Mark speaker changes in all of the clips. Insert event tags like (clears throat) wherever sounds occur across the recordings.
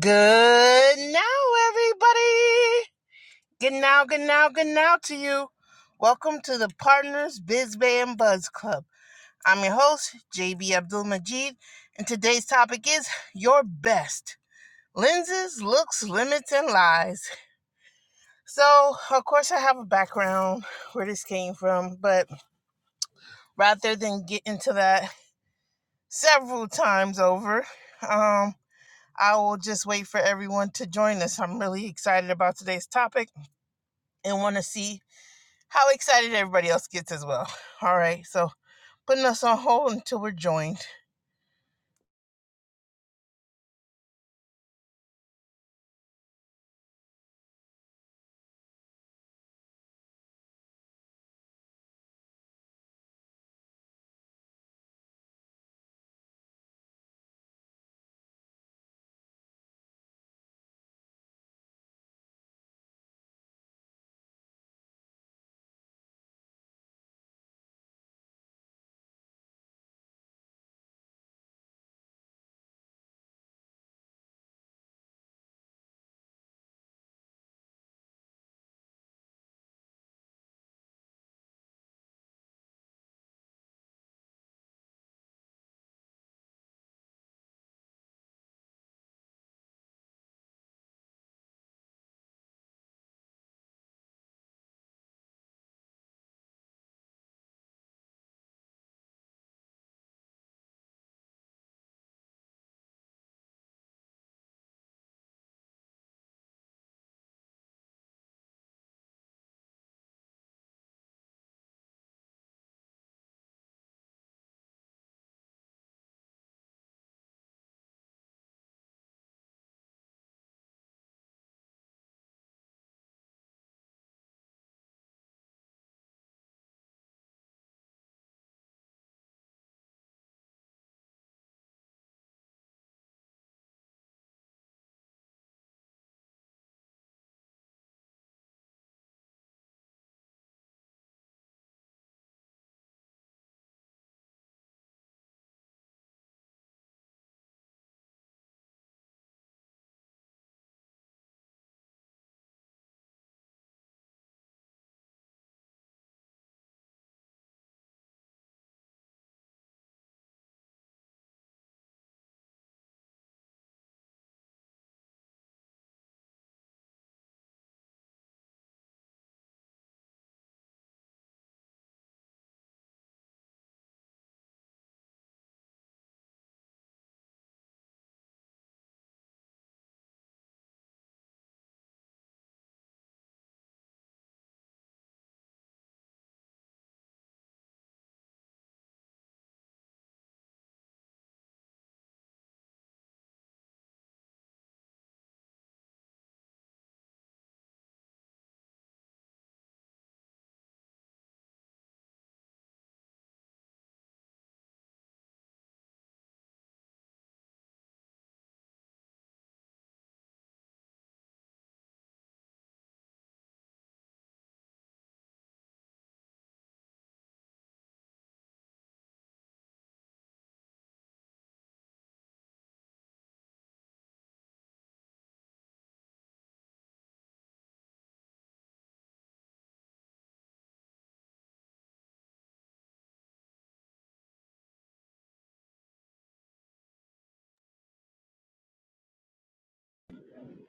Speaker 1: Good now, everybody. Good now, good now, good now to you. Welcome to the Partners Biz Bay and Buzz Club. I'm your host, JB Abdul Majid, and today's topic is your best lenses, looks, limits, and lies. So, of course, I have a background where this came from, but rather than get into that several times over, um, I will just wait for everyone to join us. I'm really excited about today's topic and want to see how excited everybody else gets as well. (laughs) All right, so putting us on hold until we're joined.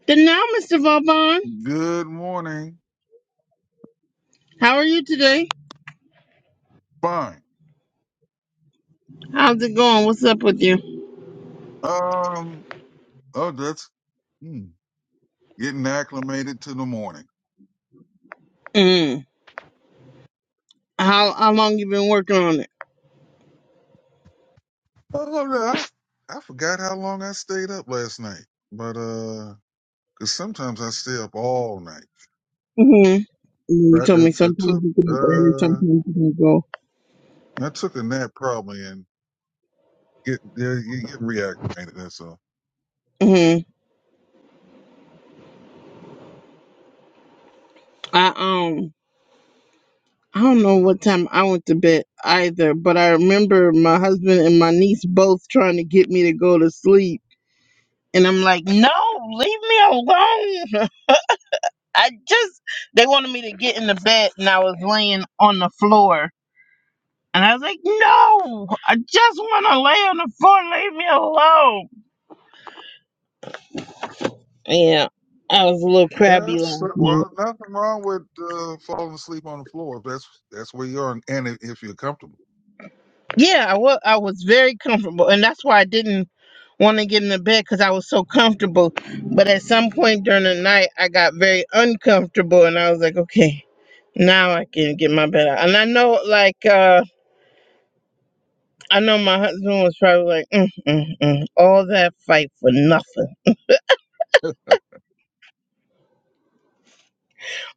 Speaker 1: Then now, Mr. Vaughn,
Speaker 2: Good morning.
Speaker 1: how are you today?
Speaker 2: Fine.
Speaker 1: How's it going? What's up with you?
Speaker 2: Um, oh, that's hmm, getting acclimated to the morning.
Speaker 1: Mm. How how long you been working on it?
Speaker 2: Oh, no, I, I forgot how long I stayed up last night, but uh, 'cause sometimes I stay up all night.
Speaker 1: Mm-hmm. You
Speaker 2: But
Speaker 1: told
Speaker 2: That
Speaker 1: me
Speaker 2: I
Speaker 1: sometimes
Speaker 2: took
Speaker 1: you get up early,
Speaker 2: uh,
Speaker 1: sometimes you don't go.
Speaker 2: I took a nap probably and get yeah, you get reacclimated. That's all.
Speaker 1: Mm-hmm. I um I don't know what time I went to bed either, but I remember my husband and my niece both trying to get me to go to sleep. And I'm like, no, leave me alone. (laughs) I just they wanted me to get in the bed and I was laying on the floor. And I was like, No, I just wanna lay on the floor, leave me alone. Yeah. I was a little crabby
Speaker 2: Yes.
Speaker 1: last night.
Speaker 2: Well, nothing wrong with uh, falling asleep on the floor if that's that's where you are and if, if you're comfortable.
Speaker 1: Yeah, I was I was very comfortable and that's why I didn't want to get in the bed because I was so comfortable. But at some point during the night I got very uncomfortable and I was like, Okay, now I can get my bed out. And I know like uh I know my husband was probably like, mm, mm, mm. all that fight for nothing,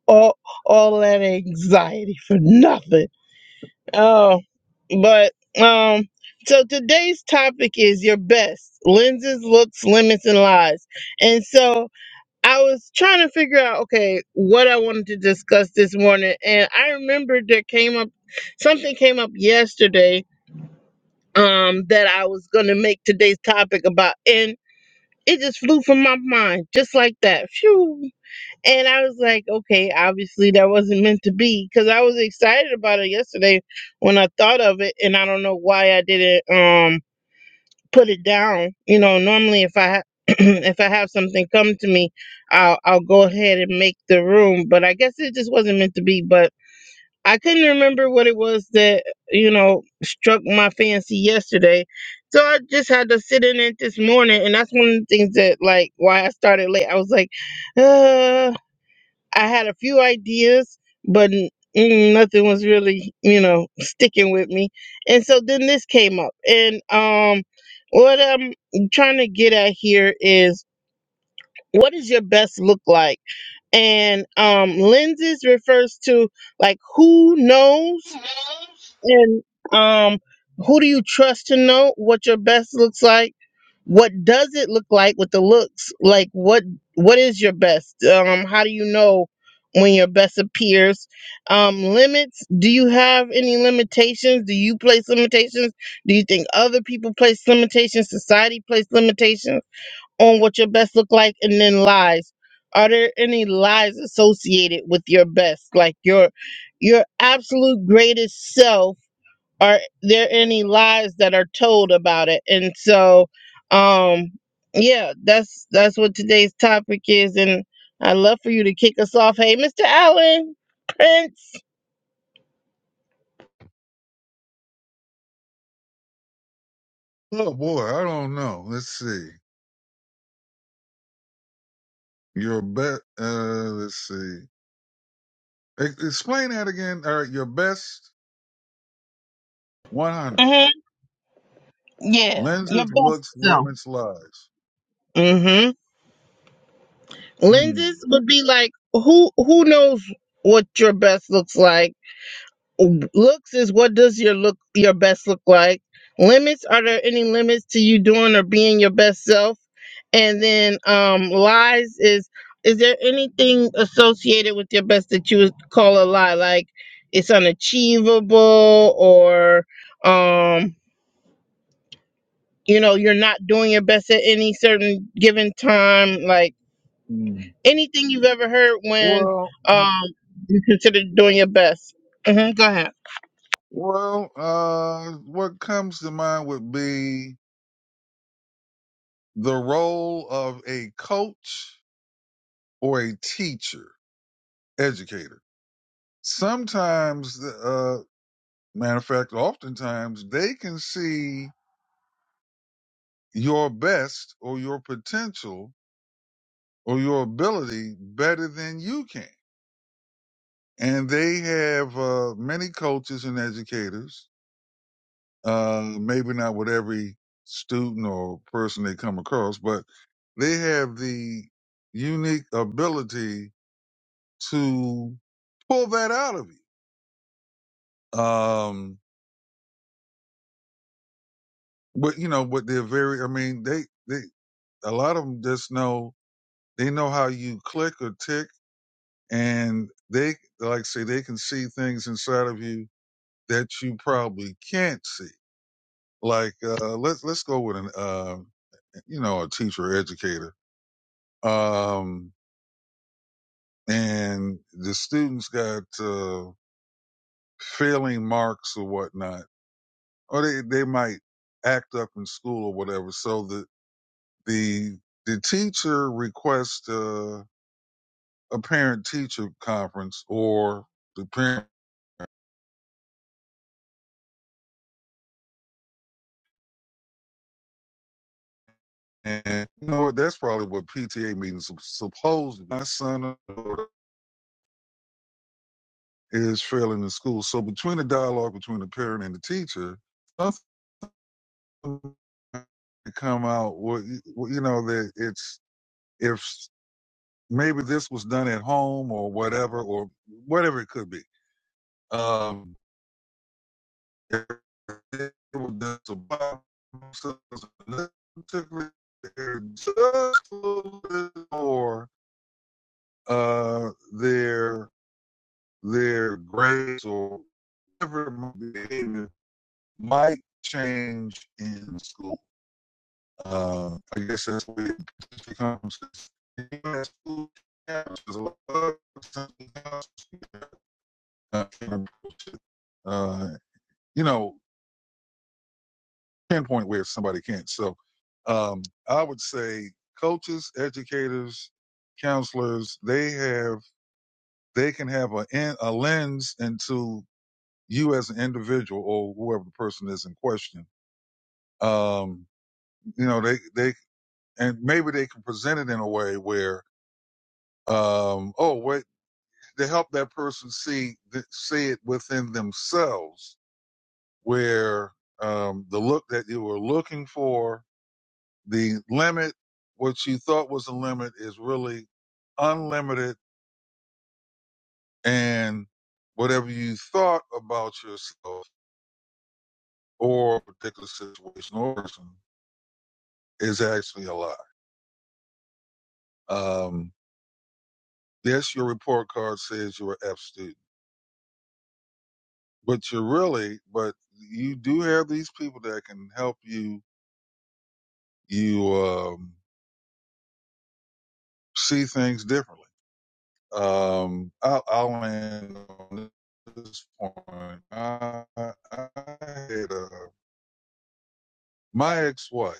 Speaker 1: all all that anxiety for nothing. Oh, but um, so today's topic is your best lenses, looks, limits, and lies. And so I was trying to figure out, okay, what I wanted to discuss this morning, and I remembered there came up something came up yesterday. Um, that I was gonna make today's topic about and. it just flew from my mind just like that. Phew. And I was like, okay, obviously that wasn't meant to be because I was excited about it yesterday when I thought of it, and I don't know why I didn't um put it down. You know, normally if I ha- (clears throat) if I have something come to me, I'll I'll go ahead and make the room, but I guess it just wasn't meant to be. But I couldn't remember what it was that, you know, struck my fancy yesterday. So I just had to sit in it this morning. And that's one of the things that, like, why I started late. I was like, uh, I had a few ideas, but n- mm, nothing was really, you know, sticking with me. And so then this came up. And um, what I'm trying to get at here is what does your best look like? And um, lenses refers to, like, who knows? and um who do you trust to know what your best looks like what does it look like with the looks like what what is your best um how do you know when your best appears um limits do you have any limitations do you place limitations do you think other people place limitations society place limitations on what your best look like and then lies are there any lies associated with your best like your your absolute greatest self are there any lies that are told about it and so um yeah that's that's what today's topic is and i'd love for you to kick us off hey mr allen prince
Speaker 2: Oh boy, I don't know. Let's see. Your best. Uh, let's see. Ex- Explain that again. All right. Your best 100
Speaker 1: hmm yeah your
Speaker 2: lenses,
Speaker 1: best
Speaker 2: looks,
Speaker 1: self
Speaker 2: limits, lies.
Speaker 1: hmm
Speaker 2: Hmm.
Speaker 1: lenses would be like who who knows what your best looks like looks is what does your look your best look like limits are there any limits to you doing or being your best self and then um lies is is there anything associated with your best that you would call a lie like it's unachievable or um you know you're not doing your best at any certain given time like
Speaker 2: Hmm.
Speaker 1: anything you've ever heard when
Speaker 2: Well,
Speaker 1: um you consider doing your best hmm go ahead
Speaker 2: well. Uh, what comes to mind would be the role of a coach or a teacher, educator. Sometimes, uh, matter of fact, oftentimes they can see your best or your potential or your ability better than you can. and they have uh, many coaches and educators. Uh, maybe not with every student or person they come across, but they have the unique ability to pull that out of you. Um, but you know, but they're very. I mean, they they a lot of them just know they know how you click or tick, and they like I say they can see things inside of you that you probably can't see Like, uh, let's, let's go with an, uh, you know, a teacher or educator. Um, and the students got, uh, failing marks or whatnot, or they, they might act up in school or whatever. So the, the, the teacher requests, uh, a parent teacher conference or the parent and you know what? That's probably what PTA meetings are supposed. to be. My son, or is failing in school. So between the dialogue between the parent and the teacher, something come out. Well, you well, know that it's if maybe this was done at home or whatever or whatever it could be. Um, if it was done to Bob, so just a little bit more uh, their their grades or whatever it might change in school. Uh, I guess that's what it becomes in school. There's a lot of uh, uh, you know, pinpoint where somebody can't. So um, I would say coaches, educators, counselors, they have they can have a, a lens into you as an individual or whoever the person is in question. Um, you know, they, they and maybe they can present it in a way where um oh wait to help that person see see it within themselves where um the look that you were looking for the limit what you thought was a limit is really unlimited and whatever you thought about yourself or a particular situation or person is actually a lie um yes your report card says you're a an F student but you're really but you do have these people that can help you you um see things differently um i'll, I'll end on this point i, I had uh, my ex-wife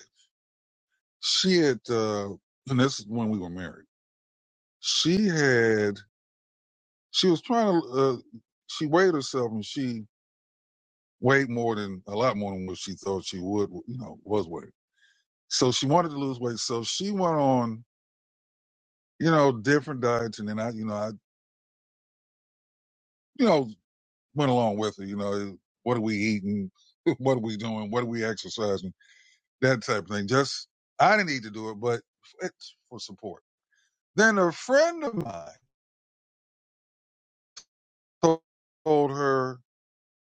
Speaker 2: she had uh and this is when we were married she had she was trying to uh, she weighed herself and she weighed more than a lot more than what she thought she would you know was weighing so she wanted to lose weight so she went on you know, different diets, and then I, you know, I, you know, went along with it. You know, what are we eating? (laughs) What are we doing? What are we exercising? That type of thing. Just I didn't need to do it, but it's for support. Then a friend of mine told, told her,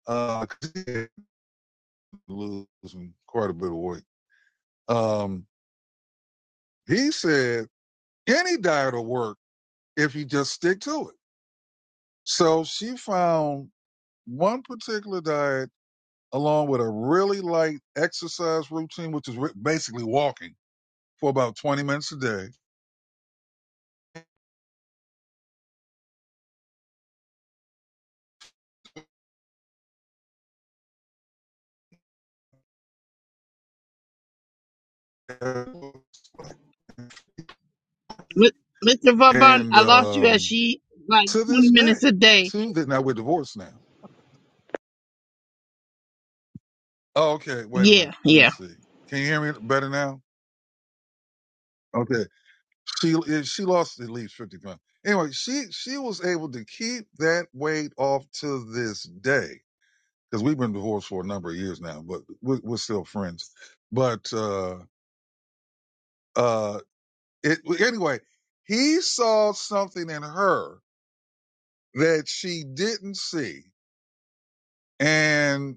Speaker 2: uh, 'cause he had been losing quite a bit of weight. Um, he said any diet will work if you just stick to it. So she found one particular diet along with a really light exercise routine, which is basically walking for about 20 minutes a day.
Speaker 1: Mi- Mr. Vauban,
Speaker 2: And
Speaker 1: I lost you at
Speaker 2: um,
Speaker 1: she like 20
Speaker 2: to this day,
Speaker 1: minutes a day.
Speaker 2: to that now we're divorced now. Oh, okay. Wait a
Speaker 1: Yeah,
Speaker 2: minute. Let me
Speaker 1: yeah.
Speaker 2: see. Can you hear me better now? Okay. She eh, she lost at least 50 pounds. Anyway, she she was able to keep that weight off to this day because we've been divorced for a number of years now, but we're, we're still friends. But uh, uh, It, anyway, he saw something in her that she didn't see, and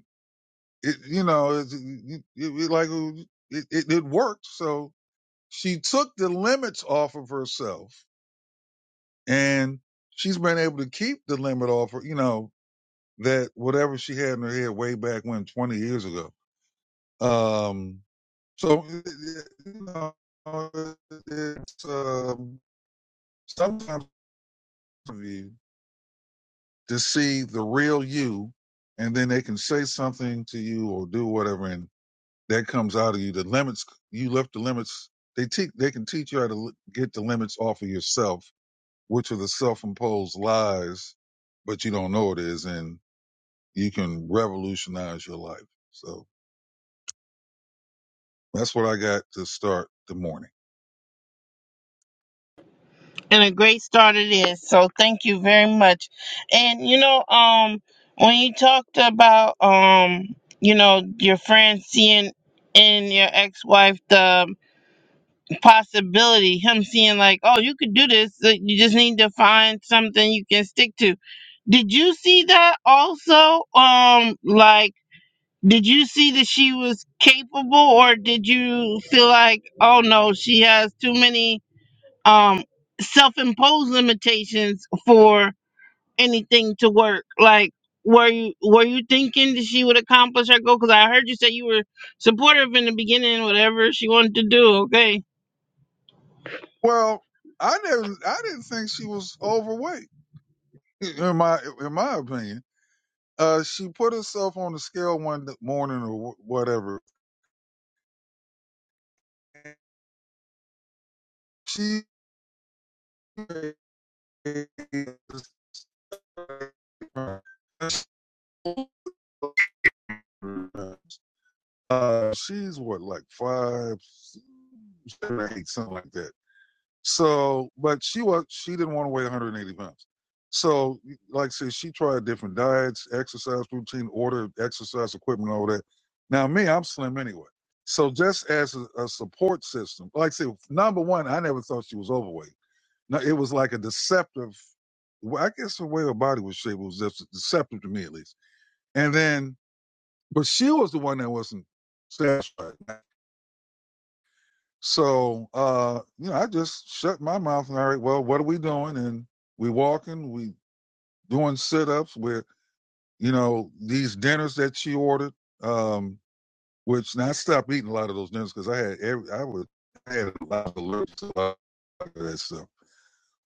Speaker 2: it, you know, it, it, it- like it, it, it worked. So she took the limits off of herself, and she's been able to keep the limit off her. You know that whatever she had in her head way back when, twenty years ago. Um, so you know, it's um sometimes. You to see the real you, and then they can say something to you or do whatever, and that comes out of you. The limits you left the limits. They teach. They can teach you how to get the limits off of yourself, which are the self-imposed lies, but you don't know it is, and you can revolutionize your life. So that's what I got to start the morning.
Speaker 1: And a great start it is. So thank you very much. And you know, um, when you talked about um, you know, your friend seeing in your ex-wife the possibility, him seeing like, oh, you could do this. that You just need to find something you can stick to. Did you see that also? Um, like Did you see that she was capable, or did you feel like, oh no, she has too many um, self imposed limitations for anything to work? Like, were you were you thinking that she would accomplish her goal? Because I heard you say you were supportive in the beginning, whatever she wanted to do. Okay,
Speaker 2: Well, I never. I didn't think she was overweight. In my in my opinion, uh, she put herself on the scale one morning or whatever, She uh, she's what like five, eight, something like that. So, but she was she didn't want to weigh 180 pounds. So, like I said, she tried different diets, exercise routine, ordered exercise equipment, all that. Now, me, I'm slim anyway. So, just as a, a support system, like I said, number one, I never thought she was overweight. No, it was like a deceptive. Well, I guess the way her body was shaped was just deceptive to me, at least. And then, but she was the one that wasn't satisfied. So, uh, you know, I just shut my mouth and all right, well, what are we doing? And we walking, we doing sit ups. We're you know these dinners that she ordered, um, which now I stopped eating a lot of those dinners because I had every I would I had a lot of allergies to that stuff.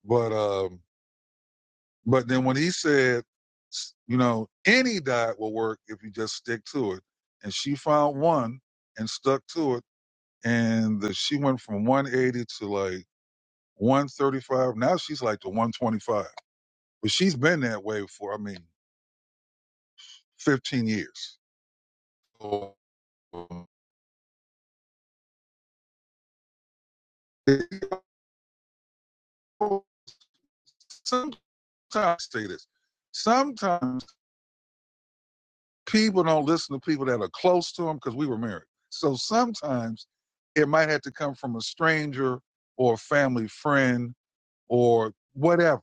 Speaker 2: But um, But then when he said, you know, any diet will work if you just stick to it, and she found one and stuck to it, and the, she went from 180 to like 135. Now she's like to 125, but she's been that way for I mean 15 years. So, Sometimes I say this. Sometimes. people don't listen to people that are close to them because we were married. So sometimes it might have to come from a stranger or a family friend or whatever.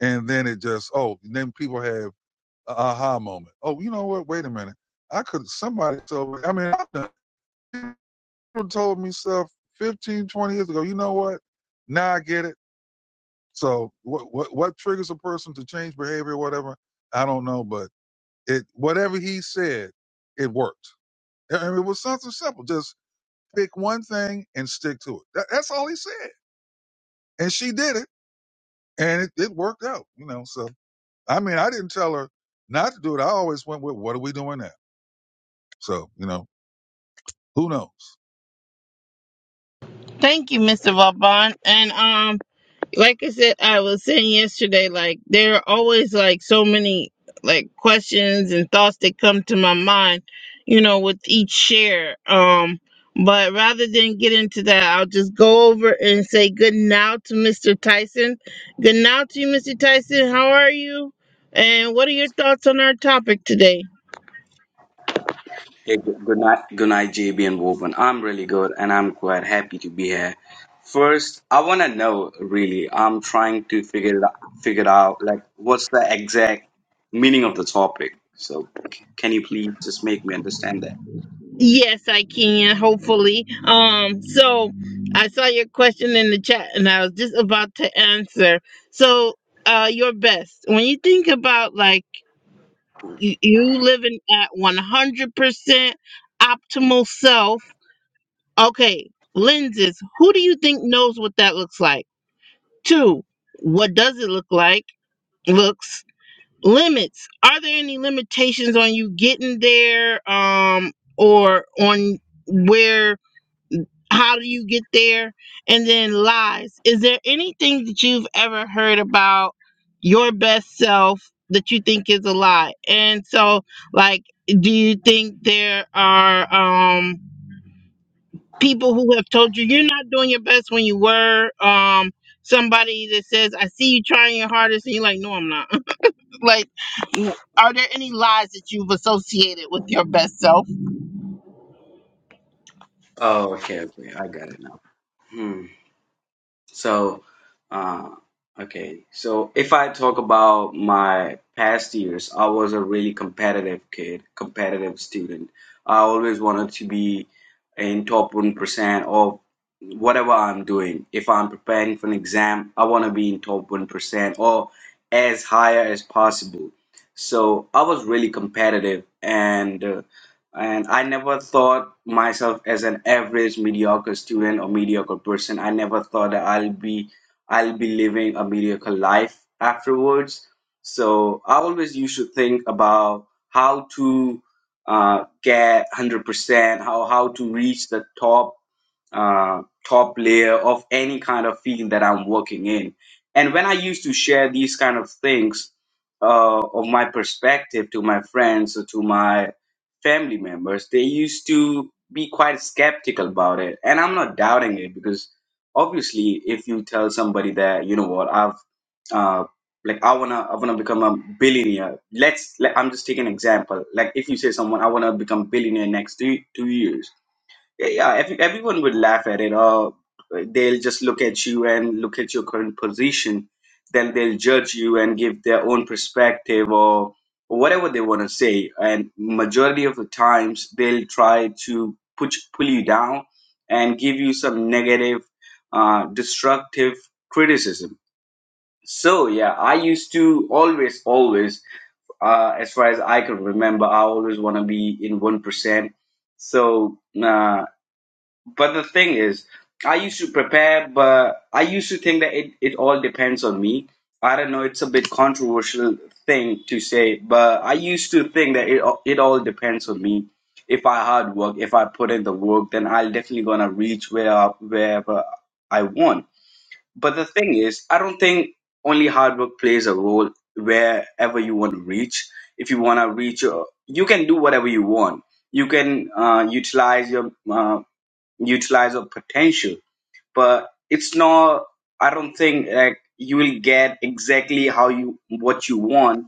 Speaker 2: And then it just, oh, and then people have an aha moment. Oh, you know what? Wait a minute. I could, somebody told me, I mean, I've done- people told me stuff 15, 20 years ago. You know what? Now I get it. So what, what, what triggers a person to change behavior or whatever? I don't know, but it, whatever he said, it worked. I mean, it was something simple. Just pick one thing and stick to it. That, that's all he said. And she did it, and it, it worked out, you know. So, I mean, I didn't tell her not to do it. I always went with, what are we doing now? So, you know, who knows?
Speaker 1: thank you, Mr. Vaughn, and um. like I said, I was saying yesterday, like there are always like so many like questions and thoughts that come to my mind, you know, with each share. Um, but rather than get into that, I'll just go over and say good now to Mr. Tyson. Good now to you, Mr. Tyson. How are you? And what are your thoughts on our topic today?
Speaker 3: Hey, good good night, good night, JB and Woven. I'm really good, and I'm quite happy to be here. First, I want to know really. I'm trying to figure it out, figure out like what's the exact meaning of the topic. So, c- can you please just make me understand that?
Speaker 1: Yes, I can, hopefully. Um, so I saw your question in the chat and I was just about to answer. So, uh, your best. When you think about like y- you living at 100% optimal self, okay, lenses, who do you think knows what that looks like? Two, what does it look like? Looks. Limits. Are there any limitations on you getting there? Um, or on where how do you get there and then lies is there anything that you've ever heard about your best self that you think is a lie and so like do you think there are um people who have told you you're not doing your best when you were um somebody that says i see you trying your hardest and you're like no i'm not (laughs) like are there any lies that you've associated with your best self
Speaker 3: Oh, okay, okay, I got it now. So, uh, okay. So if I talk about my past years, I was a really competitive kid, competitive student. I always wanted to be in top 1% of whatever I'm doing. If I'm preparing for an exam, I want to be in top 1% or as higher as possible. So I was really competitive and uh, and I never thought myself as an average mediocre student or mediocre person. I never thought that I'll be I'll be living a mediocre life afterwards. So I always used to think about how to uh, get 100%, how how to reach the top uh, top layer of any kind of field that I'm working in. And when I used to share these kind of things uh, of my perspective to my friends or to my family members, they used to be quite skeptical about it. And I'm not doubting it because obviously, if you tell somebody that you know what I've uh, like I wanna I wanna become a billionaire. Let's like I'm just taking an example. Like if you say someone I wanna become billionaire next two two years yeah, yeah, every, everyone would laugh at it, or they'll just look at you and look at your current position. Then they'll judge you and give their own perspective or whatever they want to say. And majority of the times, they'll try to put pull you down and give you some negative, uh, destructive criticism. So yeah, I used to always, always, uh, as far as I can remember, I always want to be in one percent. So. Uh, but the thing is, I used to prepare, but I used to think that it, it all depends on me. I don't know, it's a bit controversial thing to say, but I used to think that it, all- it all depends on me. If I hard work, if I put in the work, then I'll definitely gonna reach where wherever I want. But the thing is, I don't think only hard work plays a role wherever you want to reach. If you wanna reach, uh, you can do whatever you want you can uh, utilize your uh, utilize your potential. But it's not. I don't think like you will get exactly how you what you want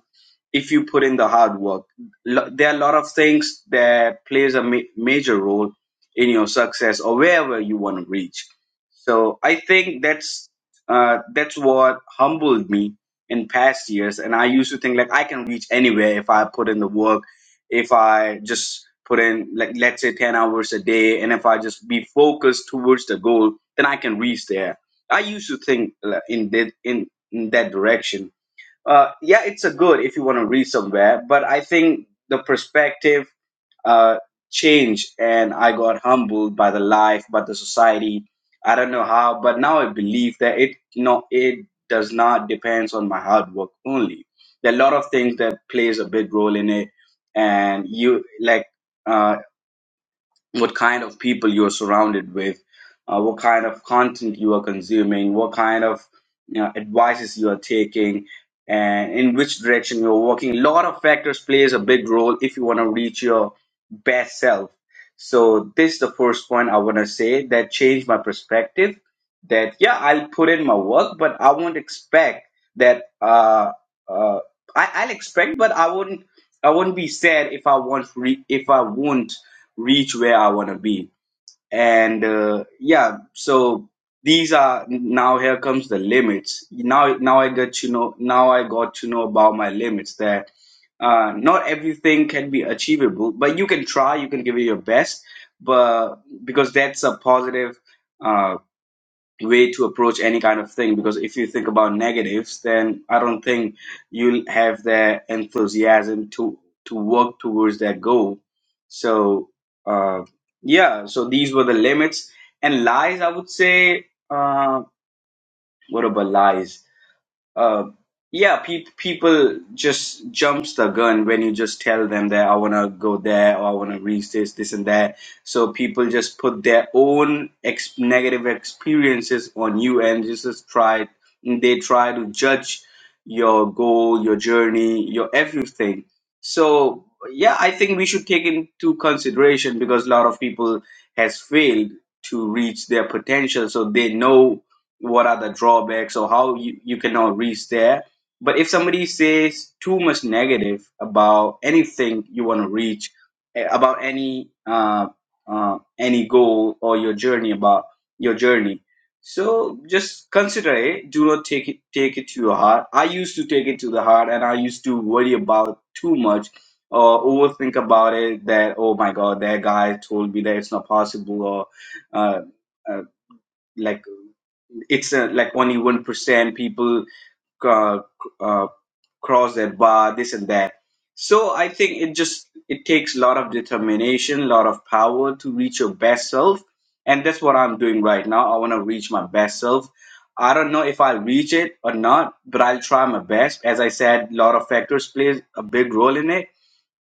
Speaker 3: if you put in the hard work. Lo- There are a lot of things that plays a ma- major role in your success or wherever you want to reach. So I think that's uh, that's what humbled me in past years, and I used to think like I can reach anywhere if I put in the work, if I just put in like let's say ten hours a day, and if I just be focused towards the goal, then I can reach there. I used to think uh, in that in, in that direction uh, yeah, it's a good if you want to read somewhere, but I think the perspective uh, changed, and I got humbled by the life, by the society. I don't know how, but now I believe that it, you know, it does not depends on my hard work only. There are a lot of things that plays a big role in it, and you like. Uh, what kind of people you're surrounded with, uh, what kind of content you are consuming, what kind of you know, advices you are taking, and in which direction you're working. A lot of factors plays a big role if you want to reach your best self. So this is the first point I want to say that changed my perspective. That yeah, I'll put in my work, but I won't expect that. Uh, uh, I, I'll expect, but I wouldn't. I wouldn't be sad if I won't. Re- if I won't reach where I want to be. And uh, yeah, so these are now here comes the limits. Now, now I get to know. Now I got to know about my limits. That uh, not everything can be achievable, but you can try. You can give it your best, but because that's a positive. Uh, way to approach any kind of thing because if you think about negatives then i don't think you'll have the enthusiasm to to work towards that goal so uh yeah so these were the limits and lies i would say uh what about lies uh yeah pe- people just jumps the gun when you just tell them that i want to go there or i want to reach this this and that so people just put their own ex- negative experiences on you and just just try they try to judge your goal your journey your everything so yeah i think we should take into consideration because a lot of people has failed to reach their potential so they know what are the drawbacks or how you, you cannot reach there. But if somebody says too much negative about anything you want to reach, eh, about any uh, uh, any goal or your journey about your journey, so just consider it. Do not take it take it to your heart. I used to take it to the heart, and I used to worry about too much or overthink about it. That oh my god, that guy told me that it's not possible, or uh, uh, like it's uh, like only one percent people uh, uh, cross that bar, this and that. So I think it just it takes a lot of determination, a lot of power to reach your best self, and that's what I'm doing right now. I want to reach my best self. I don't know if I'll reach it or not, but I'll try my best. As I said, a lot of factors plays a big role in it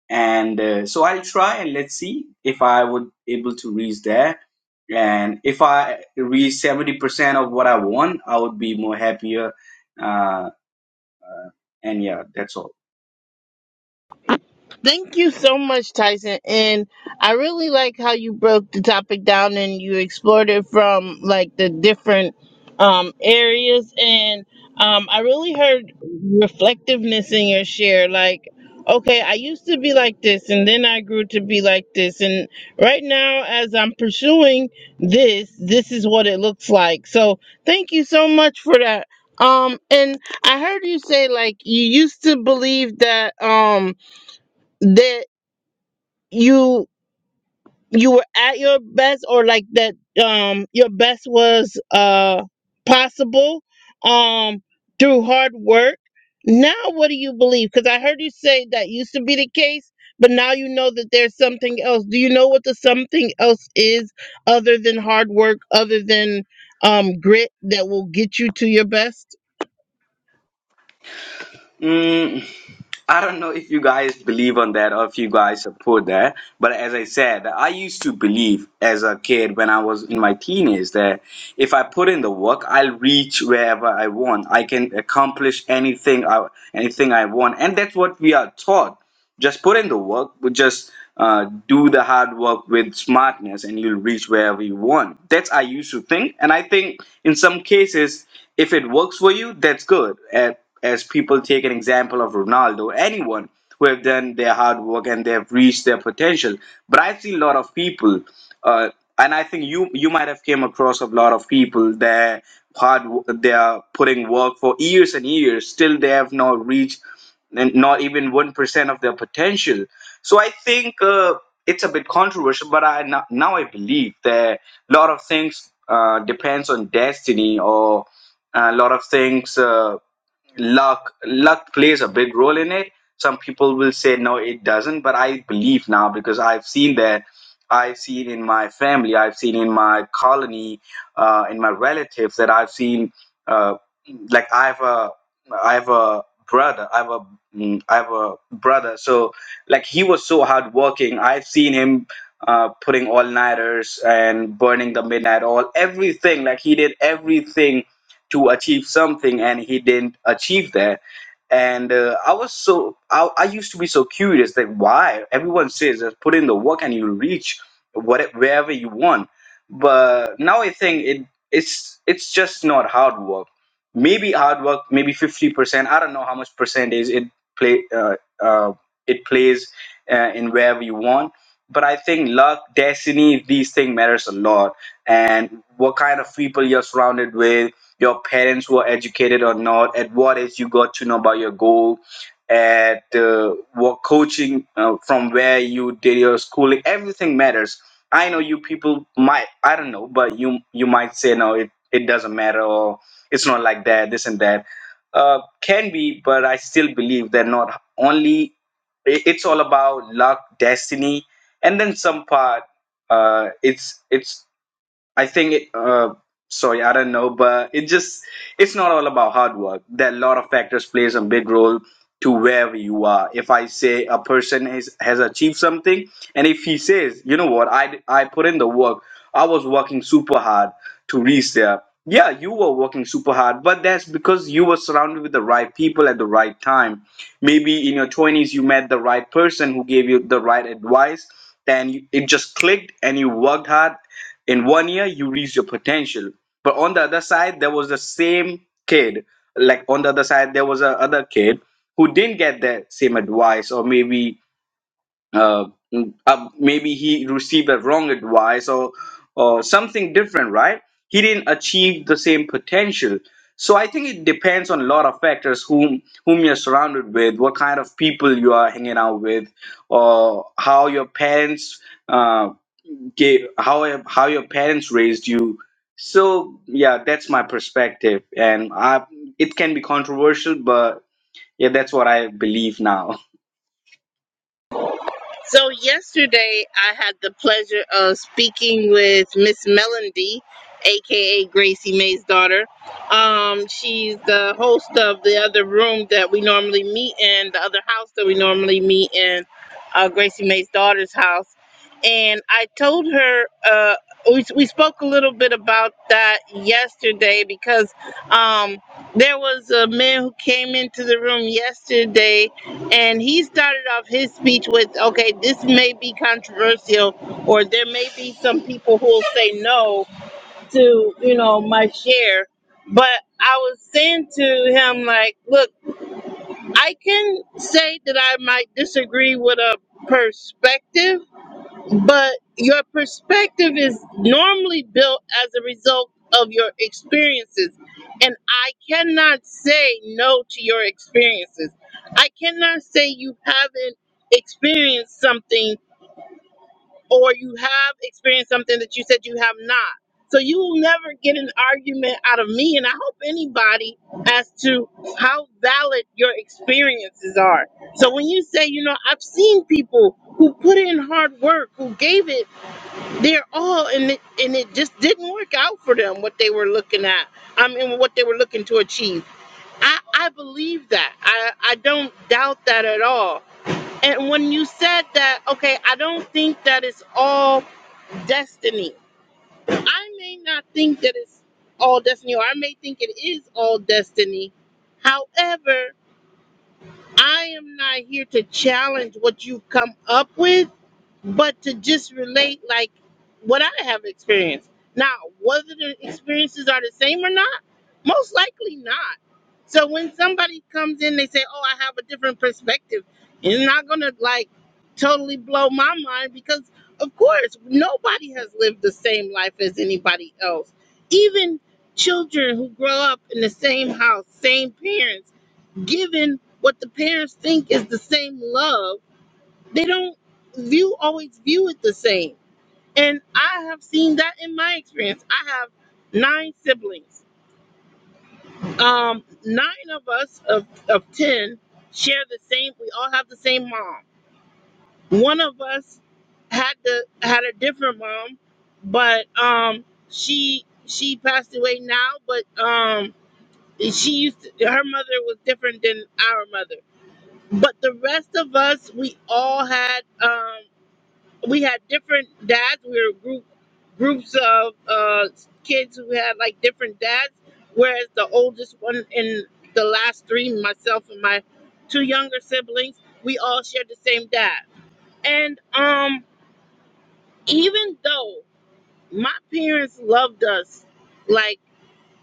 Speaker 3: and uh, so i'll try and let's see if i would able to reach there and if i reach 70% of what i want i would be more happier uh, and yeah that's all
Speaker 1: Thank you so much, Tyson. And I really like how you broke the topic down and you explored it from like the different um, areas. And um, I really heard reflectiveness in your share. Like, okay, I used to be like this, and then I grew to be like this. And right now, as I'm pursuing this, this is what it looks like. So thank you so much for that. Um, and I heard you say like you used to believe that um that you you were at your best or like that um your best was uh possible um through hard work now what do you believe because i heard you say that used to be the case but now you know that there's something else do you know what the something else is other than hard work other than um grit that will get you to your best
Speaker 3: mm, i don't know if you guys believe on that or if you guys support that but as i said i used to believe as a kid when i was in my teenage that if i put in the work i'll reach wherever i want i can accomplish anything i anything i want and that's what we are taught Just put in the work, but just uh, do the hard work with smartness, and you'll reach wherever you want. That's I used to think, and I think in some cases, if it works for you, that's good. As, as people take an example of Ronaldo, anyone who have done their hard work and they have reached their potential. But I see a lot of people, uh, and I think you you might have came across a lot of people that hard they are putting work for years and years, still they have not reached and not even 1% of their potential. So I think uh, it's a bit controversial, but I no- now I believe that a lot of things uh, depends on destiny or a lot of things. Uh, luck luck plays a big role in it some people will say no it doesn't but i believe now because i've seen that i've seen in my family i've seen in my colony uh, in my relatives that i've seen uh, like i have a i have a brother i have a mm, i have a brother so like he was so hardworking i've seen him uh, putting all nighters and burning the midnight oil everything like he did everything to achieve something and he didn't achieve that and uh, i was so I, I used to be so curious that why everyone says that put in the work and you reach what wherever you want but now i think it it's it's just not hard work maybe hard work maybe 50% i don't know how much percentage it play uh, uh, it plays uh, in wherever you want but i think luck destiny these things matters a lot and what kind of people you're surrounded with your parents were educated or not at what age you got to know about your goal at uh, what coaching uh, from where you did your schooling everything matters i know you people might i don't know but you you might say no it, it doesn't matter or it's not like that this and that uh, can be but i still believe that not only it- it's all about luck destiny and then some part uh, it's it's I think it, uh, sorry, I don't know, but it just it's not all about hard work. There are a lot of factors plays a big role to where you are. If I say a person has has achieved something, and if he says, you know what, I I put in the work, I was working super hard to reach there. Yeah, you were working super hard, but that's because you were surrounded with the right people at the right time maybe in your 20s you met the right person who gave you the right advice and you, it just clicked and you worked hard in one year you reached your potential but on the other side there was the same kid like on the other side there was a other kid who didn't get that same advice or maybe uh, mm, uh, maybe he received a wrong advice or or something different right he didn't achieve the same potential so i think it depends on a lot of factors whom whom you're surrounded with what kind of people you are hanging out with or how your parents uh, gave how how your parents raised you so yeah that's my perspective and i it can be controversial but yeah that's what i believe now (laughs)
Speaker 1: So yesterday I had the pleasure of speaking with Miss Melody, aka Gracie May's daughter. Um, she's the host of the other room that we normally meet in, the other house that we normally meet in, uh, Gracie May's daughter's house. And I told her uh, we we spoke a little bit about that yesterday because um, there was a man who came into the room yesterday and he started off his speech with, okay, this may be controversial, or there may be some people who will say no to, you know, my share. But I was saying to him, like, look, I can say that I might disagree with a perspective but your perspective is normally built as a result of your experiences. And I cannot say no to your experiences. I cannot say you haven't experienced something or you have experienced something that you said you have not. So you will never get an argument out of me, and I hope anybody as to how valid your experiences are. So when you say, you know, I've seen people who put in hard work, who gave it they're all and it, and it just didn't work out for them what they were looking at i mean what they were looking to achieve i i believe that i i don't doubt that at all and when you said that okay i don't think that it's all destiny i may not think that it's all destiny or i may think it is all destiny however i am not here to challenge what you've come up with but to just relate like what I have experienced. Now, whether the experiences are the same or not, most likely not. So when somebody comes in, they say, "Oh, I have a different perspective," it's not gonna like totally blow my mind because, of course, nobody has lived the same life as anybody else. Even children who grow up in the same house, same parents, given what the parents think is the same love they don't view always view it the same. And I have seen that in my experience. I have nine siblings. Um, nine of us of, of ten share the same we all have the same mom. One of us had the had a different mom, but um she she passed away now, but um she used to, her mother was different than our mother. But the rest of us, we all had um we had different dads. We were group groups of uh, kids who had like different dads. Whereas the oldest one and the last three, myself and my two younger siblings, we all shared the same dad. And um, even though my parents loved us, like,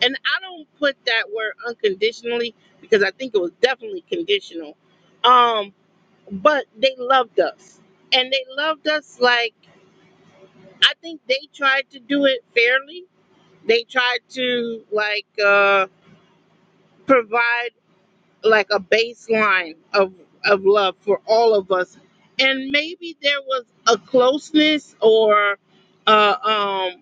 Speaker 1: and I don't put that word unconditionally because I think it was definitely conditional. Um, but they loved us, and they loved us like. I think they tried to do it fairly. They tried to like uh, provide like a baseline of of love for all of us, and maybe there was a closeness or uh, um,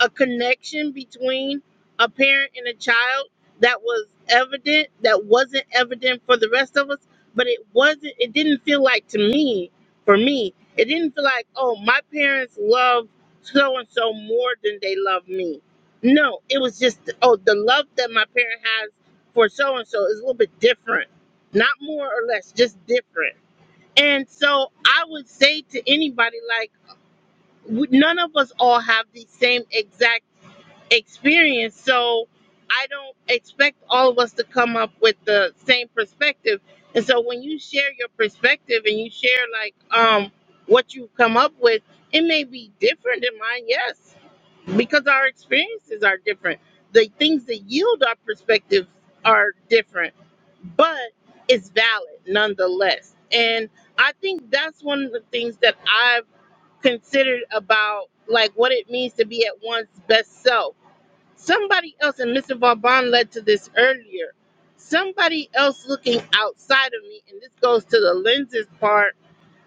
Speaker 1: a connection between a parent and a child that was evident that wasn't evident for the rest of us but it wasn't it didn't feel like to me for me it didn't feel like oh my parents love so and so more than they love me no it was just oh the love that my parent has for so and so is a little bit different not more or less just different and so i would say to anybody like we- none of us all have the same exact experience. So I don't expect all of us to come up with the same perspective. And so when you share your perspective and you share like um what you've come up with, it may be different than mine, yes, because our experiences are different. The things that yield our perspectives are different, but it's valid nonetheless. And I think that's one of the things that I've considered about like what it means to be at one's best self Somebody else, and Mr. Vauban led to this earlier. Somebody else looking outside of me, and this goes to the lenses part.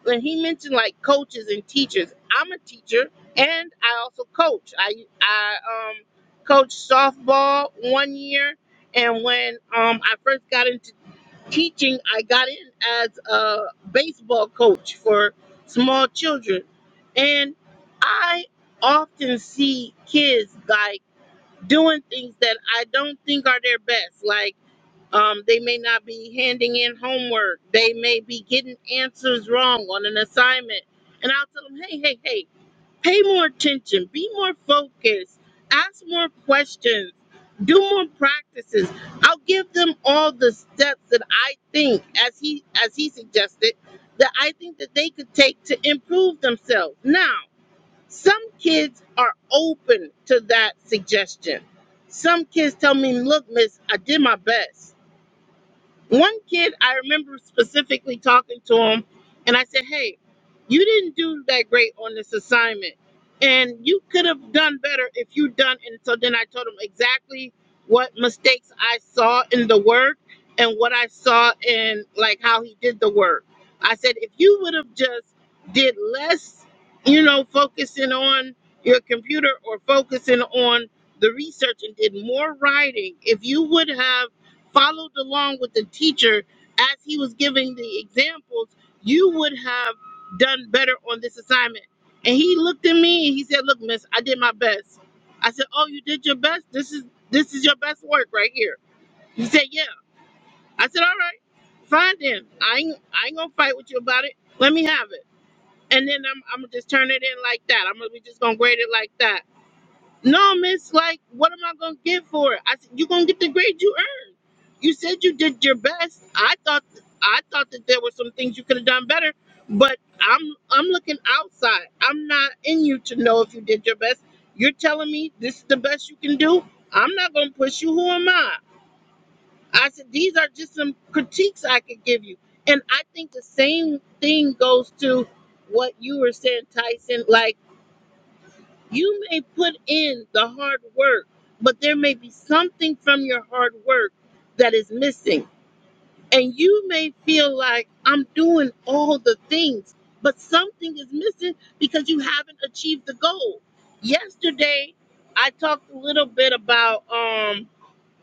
Speaker 1: When he mentioned like coaches and teachers, I'm a teacher and I also coach. I I um coached softball one year, and when um I first got into teaching, I got in as a baseball coach for small children, and I often see kids like doing things that I don't think are their best. Like um, they may not be handing in homework. They may be getting answers wrong on an assignment. And I'll tell them, hey, hey, hey, pay more attention, be more focused, ask more questions, do more practices. I'll give them all the steps that I think, as he as he suggested, that I think that they could take to improve themselves. Now some kids are open to that suggestion. Some kids tell me, look, miss, I did my best. One kid, I remember specifically talking to him, and I said, Hey, you didn't do that great on this assignment, and you could have done better if you done. And so then I told him exactly what mistakes I saw in the work and what I saw in like how he did the work. I said, If you would have just did less, you know, focusing on your computer or focusing on the research and did more writing, if you would have followed along with the teacher as he was giving the examples, you would have done better on this assignment. And he looked at me and he said, Look, miss, I did my best. I said, Oh, you did your best? This is this is your best work right here. He said, Yeah. I said, All right, fine then. I ain't I ain't gonna fight with you about it. Let me have it. And then I'm I'm gonna just turn it in like that. I'm gonna we just gonna grade it like that. No, miss, like, what am I gonna get for it? I said, You're gonna get the grade you earned. You said you did your best. I thought I thought that there were some things you could have done better, but I'm I'm looking outside. I'm not in you to know if you did your best. You're telling me this is the best you can do. I'm not gonna push you. Who am I? I said, These are just some critiques I could give you. And I think the same thing goes to what you were saying, Tyson. Like you may put in the hard work, but there may be something from your hard work that is missing. And you may feel like I'm doing all the things, but something is missing because you haven't achieved the goal. Yesterday, I talked a little bit about um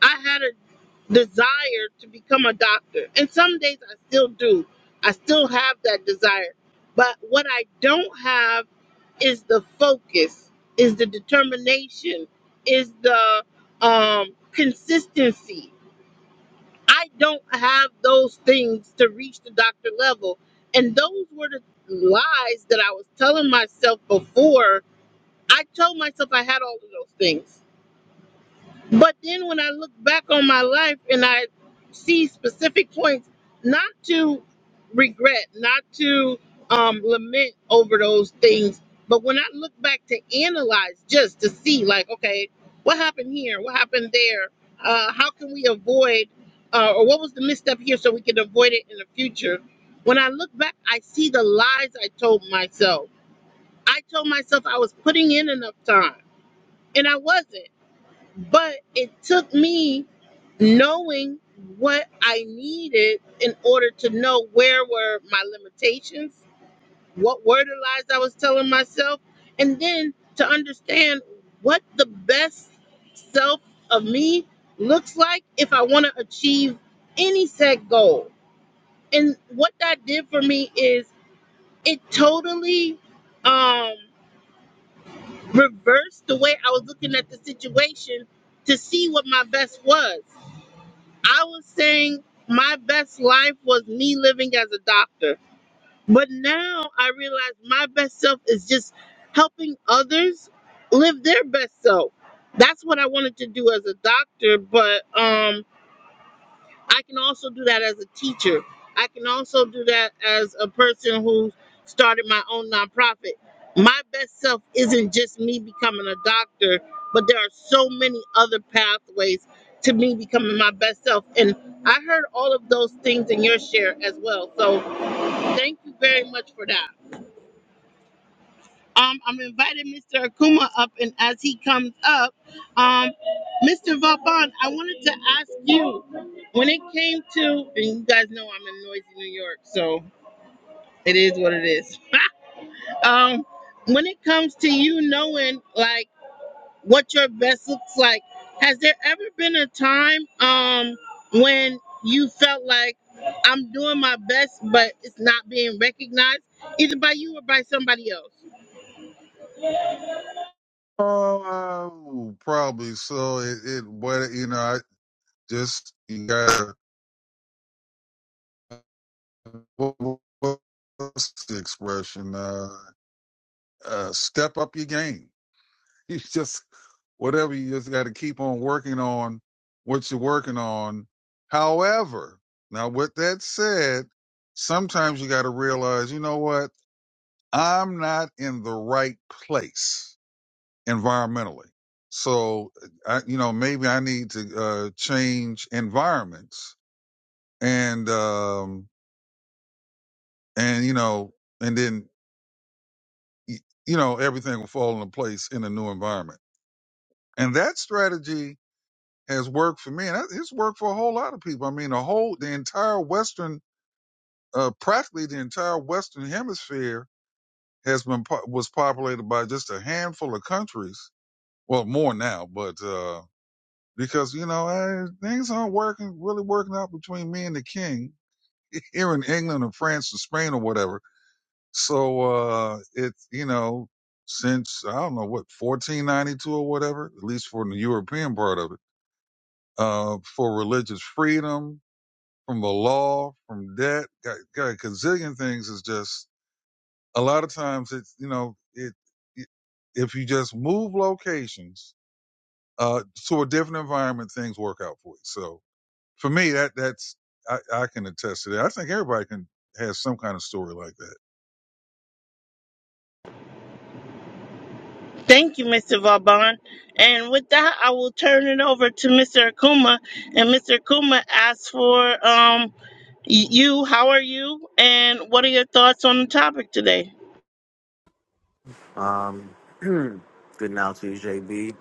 Speaker 1: I had a desire to become a doctor. And some days I still do. I still have that desire. But what I don't have is the focus, is the determination, is the um, consistency. I don't have those things to reach the doctor level. And those were the lies that I was telling myself before. I told myself I had all of those things. But then when I look back on my life and I see specific points, not to regret, not to um, lament over those things, but when I look back to analyze just to see, like, okay, what happened here? What happened there? Uh, how can we avoid, uh, or what was the misstep here so we can avoid it in the future? When I look back, I see the lies I told myself. I told myself I was putting in enough time, and I wasn't. But it took me knowing what I needed in order to know where were my limitations, what were the lies I was telling myself, and then to understand what the best self of me looks like if I want to achieve any set goal. And what that did for me is it totally um, reversed the way I was looking at the situation to see what my best was. I was saying my best life was me living as a doctor. But now I realize my best self is just helping others live their best self. That's what I wanted to do as a doctor, but um I can also do that as a teacher. I can also do that as a person who started my own nonprofit. My best self isn't just me becoming a doctor, but there are so many other pathways to me becoming my best self. And I heard all of those things in your share as well. So thank you very much for that. Um, I'm inviting Mr. Akuma up, and as he comes up, um, Mr. Vauban, I wanted to ask you when it came to, and you guys know I'm in noisy New York, so it is what it is. (laughs) um, when it comes to you knowing like what your best looks like, has there ever been a time um when you felt like I'm doing my best, but it's not being recognized either by you or by somebody else?
Speaker 2: Oh, probably. So it, it but, you know, I just, you gotta, what, what- what's the expression? Uh, uh, step up your game. (laughs) you just whatever you just got to keep on working on what you're working on however now with that said sometimes you got to realize you know what i'm not in the right place environmentally so i you know maybe i need to uh change environments and um and you know and then y- you know everything will fall into place in a new environment and that strategy has worked for me, and that- it's worked for a whole lot of people. I mean, the whole, the entire Western, uh, practically the entire Western Hemisphere has been po- was populated by just a handful of countries. Well, more now, but uh, because you know eh, things aren't working really working out between me and the king (laughs) here in England or France or Spain or whatever. So uh, it's you know since I don't know what 1492 or whatever, at least for the European part of it, uh, for religious freedom, from the law, from debt, got, got a gazillion things is just a lot of times it's, you know, it, it if you just move locations, uh, to a different environment, things work out for you. So for me, that, that's, I, I can attest to that. I think everybody can has some kind of story like that.
Speaker 1: Thank you, Mr. Vauban. And with that, I will turn it over to Mr. Akuma. And Mr. Akuma asks for um y- you, how are you? And what are your thoughts on the topic today?
Speaker 4: Good now to you, JB.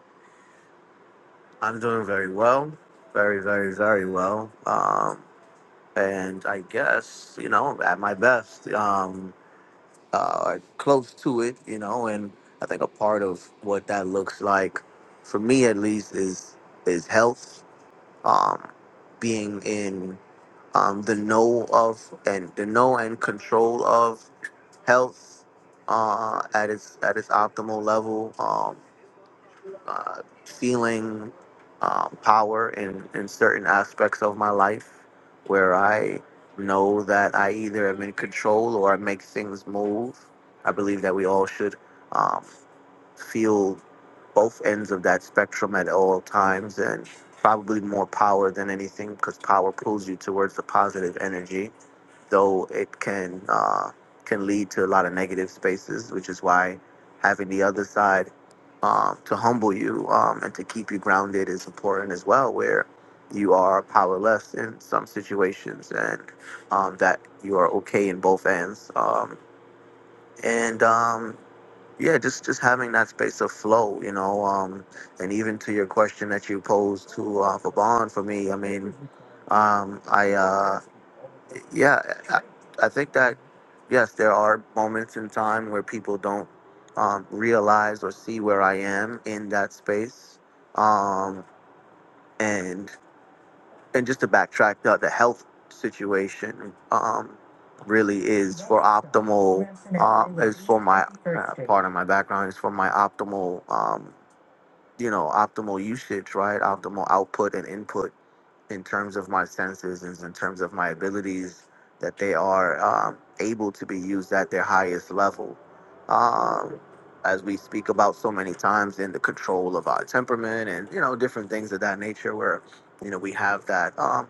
Speaker 4: I'm doing very well. Very, very, very well. Um, and I guess, you know, at my best, um, uh, or close to it, you know, and I think a part of what that looks like, for me at least, is is health, um, being in um, the know of and the know and control of health uh, at its at its optimal level. Um, uh, feeling um, power in, in certain aspects of my life where I know that I either am in control or I make things move. I believe that we all should um, feel both ends of that spectrum at all times and probably more power than anything because power pulls you towards the positive energy though it can uh, can lead to a lot of negative spaces, which is why having the other side um, to humble you um, and to keep you grounded is important as well, where you are powerless in some situations and um, that you are okay in both ends. Um, and um, yeah, just just having that space of flow, you know, um, and even to your question that you posed to uh, for for me, I mean, um, I. Uh, yeah, I, I think that yes, there are moments in time where people don't um, realize or see where I am in that space, um, and and just to backtrack, the, the health situation um, really is for optimal. Um, is for my uh, part of my background is for my optimal. Um, you know, optimal usage, right? Optimal output and input in terms of my senses and in terms of my abilities that they are um, able to be used at their highest level um, as we speak about so many times in the control of our temperament and you know different things of that nature where you know we have that um,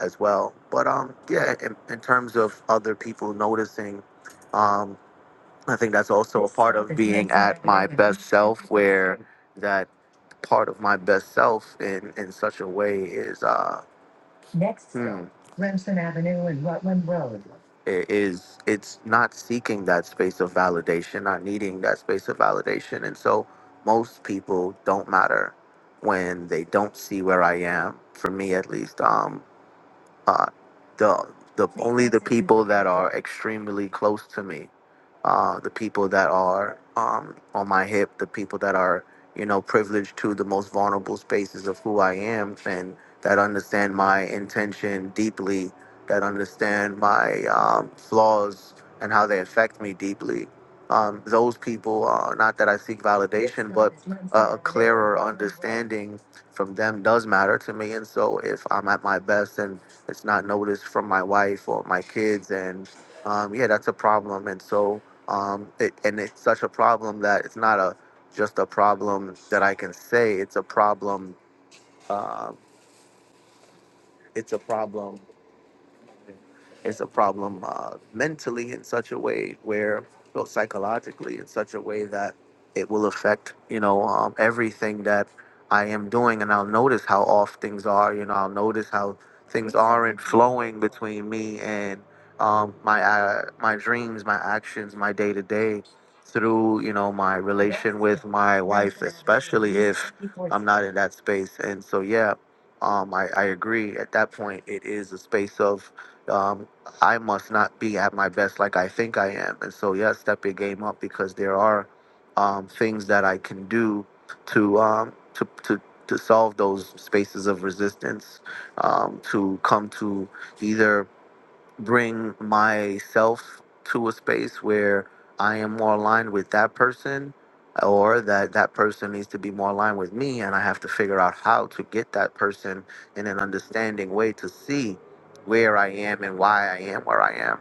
Speaker 4: as well but um yeah in, in terms of other people noticing um, i think that's also a part of being at my best self where that part of my best self in in such a way is uh Hmm. It is it's not seeking that space of validation, not needing that space of validation. And so most people don't matter when they don't see where I am, for me at least. Um, uh, the the only the people that are extremely close to me, uh, the people that are um, on my hip, the people that are you know privileged to the most vulnerable spaces of who I am, and that understand my intention deeply, that understand my um, flaws and how they affect me deeply. Um, those people, uh, not that I seek validation, but a a clearer understanding from them does matter to me. And so, if I'm at my best and it's not noticed from my wife or my kids and um, yeah that's a problem and so um, it, and it's such a problem that it's not a just a problem that i can say it's a problem uh, it's a problem It's a problem uh, mentally in such a way where, well, psychologically in such a way that it will affect, you know, um, everything that I am doing. And I'll notice how off things are. You know, I'll notice how things aren't flowing between me and um, my uh, my dreams, my actions, my day to day through you know my relation with my wife especially if i'm not in that space and so yeah um, I, I agree at that point it is a space of um, I must not be at my best like I think I am. And so, yeah, step your game up because there are um, things that I can do to um, to to to solve those spaces of resistance, um, to come to either bring myself to a space where I am more aligned with that person or that that person needs to be more aligned with me and I have to figure out how to get that person in an understanding way to see where I am and why I am where I am.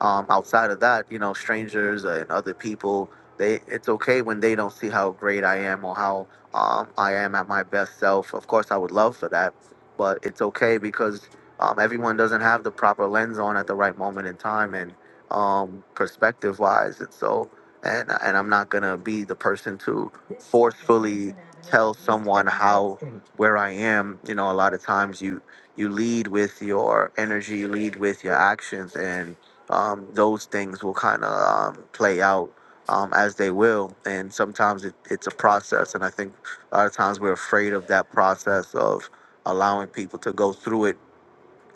Speaker 4: Um, outside of that, you know, strangers and other people, they it's okay when they don't see how great I am or how um, I am at my best self. Of course, I would love for that, but it's okay because um, everyone doesn't have the proper lens on at the right moment in time and um, perspective wise and so and and i'm not gonna be the person to forcefully tell someone how where i am you know a lot of times you you lead with your energy you lead with your actions and um, those things will kind of um, play out um, as they will and sometimes it, it's a process and i think a lot of times we're afraid of that process of allowing people to go through it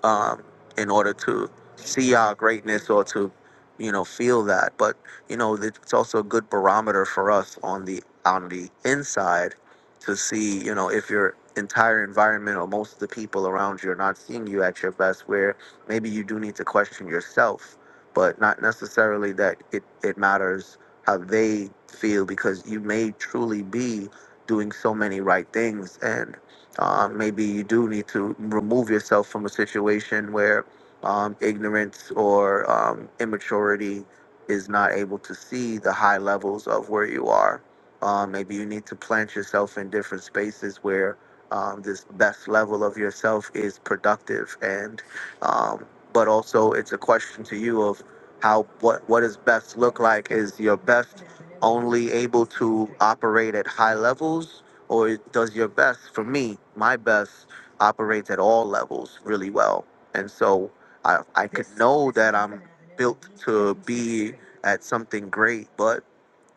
Speaker 4: um, in order to see our greatness or to, you know, feel that. But you know, it's also a good barometer for us on the on the inside to see, you know, if your entire environment or most of the people around you are not seeing you at your best, where maybe you do need to question yourself, but not necessarily that it, it matters how they feel because you may truly be doing so many right things and. Um, maybe you do need to remove yourself from a situation where um, ignorance or um, immaturity is not able to see the high levels of where you are. Um, maybe you need to plant yourself in different spaces where um, this best level of yourself is productive and um, but also it's a question to you of how what what does best look like is your best only able to operate at high levels or does your best for me my best operates at all levels really well and so i i could know that i'm built to be at something great but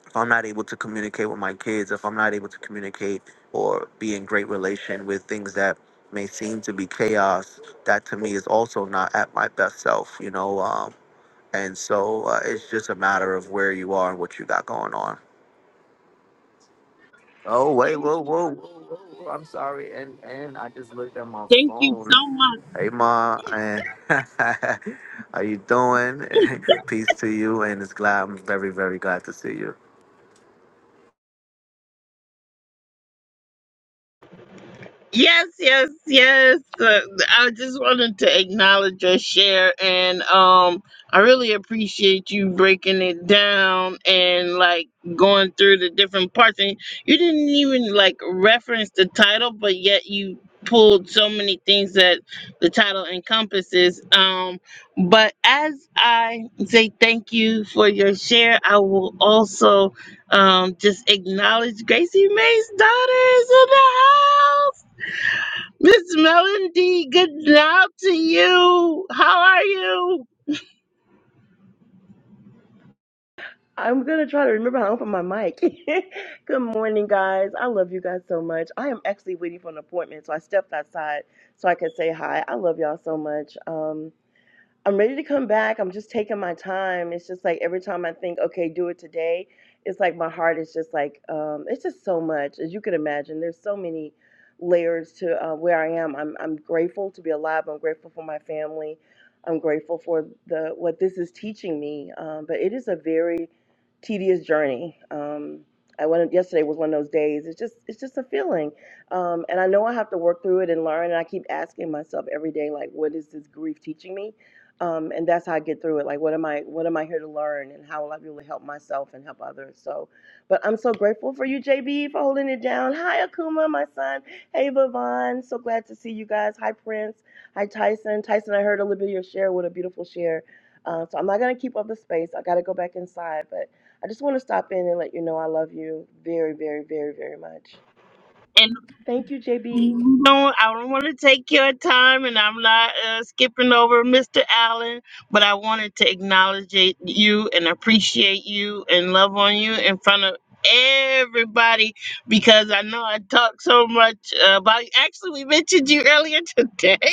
Speaker 4: if i'm not able to communicate with my kids if i'm not able to communicate or be in great relation with things that may seem to be chaos that to me is also not at my best self you know um and so uh, it's just a matter of where you are and what you got going on Oh wait, whoa, whoa, whoa, whoa, whoa. I'm sorry, and and I just looked at my
Speaker 1: Thank you so
Speaker 4: phone.
Speaker 1: much.
Speaker 4: Hey, ma, and (laughs) how you doing? (laughs) Peace to you, and it's glad I'm very, very glad to see you.
Speaker 1: Yes, yes, yes. Uh, I just wanted to acknowledge your share, and um, I really appreciate you breaking it down and like going through the different parts. And you didn't even like reference the title, but yet you pulled so many things that the title encompasses. Um, but as I say thank you for your share, I will also um just acknowledge Gracie Mae's daughter is in the house. Miss Melody, good now to you. How are you?
Speaker 5: I'm gonna try to remember how to open my mic. (laughs) Good morning, guys. I love you guys so much. I am actually waiting for an appointment, so I stepped outside so I could say hi. I love y'all so much. Um, I'm ready to come back. I'm just taking my time. It's just like every time I think, okay, do it today, it's like my heart is just like, um, it's just so much. As you can imagine, there's so many layers to uh, where I am. I'm, I'm grateful to be alive. I'm grateful for my family. I'm grateful for the what this is teaching me. Um, but it is a very tedious journey. Um, I went yesterday was one of those days. It's just it's just a feeling, um, and I know I have to work through it and learn. And I keep asking myself every day, like, what is this grief teaching me? um, and that's how I get through it. Like, what am I? What am I here to learn? And how will I be able to help myself and help others? So, but I'm so grateful for you, JB, for holding it down. Hi, Akuma, my son. Hey, Vavon. So glad to see you guys. Hi, Prince. Hi, Tyson. Tyson, I heard a little bit of your share. What a beautiful share. Uh, so I'm not gonna keep up the space. I gotta go back inside, but I just want to stop in and let you know I love you very, very, very, very much.
Speaker 1: And
Speaker 5: Thank you, JB.
Speaker 1: no, I don't want to take your time, and I'm not uh, skipping over Mr. Allen, but I wanted to acknowledge it- you and appreciate you and love on you in front of everybody because I know I talk so much uh, about you. Actually, we mentioned you earlier (laughs) today.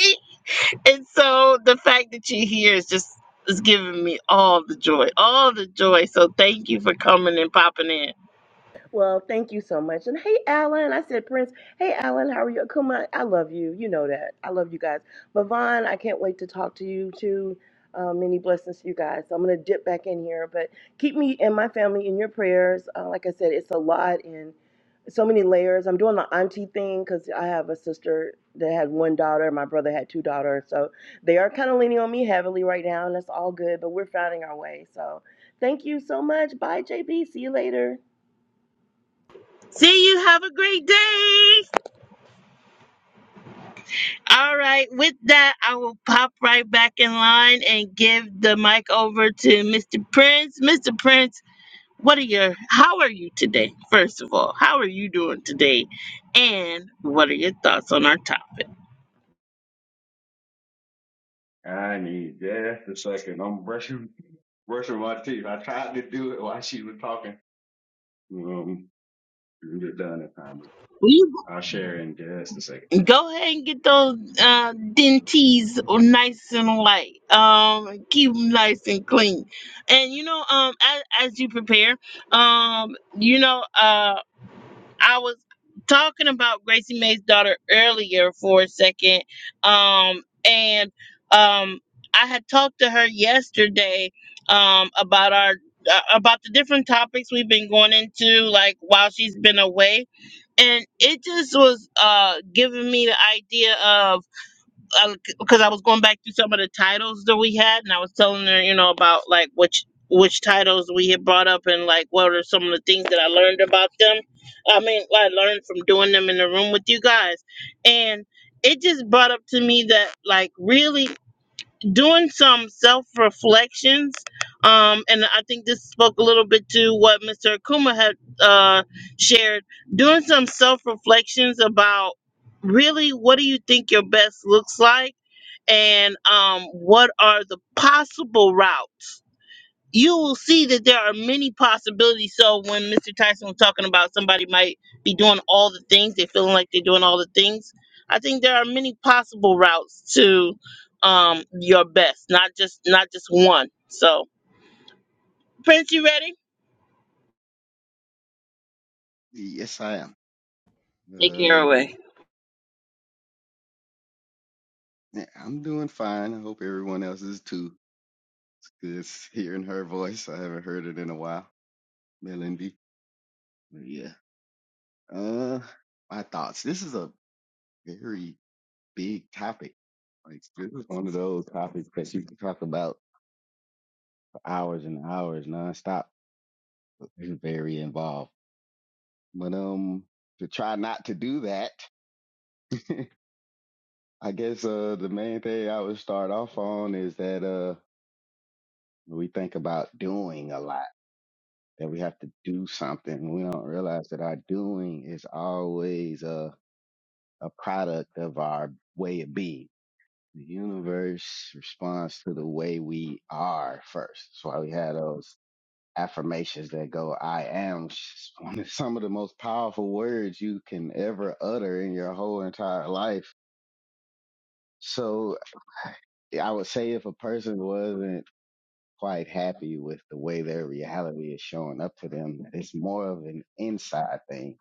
Speaker 1: And so the fact that you're here is just is giving me all the joy, all the joy. So thank you for coming and popping in.
Speaker 5: Well, thank you so much. And hey, Alan, I said Prince. Hey, Alan, how are you? Come on, I love you. You know that. I love you guys. But Vaughn, I can't wait to talk to you too. Uh, many blessings to you guys. So I'm gonna dip back in here, but keep me and my family in your prayers. Uh, like I said, it's a lot and so many layers. I'm doing the auntie thing because I have a sister that had one daughter. My brother had two daughters, so they are kind of leaning on me heavily right now, and that's all good. But we're finding our way. So thank you so much. Bye, JB. See you later.
Speaker 1: See you. Have a great day. All right. With that, I will pop right back in line and give the mic over to Mr. Prince. Mr. Prince, what are your? How are you today? First of all, how are you doing today? And what are your thoughts on our topic?
Speaker 6: I need just a second. I'm brushing brushing my teeth. I tried to do it while she was talking. Um, we'll get done in time, but
Speaker 1: We
Speaker 6: I'll share in just a second.
Speaker 1: Go ahead and get those uh, dentees nice and light. Um, keep them nice and clean. And you know, um, as, as you prepare, um, you know, uh, I was talking about Gracie May's daughter earlier for a second. Um, and um, I had talked to her yesterday. Um, about our uh, about the different topics we've been going into, like while she's been away and it just was uh giving me the idea of because I was going back through some of the titles that we had, and I was telling her, you know, about like which which titles we had brought up and like what are some of the things that I learned about them. I mean, I learned from doing them in the room with you guys, and it just brought up to me that like really doing some self reflections. Um, and I think this spoke a little bit to what Mr. Akuma had uh, shared. Doing some self reflections about really what do you think your best looks like, and um, what are the possible routes you will see that there are many possibilities. So when Mr. Tyson was talking about somebody might be doing all the things, they feeling like they're doing all the things. I think there are many possible routes to um your best, not just not just one. So Prince, you ready?
Speaker 6: Yes, I am.
Speaker 1: Take care
Speaker 6: Uh,
Speaker 1: away.
Speaker 6: yeah, I'm doing fine. I hope everyone else is too. Just hearing her voice, I haven't heard it in a while. Melindy. But yeah. Uh, my thoughts. This is a very big topic. Like this is one of those topics that you can talk about for hours and hours nonstop. He's very involved. But um, to try not to do that, (laughs) I guess uh, the main thing I would start off on is that uh, we think about doing a lot. That we have to do something. We don't realize that our doing is always a a product of our way of being. The universe responds to the way we are first. That's why we had those affirmations that go, I am (laughs) one of some of the most powerful words you can ever utter in your whole entire life. So I would say if a person wasn't quite happy with the way their reality is showing up to them, it's more of an inside thing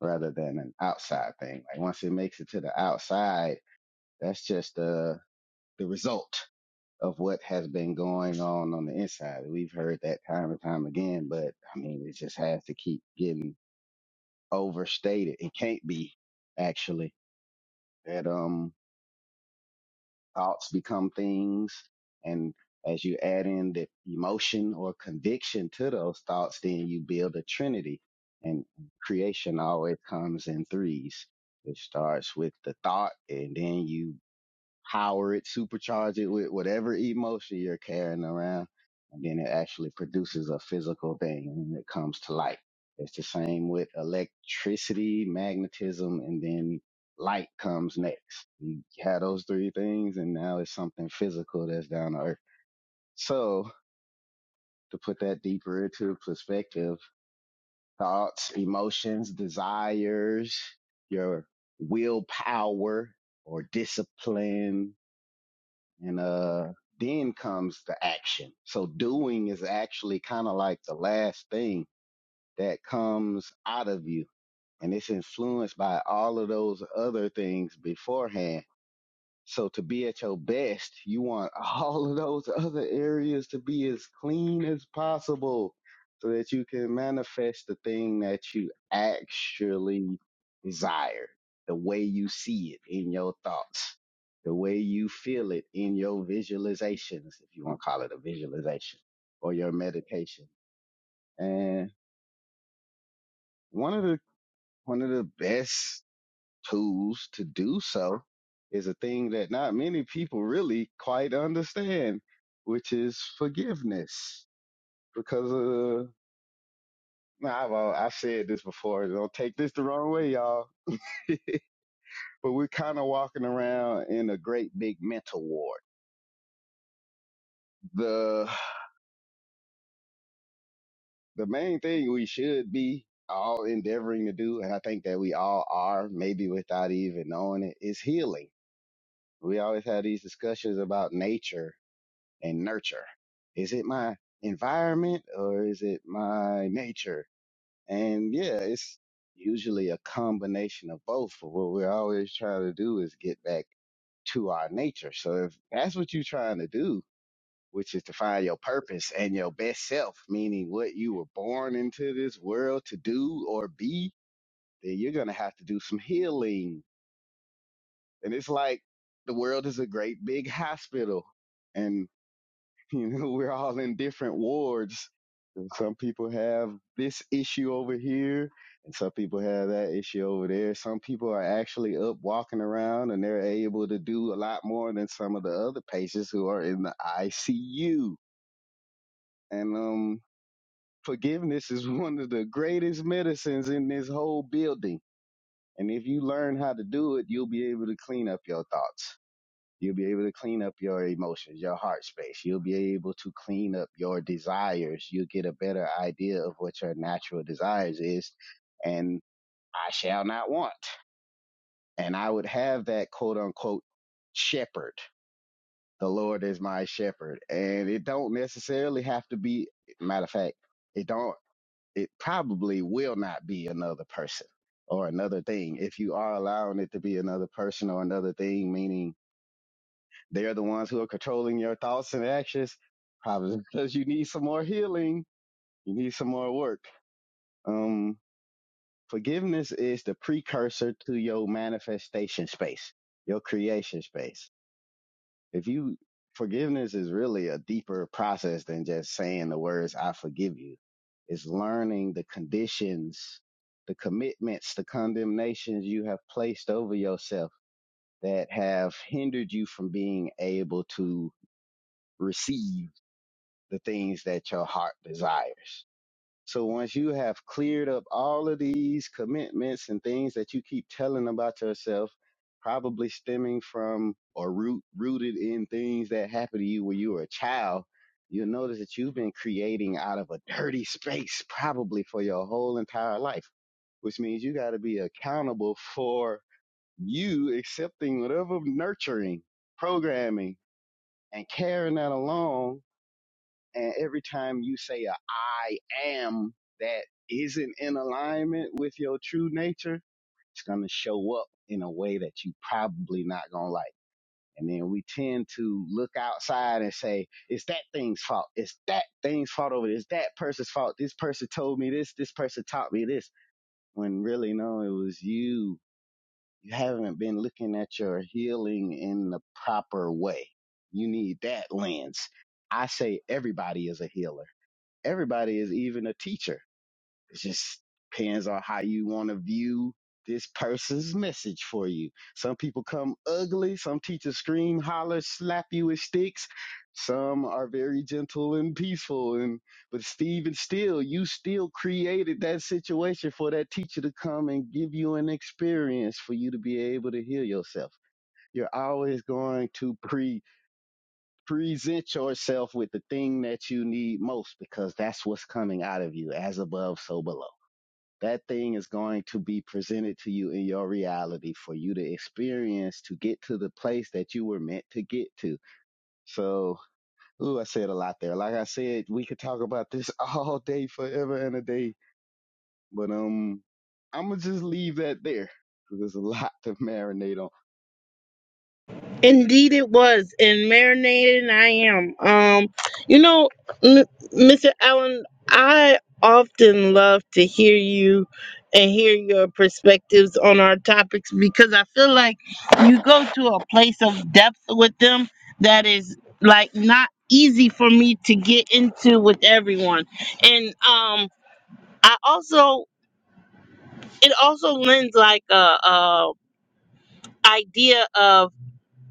Speaker 6: rather than an outside thing. Like once it makes it to the outside, that's just the the result of what has been going on on the inside. We've heard that time and time again, but I mean, it just has to keep getting overstated. It can't be actually that um thoughts become things, and as you add in the emotion or conviction to those thoughts, then you build a trinity. And creation always comes in threes. It starts with the thought, and then you power it, supercharge it with whatever emotion you're carrying around. And then it actually produces a physical thing and it comes to light. It's the same with electricity, magnetism, and then light comes next. You have those three things and now it's something physical that's down to earth. So to put that deeper into perspective, thoughts, emotions, desires, your willpower or discipline, and uh then comes the action so doing is actually kind of like the last thing that comes out of you and it's influenced by all of those other things beforehand so to be at your best, you want (laughs) all of those other areas to be as clean as possible so that you can manifest the thing that you actually desire, the way you see it in your thoughts, the way you feel it in your visualizations, if you want to call it a visualization or your meditation. And one of the, one of the best tools to do so is a thing that not many people really quite understand, which is forgiveness. Because uh, nah, well, I said this before. Don't take this the wrong way, y'all. (laughs) But we're kind of walking around in a great big mental ward. The the main thing we should be all endeavoring to do, and I think that we all are, maybe without even knowing it, is healing. We always have these discussions about nature and nurture. Is it my environment or is it my nature? And yeah, it's usually a combination of both. But what we're always trying to do is get back to our nature. So if that's what you're trying to do, which is to find your purpose and your best self, meaning what you were born into this world to do or be, then you're going to have to do some healing. And it's like the world is a great big hospital. And (laughs) You know, we're all in different wards. And Some people have this issue over here, and some people have that issue over there. Some people are actually up walking around, and they're able to do a lot more than some of the other patients who are in the ICU. And um, forgiveness is (laughs) one of the greatest medicines in this whole building. And if you learn how to do it, you'll be able to clean up your thoughts. You'll be able to clean up your emotions, your heart space. You'll be able to clean up your desires. You'll get a better idea of what your natural desires is. And I shall not want. And I would have that quote unquote shepherd. The Lord is my shepherd. And it don't necessarily have to be, matter of fact, it don't, it probably will not be another person or another thing. If you are allowing it to be another person or another thing, meaning They are the ones who are controlling your thoughts and actions, probably (laughs) because you need some more healing. You need some more work. Um, forgiveness is the precursor to your manifestation space, your creation space. If you forgiveness is really a deeper process than just saying the words "I forgive you." It's learning the conditions, the commitments, the condemnations you have placed over yourself that have hindered you from being able to receive the things that your heart desires. So once you have cleared up all of these commitments and things that you keep telling about yourself, probably stemming from or root, rooted in things that happened to you when you were a child, you'll notice that you've been creating out of a dirty space probably for your whole entire life, which means you got to be accountable for you accepting whatever nurturing, programming, and carrying that along and every time you say a I am that isn't in alignment with your true nature, it's going to show up in a way that you probably not going to like. And then we tend to look outside and say, it's that thing's fault. It's that thing's fault over this. It's That person's fault. This person told me this. This person taught me this. When really, no, it was you. You haven't been looking at your healing in the proper way. You need that lens. I say everybody is a healer everybody is even a teacher. It just depends on how you want to view this person's message for you. Some people come ugly. Some teachers scream, holler, slap you with sticks. Some are very gentle and peaceful. And but Stephen, still, you still created that situation for that teacher to come and give you an experience for you to be able to heal yourself. You're always going to preach Present yourself with the thing that you need most because that's what's coming out of you, as above, so below. That thing is going to be presented to you in your reality for you to experience to get to the place that you were meant to get to. So, ooh, I said a lot there. Like I said, we could talk about this (laughs) all day, forever and a day. But um, I'm gonna just leave that there. 'cause There's a lot to marinate on.
Speaker 1: Indeed, it was, and marinated I am. Um, you know, M- Mr. Allen, I often love to hear you and hear your perspectives on our topics because I feel like you go to a place of depth with them that is like not easy for me to get into with everyone, and um, I also it also lends like a, a idea of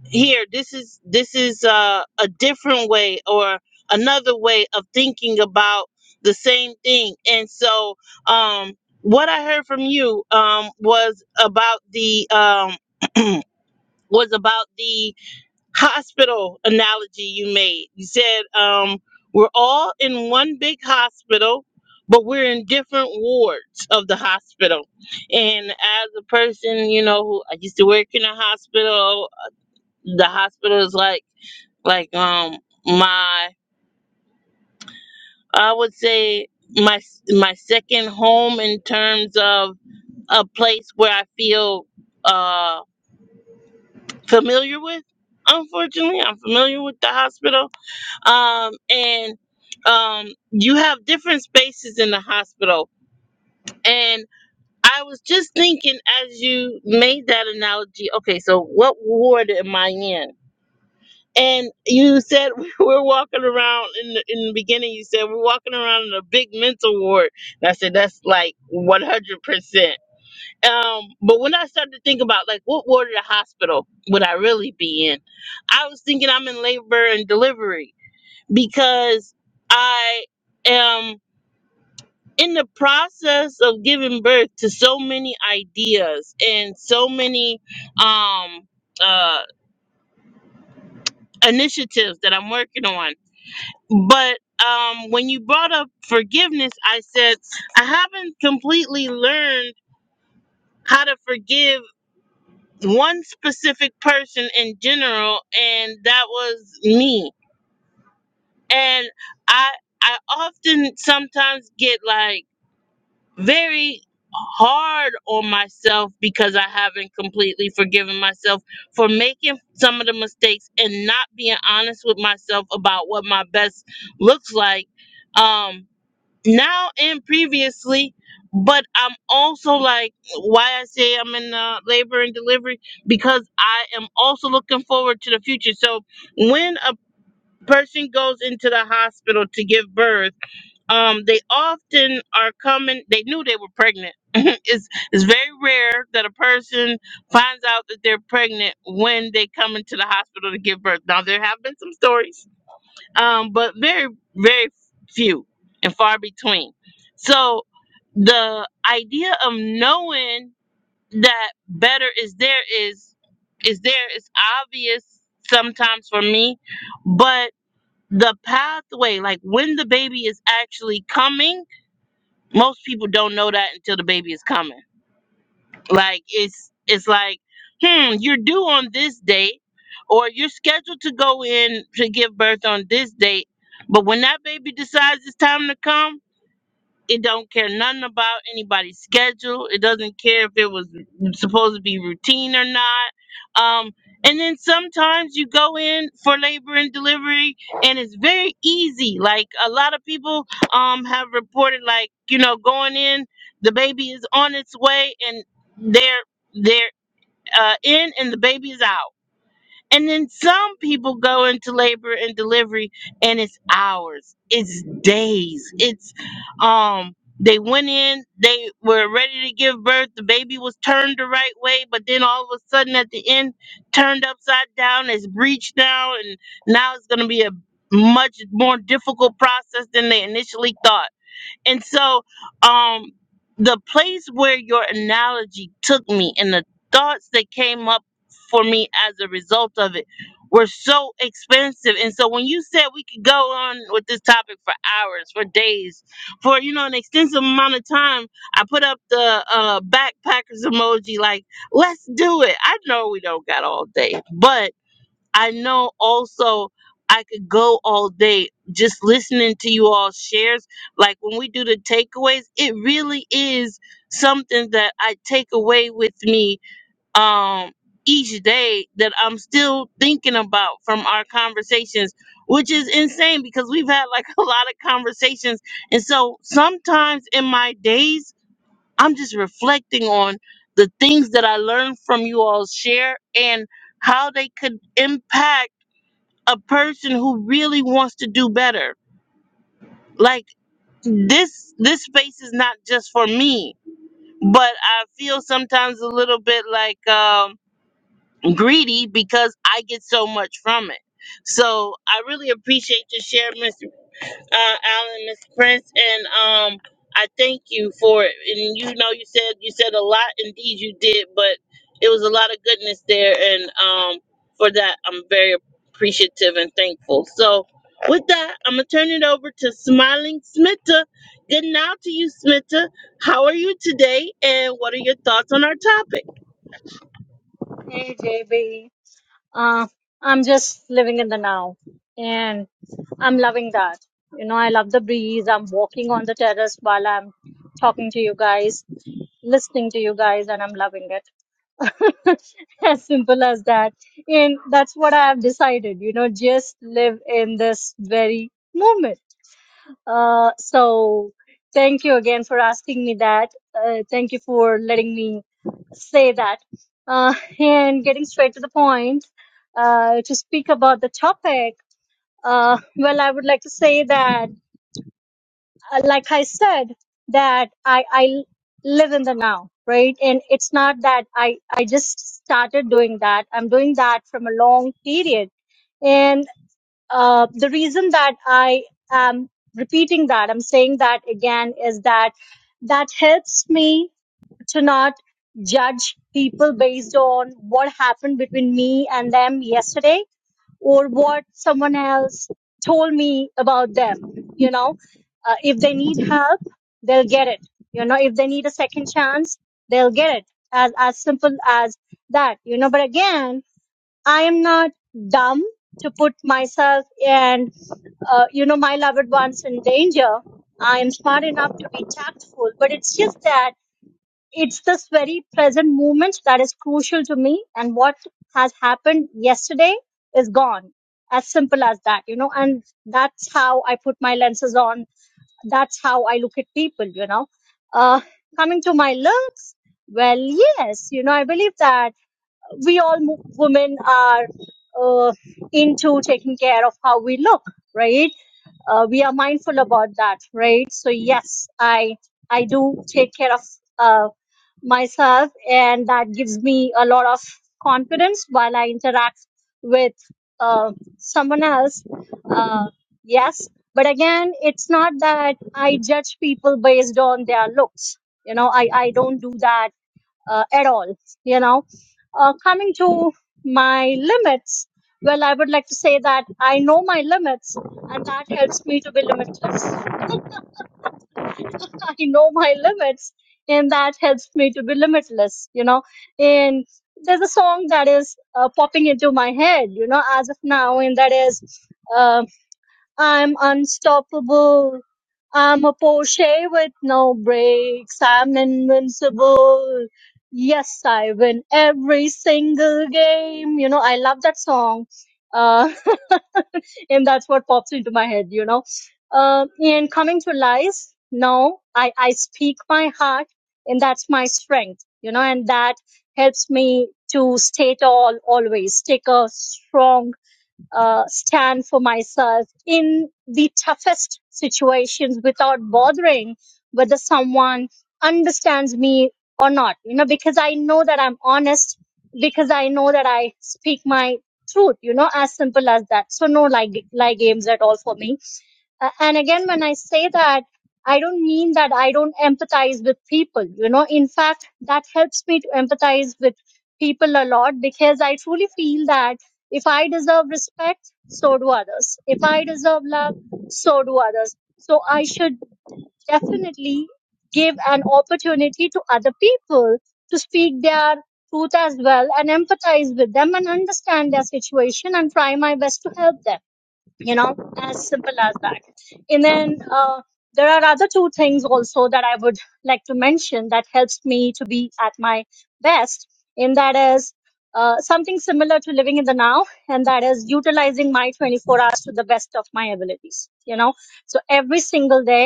Speaker 1: here this is this is uh, a different way or another way of thinking about the same thing and so um what i heard from you um was about the um (clears throat) was about the hospital analogy you made you said um we're all in one big hospital but we're in different wards of the hospital and as a person you know who i used to work in a hospital the hospital is like like um my I would say my my second home in terms of a place where I feel uh familiar with. Unfortunately, I'm familiar with the hospital. Um and um you have different spaces in the hospital and I was just thinking as you made that analogy, okay, so what ward am I in? And you said (laughs) we're walking around in the, in the beginning. You said we're walking around in a big mental ward, and I said that's like one hundred percent. Um, but when I started to think about like what ward of the hospital would I really be in, I was thinking I'm in labor and delivery because I am in the process of giving birth to so many ideas and so many um uh initiatives that I'm working on but um, when you brought up forgiveness, I said I haven't completely learned how to forgive one specific person in general, and that was me. And I I often sometimes get like very hard on myself because I haven't completely forgiven myself for making some of the mistakes and not being honest with myself about what my best looks like. Um now and previously but i'm also like why i say i'm in uh, labor and delivery because i am also looking forward to the future so when a person goes into the hospital to give birth um they often are coming they knew they were pregnant (laughs) it's it's very rare that a person finds out that they're pregnant when they come into the hospital to give birth now there have been some stories um, but very, very few and far between. So the idea of knowing that better is there is is there is obvious sometimes for me, but the pathway, like when the baby is actually coming, most people don't know that until the baby is coming like it's it's like, hmm, you're due on this date, or you're scheduled to go in to give birth on this date, but when that baby decides it's time to come. It don't care nothing about anybody's schedule. It doesn't care if it was supposed to be routine or not. Um, and then sometimes you go in for labor and delivery, and it's very easy. Like a lot of people um, have reported, like you know, going in, the baby is on its way, and they're they're uh, in, and the baby is out and then some people go into labor and delivery and it's hours, it's days, it's um they went in, they were ready to give birth, the baby was turned the right way, but then all of a sudden at the end turned upside down, it's breached now, and now it's gonna be a much more difficult process than they initially thought. And so, um, the place where your analogy took me and the thoughts that came up for me as a result of it were so expensive. And so, when you said we could go on with this topic for hours, for days, for you know an extensive amount of time, I put up the uh, backpackers (laughs) emoji, like let's do it. I know we don't got all day, but I know also I could go all day just listening to you all shares. Like when we do the takeaways, it really is something that I take away with me um each day that I'm still thinking about from our conversations, which is insane because we've had like (laughs) a lot of conversations. And so sometimes in my days, I'm just reflecting on the things that I learned from you all share and how they could impact a person who really wants to do better. Like this this space is not just for me, but I feel sometimes a little bit like um greedy because I get so much from it. So I really appreciate your share, Mr uh, Alan, Miss Prince, and um, I thank you for it. And you know, you said you said a lot. Indeed, you did, but it was a lot of goodness there, and um, for that, I'm very appreciative and thankful. So, with that, I'm gonna turn it over to Smiling Smitta. Good now to you, Smitta. How are you today, and what are your thoughts on our topic?
Speaker 7: Hey JB, uh, I'm just living in the now and I'm loving that. You know, I love the breeze. I'm walking on the terrace while I'm talking to you guys, listening to you guys, and I'm loving it. (laughs) as simple as that. And that's what I have decided, you know, just live in this very moment. Uh, so thank you again for asking me that. Uh, thank you for letting me say that. Uh, (laughs) and getting straight to the point, uh, to speak about the topic, uh, well, I would like to say that, uh, like I said, that I, I live in the now, right? And it's not that I, I just started doing that. I'm doing that from a long period. Uh, the reason that I am repeating that, I'm saying that again, is that that helps me to not judge people based on what happened between me and them yesterday or what someone else told me about them. You know, uh, if they need help, they'll get it. You know, if they need a second chance, they'll get it. As, as simple as that, you know, but again, I am not dumb to put myself and, uh, you know, my loved ones in danger. I am smart enough to be tactful, but it's just that it's this very present moment that is crucial to me. And what has happened yesterday is gone. As simple as that, you know, and that's how I put my lenses on. That's how I look at people, you know. Uh, coming to my looks, well, yes, you know, I believe that we all mo- women are uh, into taking care of how we look right uh, we are mindful about that right so yes i i do take care of uh, myself and that gives me a lot of confidence while i interact with uh, someone else uh, yes but again it's not that i judge people based on their looks you know i i don't do that uh, at all, you know. Uh, coming to my limits, well, I would like to say that I know my limits and that helps me to be limitless. (laughs) I know my limits and that helps me to be limitless, you know. And there's a song that is uh, popping into my head, you know, as of now, and that is um, I'm unstoppable. I'm a Porsche with no brakes. I'm invincible. Yes, I win every single game. You know, I love that song. Uh, (laughs) and that's what pops into my head, you know. uh, and coming to lies, no, I, I speak my heart and that's my strength, you know, and that helps me to stay tall always, take a strong uh, stand for myself in the toughest situations without bothering whether someone understands me or not you know because i know that i'm honest because i know that i speak my truth you know as simple as that so no like like games at all for me a- and again when i say that i don't mean that i don't empathize with people you know in fact that helps me to empathize with people a lot because i truly feel that if i deserve respect so do others if i deserve love so do others so i should definitely give an opportunity to other people to speak their truth as well and empathize with them and understand their situation and try my best to help them you know as simple as that and then uh, there are other two things also that i would like to mention that helps me to be at my best and that is uh, something similar to living in the now and that is utilizing my 24 hours to the best of my abilities you know so every single day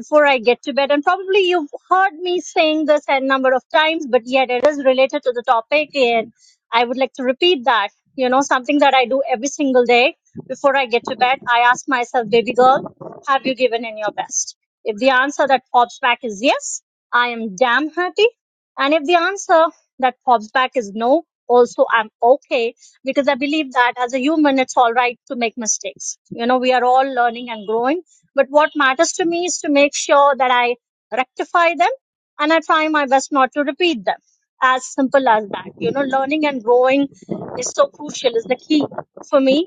Speaker 7: before i get to bed and probably you've heard me saying this a number of times but yet it is related to the topic and i would like to repeat that you know something that i do every single day before I get to bed, I ask myself, baby girl, have you given in your best? If the answer that pops back is yes, I am damn happy. And if the answer that pops back is no, also I'm okay because I believe that as a human, it's all right to make mistakes. You know, we are all learning and growing. But what matters to me is to make sure that I rectify them and I try my best not to repeat them. As simple as that. You know, learning and growing is so crucial, is the key for me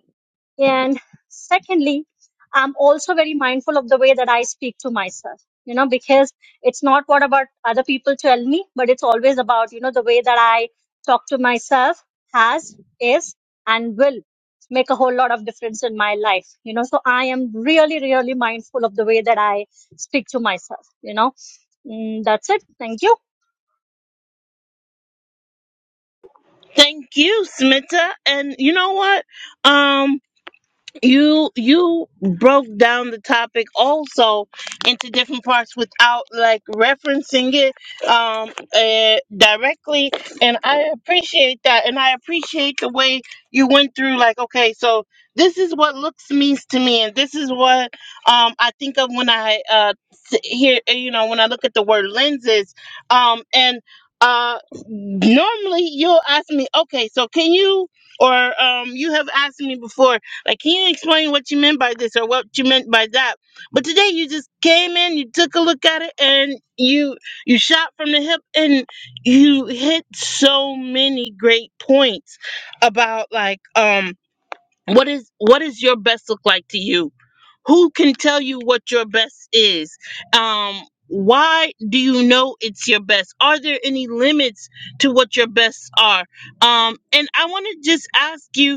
Speaker 7: and secondly, I'm also very mindful of the way that I speak to myself, you know, because it's not what about other people tell me, but it's always about, you know, the way that I talk to myself has, is, and will make a whole lot of difference in my life, you know. So I am really, really mindful of the way that I speak to myself, you know. Mm, that's it. Thank you.
Speaker 1: Thank you, Smitta. And you know what? Um. you you broke down the topic also into different parts without like referencing it um uh, directly and i appreciate that and i appreciate the way you went through like okay so this is what looks means to me and this is what um i think of when i uh s- hear you know when i look at the word lenses um and uh normally you'll ask me okay so can you or um you have asked me before like, can you explain what you meant by this or what you meant by that? But today you just came in, you took a look at it, and you you shot from the hip, and you hit so many great points about like um what is what is your best look like to you? Who can tell you what your best is? Um, why do you know it's your best? Are there any limits to what your bests are? Um, and I want to just ask you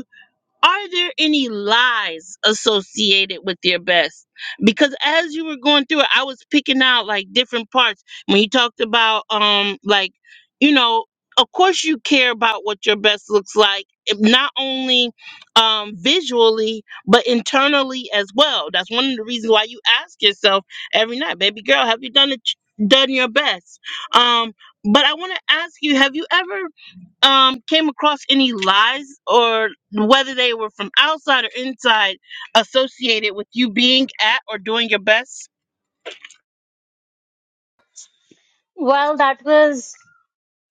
Speaker 1: are there any lies associated with your best? Because as you were going through it, I was picking out like different parts when you talked about um like you know, of course you care about what your best looks like, if not only um visually but internally as well. That's one of the reasons why you ask yourself every night, baby girl, have you done it? Done your best, um, but I want to ask you: Have you ever um came across any lies or whether they were from outside or inside associated with you being at or doing your best?
Speaker 7: Well, that was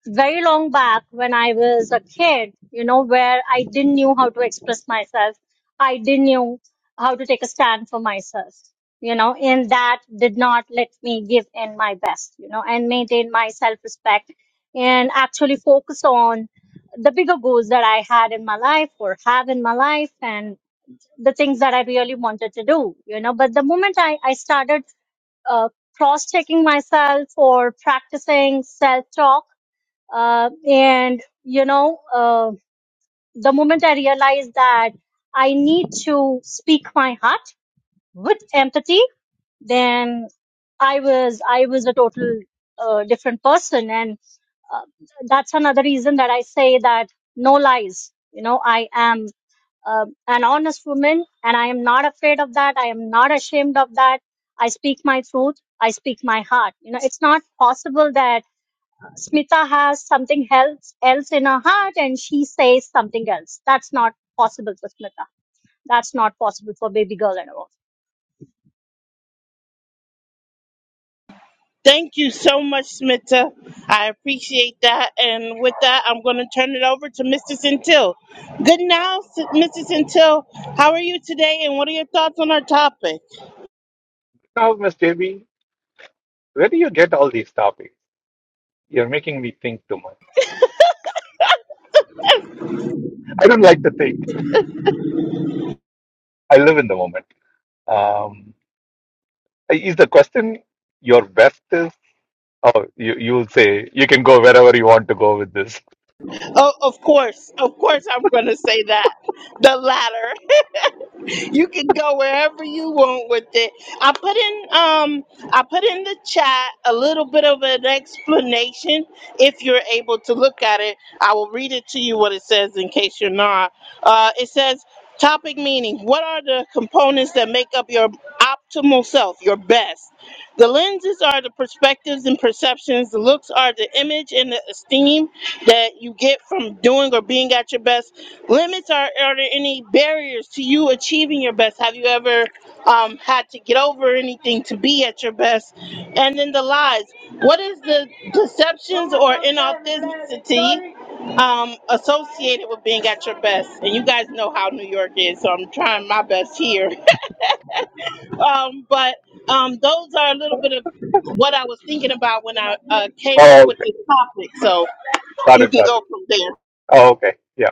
Speaker 7: very long back when I was a kid, you know, where I didn't knew how to express myself. I didn't knew how to take a stand for myself, you know, and that did not let me give in my best, you know, and maintain my self respect and actually focus on the bigger goals that I had in my life or have in my life and the things that I really wanted to do, you know. But the moment I, I started uh, cross checking myself or practicing self talk, uh, and you know uh, the moment i realized that i need to speak my heart with empathy then i was i was a total uh, different person and uh, that's another reason that i say that no lies you know i am uh, an honest woman and i am not afraid of that i am not ashamed of that i speak my truth i speak my heart you know it's not possible that Smita has something else else in her heart and she says something else. That's not possible for Smita. That's not possible for baby girl anymore.
Speaker 1: Thank you so much, Smita. I appreciate that. And with that, I'm going to turn it over to Mr. Centil. Good now, S- Mr. Centil. How are you today? And what are your thoughts on our topic?
Speaker 8: Now, Miss JB, where do you get all these topics? You're making me think too much. I don't like to think. I live in the moment. Um, is the question your best is? Oh, you you'll say you can go wherever you want to go with this.
Speaker 1: Oh, of course. Of course, I'm going to say that. The latter. you can go wherever you want with it. I put in um I put in the chat a little bit of an explanation if you're able to look at it. I will read it to you what it says in case you're not. Uh, it says topic meaning what are the components that make up your optimal self your best the lenses are the perspectives and perceptions the looks are the image and the esteem that you get from doing or being at your best limits are, are there any barriers to you achieving your best have you ever um, had to get over anything to be at your best and then the lies what is the deceptions or inauthenticity um, associated with being at your best and you guys know how new york is so i'm trying my best here um, but um, those are a little bit of what i was thinking about when i uh, came up
Speaker 8: Oh,
Speaker 1: with
Speaker 8: okay.
Speaker 1: this topic so
Speaker 8: Got
Speaker 1: you
Speaker 8: it.
Speaker 1: can
Speaker 8: Got
Speaker 1: go
Speaker 8: it.
Speaker 1: from there
Speaker 8: Oh, okay. Yeah.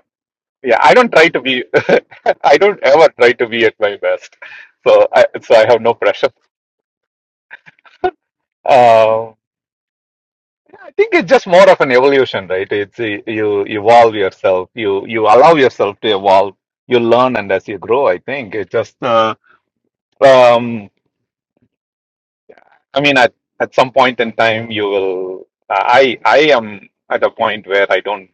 Speaker 8: Yeah. I don't try to be. (laughs) I don't ever try to be at my best. So I so I have no pressure. Um, I think it's just more of an evolution, right? It's uh, you evolve yourself, you you allow yourself to evolve, you learn, and as you grow, I think it's just. Uh, um, I mean, at at some point in time, you will. I I am at a point where I don't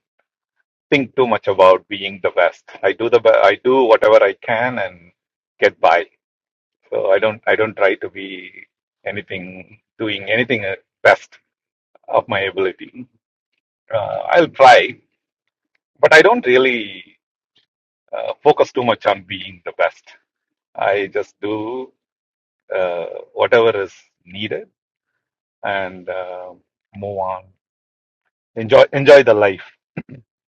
Speaker 8: think too much about being the best. I do the be- I do whatever I can and get by. So I don't I don't try to be anything doing anything uh, best of my ability. Uh, I'll try, but I don't really. uh, focus too much on being the best. I just do uh, whatever is needed and uh, move on. Enjoy enjoy the life.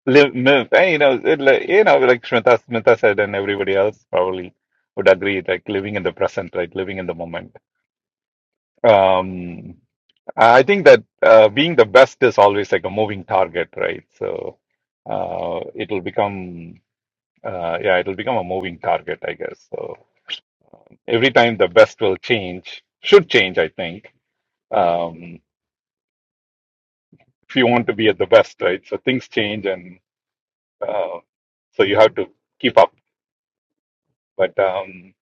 Speaker 8: Live, live. And, you know, it, like- you know, like Smita, Smita said, and everybody else probably would agree. Like living in the present, right? Living in the moment. Um, I think that uh, being the best is always like a moving target, right? So uh, it'll become, uh, yeah, it'll become a moving target, I guess. So. every time the best will change, should change, I think, um, if you want to be at the best, right? So things change, and uh, so you have to keep up. But um,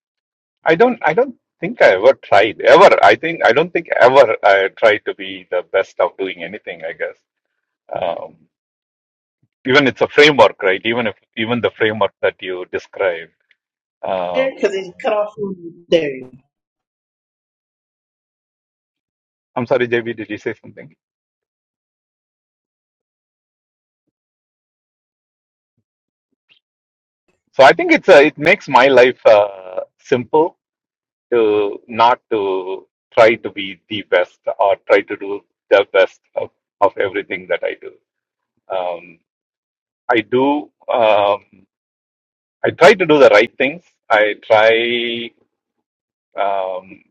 Speaker 8: I don't, I don't think I ever tried ever. I think I don't think ever I tried to be the best of doing anything. I guess um, even it's a framework, right? Even if even the framework that you described. Um,
Speaker 1: because it cut off from there
Speaker 8: I'm sorry, JB, did you say something? So I think it's a, it makes my life uh, simple to not to try to be the best or try to do the best of, of everything that I do. Um, I do. Um, I try to do the right things. I try. Um,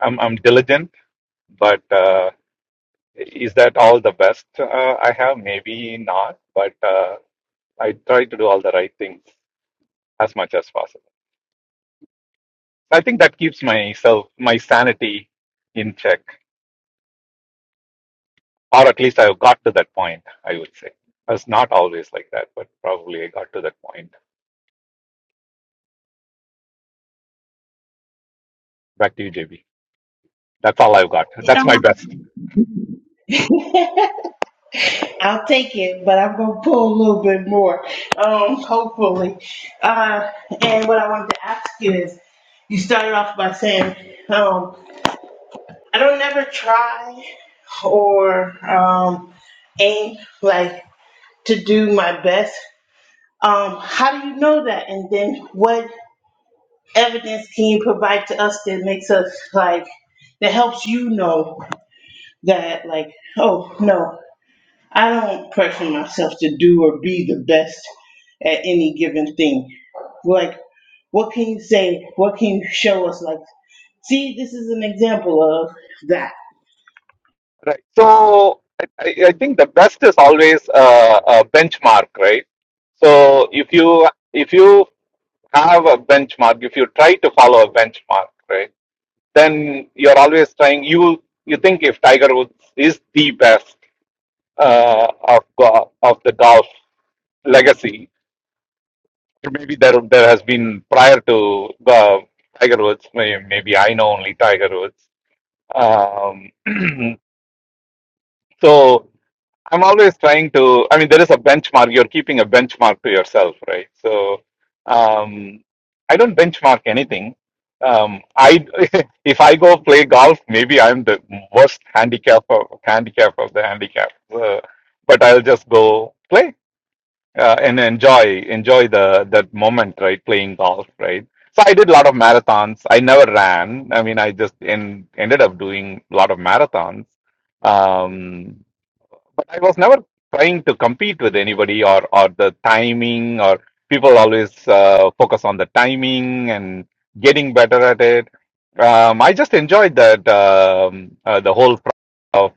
Speaker 8: I'm, I'm diligent, but uh, is that all the best uh, I have? Maybe not, but uh, I try to do all the right things as much as possible. I think that keeps myself my sanity in check. or at least I got to that point, I would say. I was not always like that, but probably I got to that point. Back to you, JB. That's all I've got. That's my best.
Speaker 1: I'll take it, but I'm gonna pull a little bit more, um, hopefully. Uh, and what I wanted to ask you is, you started off by saying, um, I don't never try or um, aim like to do my best. Um, how do you know that? And then what evidence can you provide to us that makes us like that helps you know that like, oh no, I don't pressure myself to do or be the best at any given thing. Like, what can you say? What can you show us? Like, see, this is an example of that.
Speaker 8: Right. So I, I I think the best is always uh, a benchmark, right? So if you if you have a benchmark, if you try to follow a benchmark, right? then you're always trying. You you think if Tiger Woods is the best uh, of go- of the golf legacy, maybe there there has been prior to uh, Tiger Woods. may- Maybe I know only Tiger Woods. Um, (clears throat) so I'm always trying to, I mean, there is a benchmark. You're keeping a benchmark to yourself, right? So um, I don't benchmark anything. Um, I (laughs) if I go play golf, maybe I'm the worst handicap of handicap of the handicap. Uh, but I'll just go play uh, and enjoy enjoy the that moment, right? Playing golf, right? So I did a lot of marathons. I never ran. I mean, I just en- ended up doing a lot of marathons. Um, I was never trying to compete with anybody or or the timing or people always uh, focus on the timing and getting better at it. Um, I just enjoyed that um, uh, the whole process of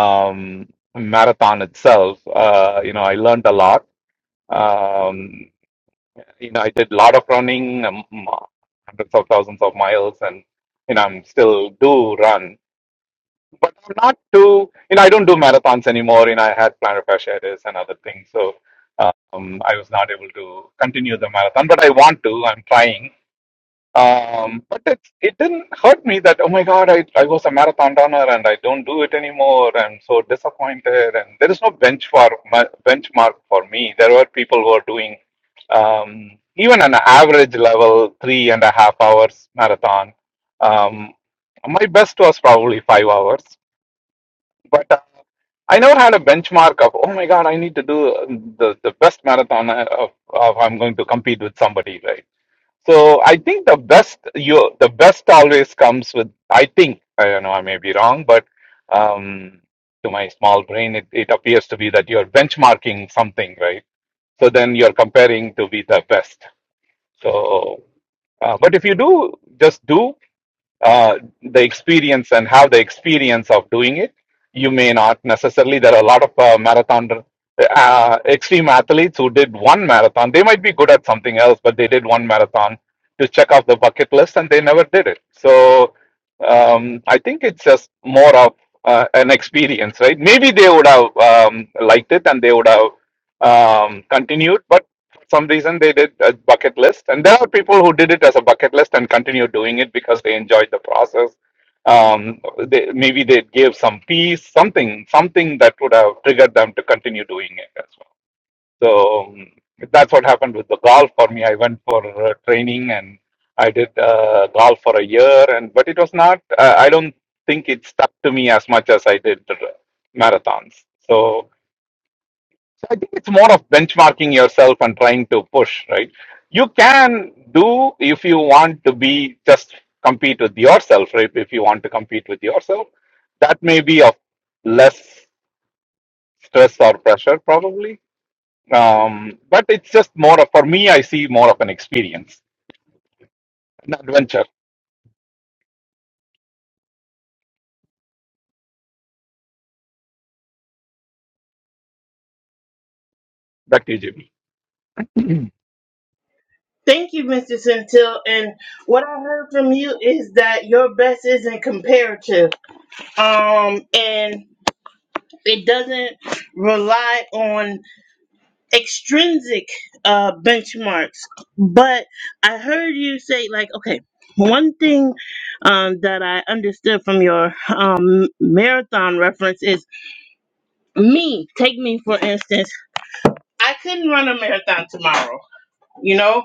Speaker 8: um, marathon itself. Uh, you know, I learned a lot. Um, you know, I did a lot of running, um, hundreds of thousands of miles, and you know, I'm still do run but I'm not too, you know, I don't do marathons anymore. You know, I had plantar fasciitis and other things, so um, I was not able to continue the marathon. But I want to. I'm trying. Um, but it it didn't hurt me that oh my god, I I was a marathon runner and I don't do it anymore. I'm so disappointed. And there is no bench for benchmark for me. There were people who are doing. Um, even an average level three and a half hours marathon um, my best was probably five hours but uh, I never had a benchmark of oh my god I need to do uh, the the best marathon uh, of, of I'm going to compete with somebody right so I think the best you the best always comes with I think I don't know I may be wrong but um, to my small brain it, it appears to be that you're benchmarking something right so then you're comparing to be the best so uh, but if you do just do uh, the experience and have the experience of doing it. You may not necessarily. There are a lot of uh, marathon uh, extreme athletes who did one marathon. They might be good at something else, but they did one marathon to check off the bucket list, and they never did it. So um, I think it's just more of uh, an experience, right? Maybe they would have um, liked it and they would have um, continued, but some reason they did a bucket list and there are people who did it as a bucket list and continue doing it because they enjoyed the process um, they, maybe they gave some peace something something that would have triggered them to continue doing it as well so um, that's what happened with the golf for me i went for uh, training and i did uh, golf for a year and but it was not uh, i don't think it stuck to me as much as i did the marathons so so I think it's more of benchmarking yourself and trying to push, right? You can do if you want to be just compete with yourself, right? If you want to compete with yourself, that may be of less stress or pressure, probably. Um, but it's just more of, for me, I see more of an experience, an adventure. Back to you, Jimmy.
Speaker 1: Thank you, Mr. Centil. And what I heard from you is that your best isn't comparative. Um, and it doesn't rely on extrinsic uh, benchmarks, but I heard you say like, okay, one thing um, that I understood from your um, marathon reference is me. Take me for instance. I couldn't run a marathon tomorrow. You know,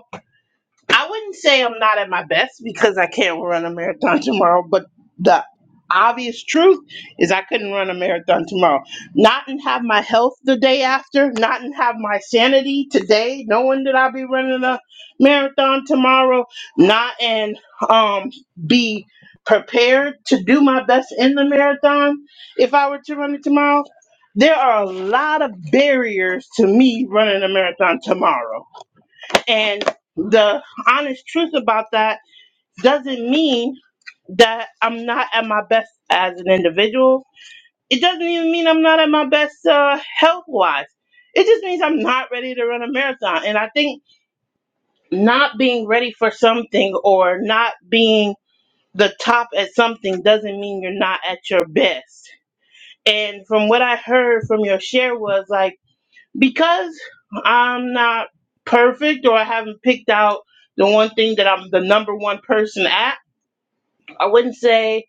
Speaker 1: I wouldn't say I'm not at my best because I can't run a marathon (laughs) tomorrow, but the obvious truth is I couldn't run a marathon tomorrow. Not and have my health the day after, not and have my sanity today, knowing that I'll be running a marathon tomorrow, not and um be prepared to do my best in the marathon if I were to run it tomorrow. There are a lot of barriers to me running a marathon tomorrow and the honest truth about that doesn't mean that I'm not at my best as an individual.
Speaker 8: (clears throat)
Speaker 1: It doesn't even mean I'm not at my best uh, health wise. It just means I'm not ready to run a marathon. And I think not being ready for something or not being the top at something doesn't mean you're not at your best. And from what I heard from your share was like, because I'm not perfect or I haven't picked out the one thing that I'm the number one person at, I wouldn't say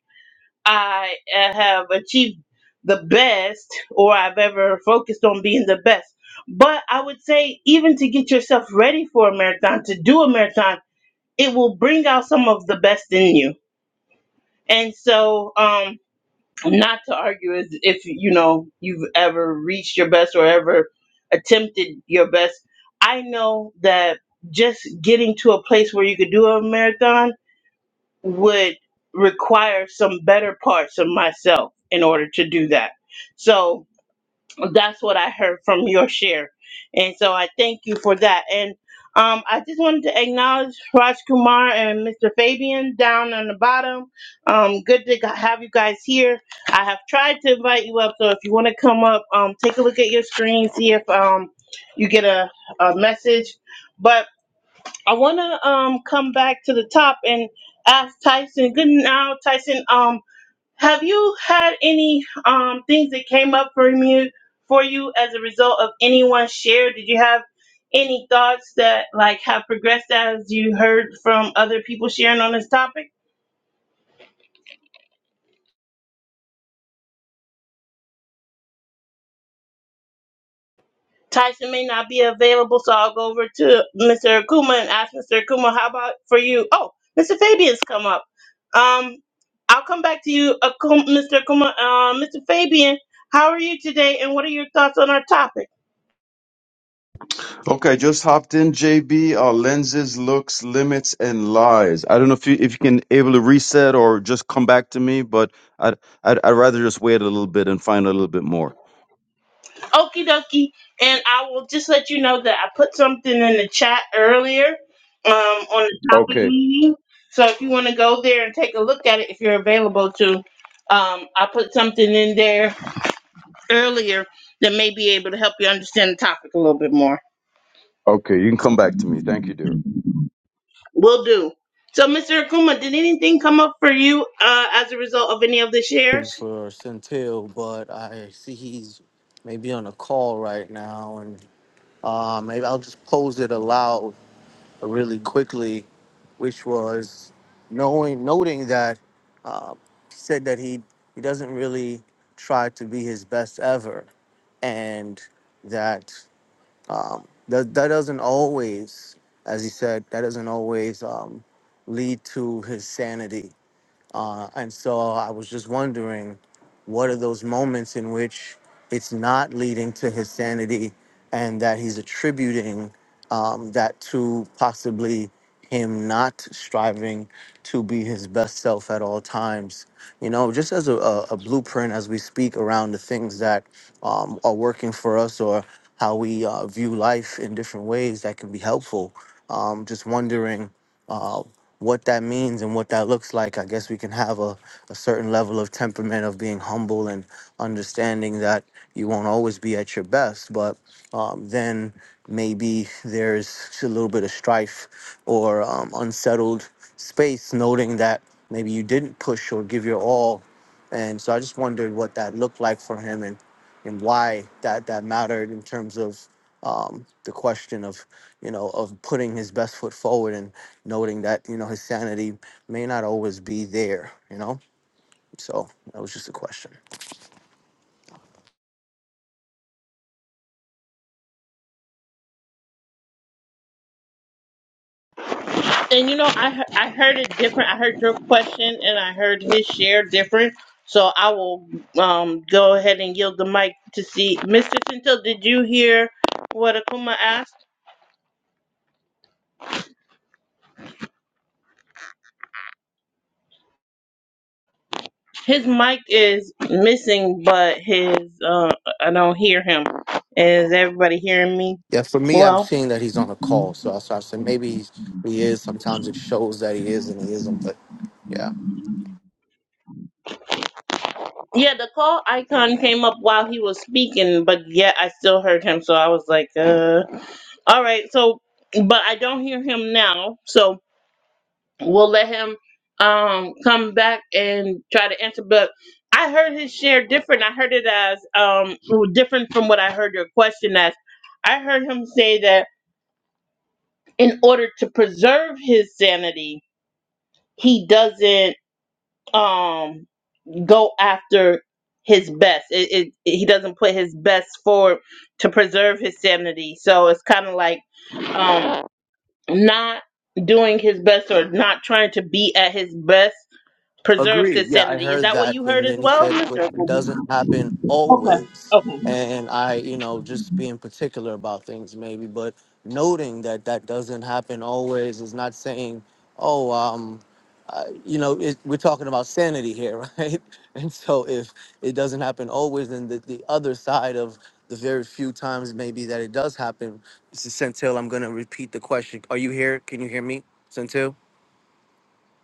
Speaker 1: I uh, have achieved the best or I've ever focused on being the best. But I would say, even to get yourself ready for a marathon, to do a marathon, it will bring out some of the best in you. And so, um, not to argue is if you know you've ever reached your best or ever attempted your best. I know that just getting to a place where you could do a marathon would require some better parts of myself in order to do that. So that's what I heard from your share. And so I thank you for that. And um, I just wanted to acknowledge Raj Kumar and Mr. Fabian down on the bottom. Um, good to g- have you guys here. I have tried to invite you up, so if you want to come up, um, take a look at your screen, see if um, you get a, a message. But I want to um, come back to the top and ask Tyson. Good now, Tyson. Um, have you had any um things that came up for me for you as a result of anyone's share? Did you have any thoughts that like have progressed as you heard from other people sharing on this topic? Tyson may not be available, so I'll go over to Mr. Akuma and ask Mr. Akuma, how about for you? Oh, Mr. Fabian's come up. Um, I'll come back to you, Akuma, Mr. Akuma. Uh, Mr. Fabian, how are you today, and what are your thoughts on our topic?
Speaker 9: Okay, just hopped in, JB. Uh, lenses, looks, limits, and lies. I don't know if you if you can able to reset or just come back to me, but I'd I'd, I'd rather just wait a little bit and find a little bit more.
Speaker 1: Okie dokie. And I will just let you know that I put something in the chat earlier um, on the topic
Speaker 9: Okay,
Speaker 1: meeting. So if you want to go there and take a look at it, if you're available to, um, I put something in there earlier that may be able to help you understand the topic a little bit more.
Speaker 9: okay, you can come back to me. Thank you, dear.
Speaker 1: Will do. So, Mr. Akuma, did anything come up for you uh, as a result of any of the
Speaker 4: And
Speaker 1: shares?
Speaker 4: For Centil, but I see he's maybe on a call right now, and uh, maybe I'll just pose it aloud. really quickly, which was knowing noting that uh, he said that he he doesn't really try to be his best ever, and that um, that that doesn't always, as he said, that doesn't always um, lead to his sanity uh, and so I was just wondering, what are those moments in which it's not leading to his sanity and that he's attributing um, that to possibly him not striving to be his best self at all times? You know, just as a, a, a blueprint as we speak around the things that um, are working for us or how we uh, view life in different ways that can be helpful. Um, just wondering. uh, what that means and what that looks like, I guess we can have a, a certain level of temperament of being humble and understanding that you won't always be at your best, but um, then maybe there's a little bit of strife or um, unsettled space, noting that maybe you didn't push or give your all. And so I just wondered what that looked like for him And and why that that mattered in terms of um, the question of you know of putting his best foot forward and noting that you know his sanity may not always be there. You know, so that was just a question.
Speaker 1: And you know, I he- I heard it different. I heard your question and I heard his share different. So I will um go ahead and yield the mic to see Mr. Tintel. Did you hear what Akuma asked? His mic is missing, but his uh I don't hear him. Is everybody hearing me?
Speaker 4: Yeah, for me, I'm
Speaker 1: Well,
Speaker 4: seeing that he's on a call, so I, so I said maybe he's, he is. Sometimes it shows that he is and he isn't, but yeah.
Speaker 1: yeah, the call icon came up while he was speaking, but yet I still heard him. So I was like, uh, all right. So, but I don't hear him now. So. we'll let him um come back and try to answer but i heard his share different i heard it as um well, different from what i heard your question as i heard him say that in order to preserve his sanity he doesn't um go after his best it, it, it- he doesn't put his best forward to preserve his sanity so it's kind of like um not doing his best or not trying to be at his best preserves
Speaker 4: Agreed.
Speaker 1: his
Speaker 4: Yeah, I
Speaker 1: sanity. Is
Speaker 4: heard
Speaker 1: that what
Speaker 4: that.
Speaker 1: you
Speaker 4: And
Speaker 1: heard as
Speaker 4: then he
Speaker 1: well,
Speaker 4: said, but
Speaker 1: Mr.
Speaker 4: it doesn't happen always.
Speaker 1: Okay.
Speaker 4: And I, you know, just being particular about things maybe, but noting that that doesn't happen always is not saying, oh, um, uh, you know, it, we're talking about sanity here, (laughs) right? And so if it doesn't happen always, then the, the other side of the very few times maybe that it does happen, Mrs. Centil, I'm going to repeat the question. Are you here? Can you hear me, Centil?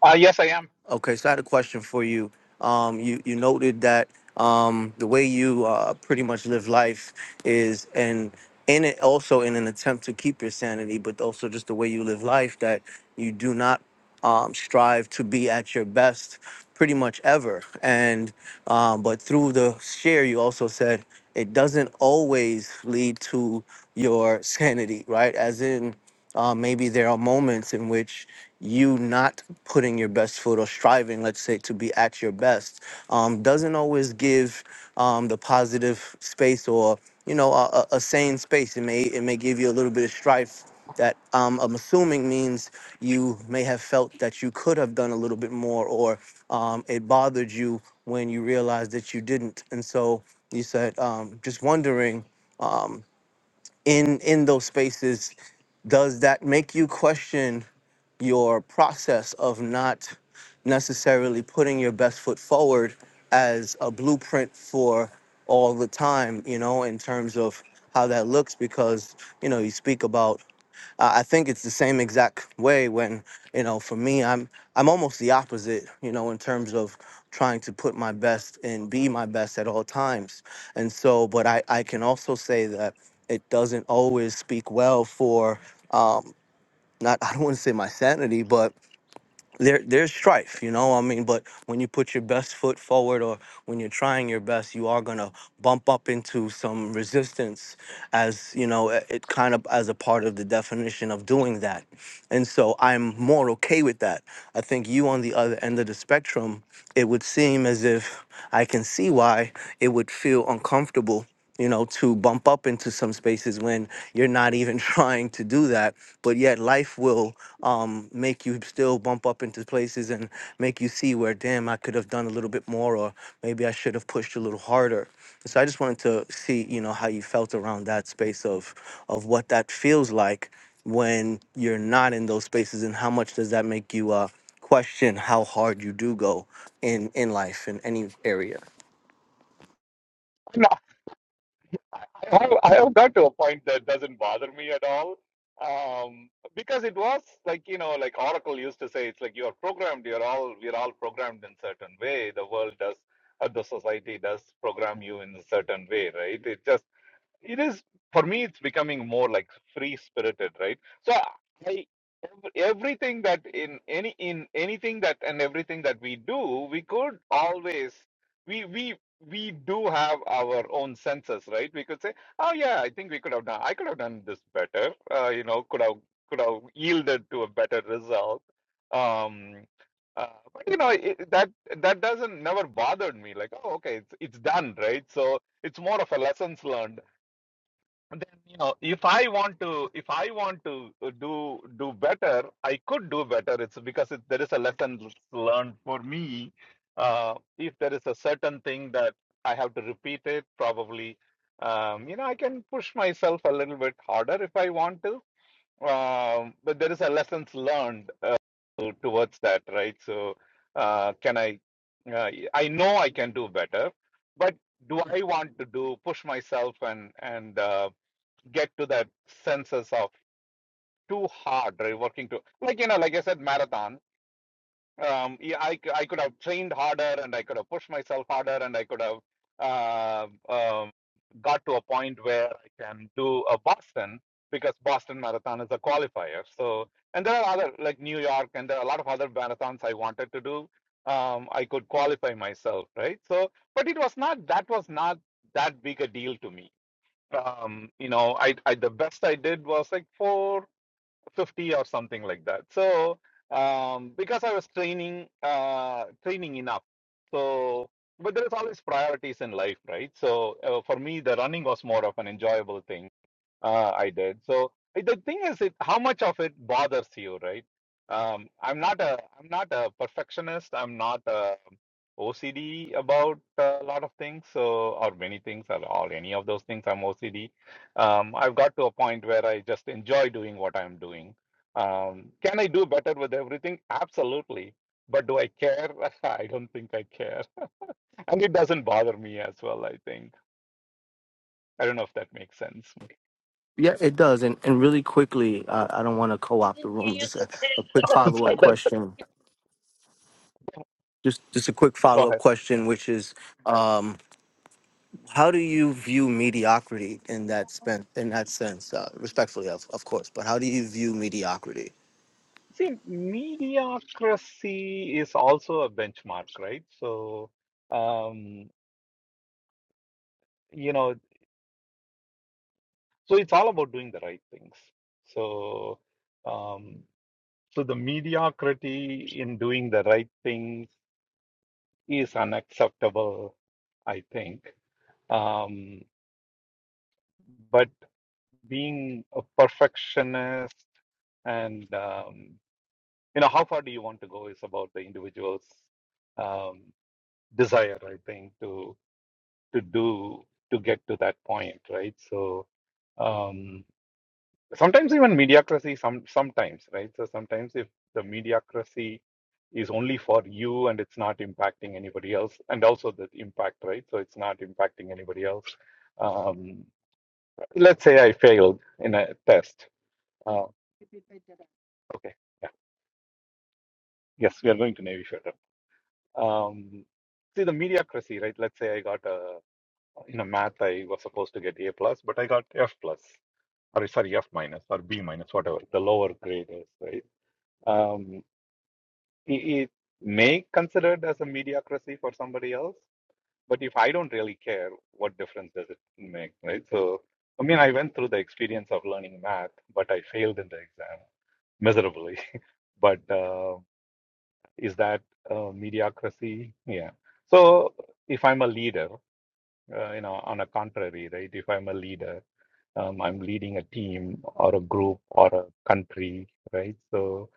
Speaker 8: Uh, yes, I am.
Speaker 4: Okay, so I had a question for you. Um, you you noted that um, the way you uh, pretty much live life is, and in it also in an attempt to keep your sanity, but also just the way you live life that you do not um, strive to be at your best pretty much ever. And um, but through the share, you also said it doesn't always lead to your sanity, right? As in, uh, maybe there are moments in which you not putting your best foot or striving, let's say, to be at your best, um, doesn't always give um, the positive space or you know a, a a sane space. It may it may give you a little bit of strife that um, I'm assuming means you may have felt that you could have done a little bit more, or um, it bothered you when you realized that you didn't. And so you said, um, just wondering. um, in in those spaces does that make you question your process of not necessarily putting your best foot forward as a blueprint for all the time you know in terms of how that looks because you know you speak about uh, I think it's the same exact way when you know for me I'm I'm almost the opposite you know in terms of trying to put my best and be my best at all times and so but I I can also say that it doesn't always speak well for um not (laughs) I don't want to say my sanity but there there's strife, you know. what I mean, but when you put your best foot forward, or when you're trying your best, you are gonna bump up into some resistance, as you know, it, it kind of as a part of the definition of doing that. And so I'm more okay with that. I think you on the other end of the spectrum, it would seem as if I can see why it would feel uncomfortable you know, to bump up into some spaces when you're not even (laughs) trying to do that. But yet, life will um, make you still bump up into places and make you see where, damn, I could have done a little bit more, or maybe I should have pushed a little harder. So I just wanted to see, you know, how you felt around that space of of what that feels like when you're not in those spaces, and how much does that make you uh, question how hard you do go in in life in any area.
Speaker 8: No, I have, I have got to a point that doesn't bother me at all. Um, because it was like, you know, like Oracle used to say, it's like you are programmed, you're all, we're all programmed in certain way. The world does, uh, the society does program you in a certain way, right? It just it is for me it's becoming more like free spirited right so i ev- everything that in any in anything that and everything that we do we could always we we we do have our own senses right we could say oh yeah i think we could have done i could have done this better uh, you know could have could have yielded to a better result um uh, but you know it, that that doesn't never bothered me like oh okay it's it's done right so it's more of a lessons learned and then you know if i want to if i want to uh, do do better i could do better it's because it, there is a lesson learned for me uh, if there is a certain thing that i have to repeat it probably um, you know i can push myself a little bit harder if i want to um, but there is a lessons learned uh, to- towards that right so uh, can i uh, i know i can do better but do i want to do push myself and and uh, get to that senses of too hard right working too like you know like i said marathon um yeah, I I could have trained harder and i could have pushed myself harder and i could have uh, um got to a point where i can do a boston because boston marathon is a qualifier so and there are other like new york and there are a lot of other marathons i wanted to do um i could qualify myself right so but it was not that was not that big a deal to me um, you know, I, I the best I did was like 450 or something like that. So um, because I was training uh, training enough, so but there is always priorities in life, right? So uh, for me, the running was more of an enjoyable thing uh, I did. So eh, the thing is, it how much of it bothers you, right? Um, I'm not a I'm not a perfectionist. I'm not a OCD about a lot of things, so or many things, or, or any of those things. I'm OCD. Um, I've got to a point where I just enjoy doing what I'm doing. Um, can I do better with everything? Absolutely. But do I care? (laughs) I don't think I care, (laughs) and it doesn't bother me as well. I think I don't know if that makes sense.
Speaker 4: Yeah, it does. And and really quickly, uh, I don't want to co-opt the room. Just a, a quick
Speaker 8: (laughs) So
Speaker 4: follow-up
Speaker 8: that's
Speaker 4: question. Just just a quick
Speaker 8: go ahead.
Speaker 4: follow-up question, which is, um, how do you view mediocrity in that spen- in that sense? Uh, respectfully, of of course, but how do you view mediocrity?
Speaker 8: See, mediocrity is also a benchmark, right? So, um, you know, so it's all about doing the right things. So, um, so the mediocrity in doing the right things is unacceptable, I think. Um, but being a perfectionist and, um, you know, how far do you want to go is about the individual's um, desire, I think, to. to do to get to that point, right? So um, sometimes even mediocrity, some sometimes, right? So sometimes if the mediocrity is only for you and it's not impacting anybody else, and also the impact, right? So it's not impacting anybody else. Um, let's say I failed in a test. Uh, okay, yeah, yes, we are going to Navy Federal. Um, see the mediocrity, right? Let's say I got a in a math I was supposed to get A plus, but I got F plus or sorry, F minus or B minus, whatever the lower grade is, right? Um, it, it may considered as a mediocrity for somebody else, but if I don't really care, what difference does it make, right? So, I mean, I went through the experience of learning math, but I failed in the exam miserably. (laughs) But uh, is that uh, mediocrity? Yeah. So, if I'm a leader, uh, you know, on a contrary, right? If I'm a leader um, I'm leading a team or a group or a country, right? So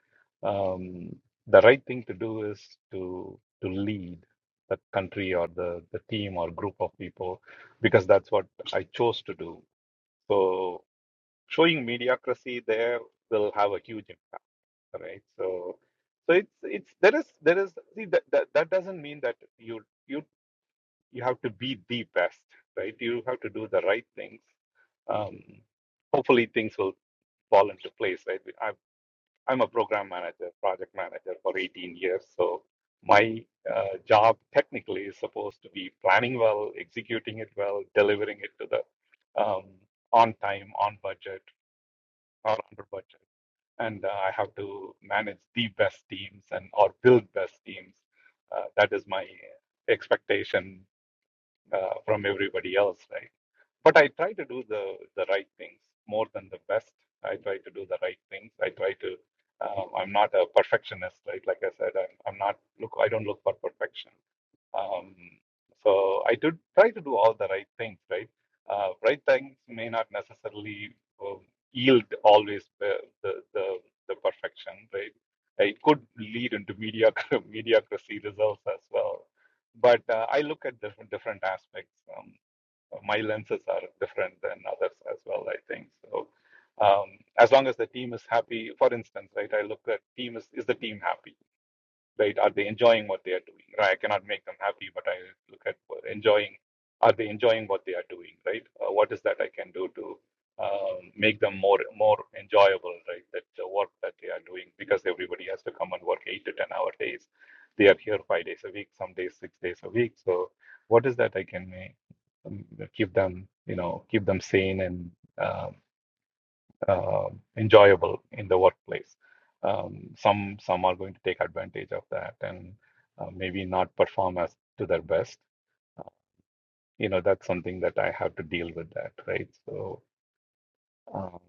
Speaker 8: um, the right thing to do is to to lead the country or the the team or group of people because that's what I chose to do. So showing mediocrity there will have a huge impact, right? So so it's it's there is there is see that that, that doesn't mean that you you you have to be the best, right? You have to do the right things. Um, hopefully, things will fall into place, right? I'm, I'm a program manager, project manager for 18 years. So, my uh, job technically is supposed to be planning well, executing it well, delivering it to the um, on time, on budget, or under budget. And uh, I have to manage the best teams and or build best teams. Uh, that is my expectation uh, from everybody else, right? But I try to do the the right things more than the best. I try to do the right things. I try to. Um, I'm not a perfectionist, right? Like I said, I'm I'm not look. I don't look for perfection. Um, so I did try to do all the right things, right? Uh, right things may not necessarily uh, yield always the, the the the perfection, right? It could lead into mediocre (laughs) mediocrity results as well. But uh, I look at different different aspects. Um, my lenses are different than others as well. I think so. Um, as long as the team is happy, for instance, right? I look at team is is the team happy? right? Are they enjoying what they are doing? Right? I cannot make them happy, but I look at enjoying. Are they enjoying what they are doing? Right? Uh, what is that I can do to um, make them more more enjoyable? Right? That the work that they are doing because everybody has to come and work eight to ten hour days. They are here five days a week, some days six days a week. So what is that I can make? um, Keep them, you know, keep them sane and um, um enjoyable in the workplace. Um, some some are going to take advantage of that and uh, maybe not perform as to their best. You know, that's something that I have to deal with that, right? So, um,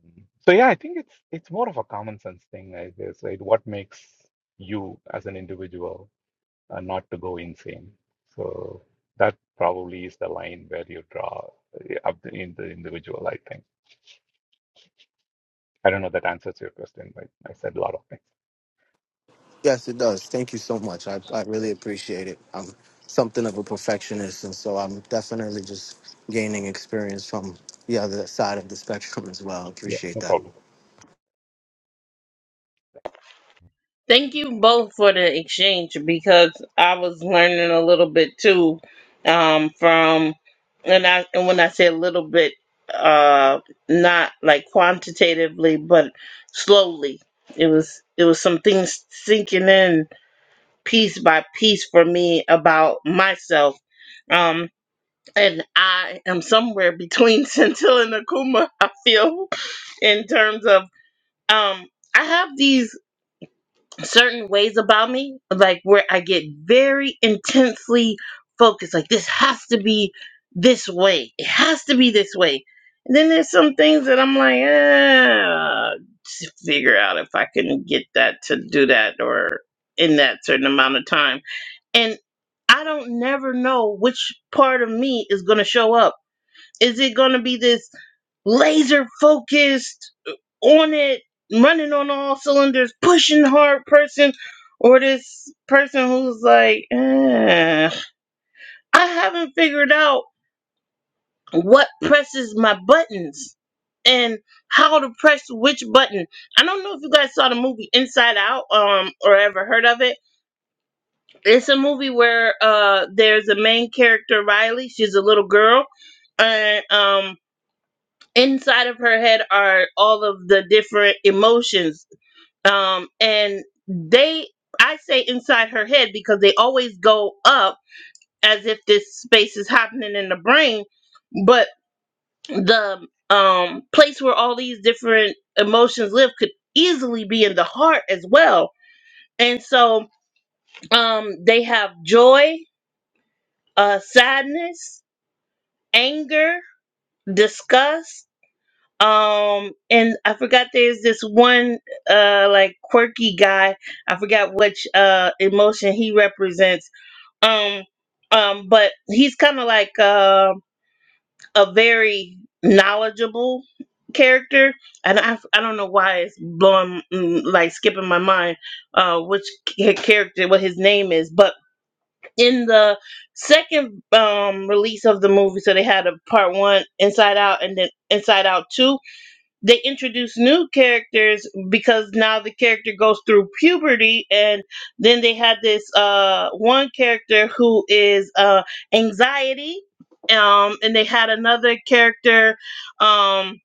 Speaker 8: so yeah, I think it's it's more of a common sense thing, I guess, right? What makes you as an individual uh, not to go insane? So that probably is the line where you draw uh, up in the individual, I think. I don't know that answers your question, but I said a lot of things.
Speaker 4: Yes, it does. Thank you so much. I I really appreciate it. I'm something of a perfectionist, and so I'm definitely just gaining experience from the other side of the spectrum as well.
Speaker 8: Yeah,
Speaker 4: Appreciate
Speaker 8: no
Speaker 4: that.
Speaker 8: problem.
Speaker 1: Thank you both for the exchange because I was learning a little bit too um, from, and I and when I say a little bit, uh, not like quantitatively, but slowly. It was it was some things sinking in piece by piece for me about myself. Um, and I am somewhere between (laughs) Centil and Akuma. I feel in terms of um I have these certain ways about me, like where I get very intensely focused. Like this has to be this way. It has to be this way. And then there's some things that I'm like, ah, just figure out if I can get that to do that or in that certain amount of time. And I don't never know which part of me is gonna show up is it going to be this laser focused on it, running on all cylinders, pushing hard person, or this person who's like, eh, I haven't figured out what presses my buttons and how to press which button. I don't know if you guys saw the movie Inside Out um or ever heard of it. It's a movie where uh there's a main character Riley, she's a little girl and um inside of her head are all of the different emotions um and they i say inside her head because they always go up as if this space is happening in the brain but the um place where all these different emotions live could easily be in the heart as well and so um they have joy uh sadness anger disgust Um, and I forgot there's this one uh like quirky guy. I forgot which uh emotion he represents. Um, um, but he's kind of like uh, a very knowledgeable character, and I I don't know why it's blowing mm, like skipping my mind uh which ca- character what his name is, but in the second um release of the movie so they had a part 1 inside out and then inside out 2 they introduce new characters because now the character goes through puberty and then they had this uh one character who is uh anxiety um and they had another character um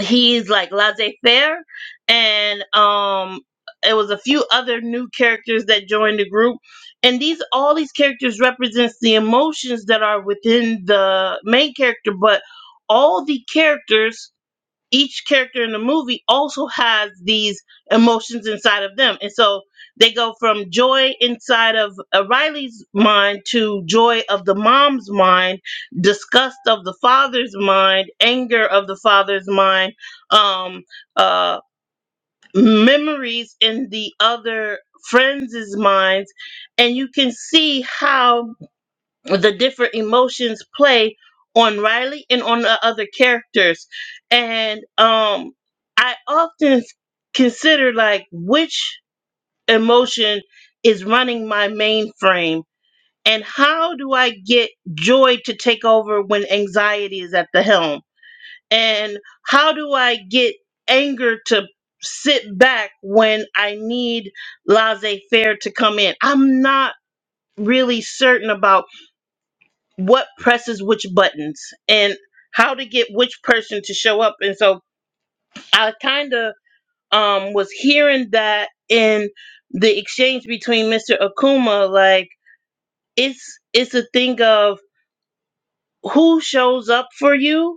Speaker 1: he's like laissez-faire and um it was a few other new characters that joined the group and these all these characters represents the emotions that are within the main character but all the characters each character in the movie also has these emotions inside of them. And so they go from joy inside of uh, Riley's mind to joy of the mom's mind, disgust of the father's mind, anger of the father's mind, um, uh, memories in the other friends' minds. And you can see how the different emotions play on Riley and on the other characters. And um I often consider like which emotion is running my mainframe and how do I get joy to take over when anxiety is at the helm? And how do I get anger to sit back when I need laissez faire to come in? I'm not really certain about what presses which buttons and how to get which person to show up. And so I kind of um, was hearing that in the exchange between Mr. Akuma, like it's it's a thing of who shows up for you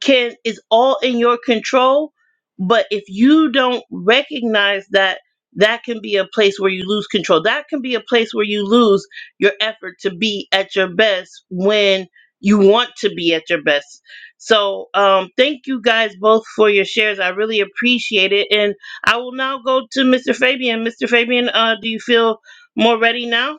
Speaker 1: can is all in your control but if you don't recognize that that can be a place where you lose control that can be a place where you lose your effort to be at your best when you want to be at your best so um thank you guys both for your shares i really appreciate it and i will now go to mr fabian mr fabian uh do you feel more ready now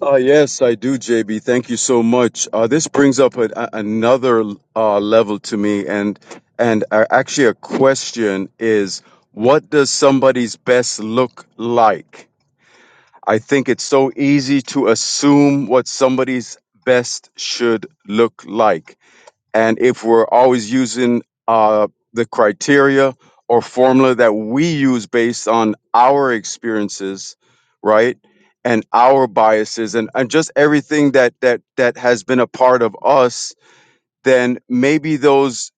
Speaker 9: Uh, yes, I do, JB. Thank you so much. Uh, this brings up a, a, another uh, level to me, and and uh, actually, a question is, what does somebody's best look like? I think it's so easy to assume what somebody's best should look like. And if we're always using uh, the criteria or formula that we use based on our experiences, right? And our biases and, and just everything that that that has been a part of us, then maybe those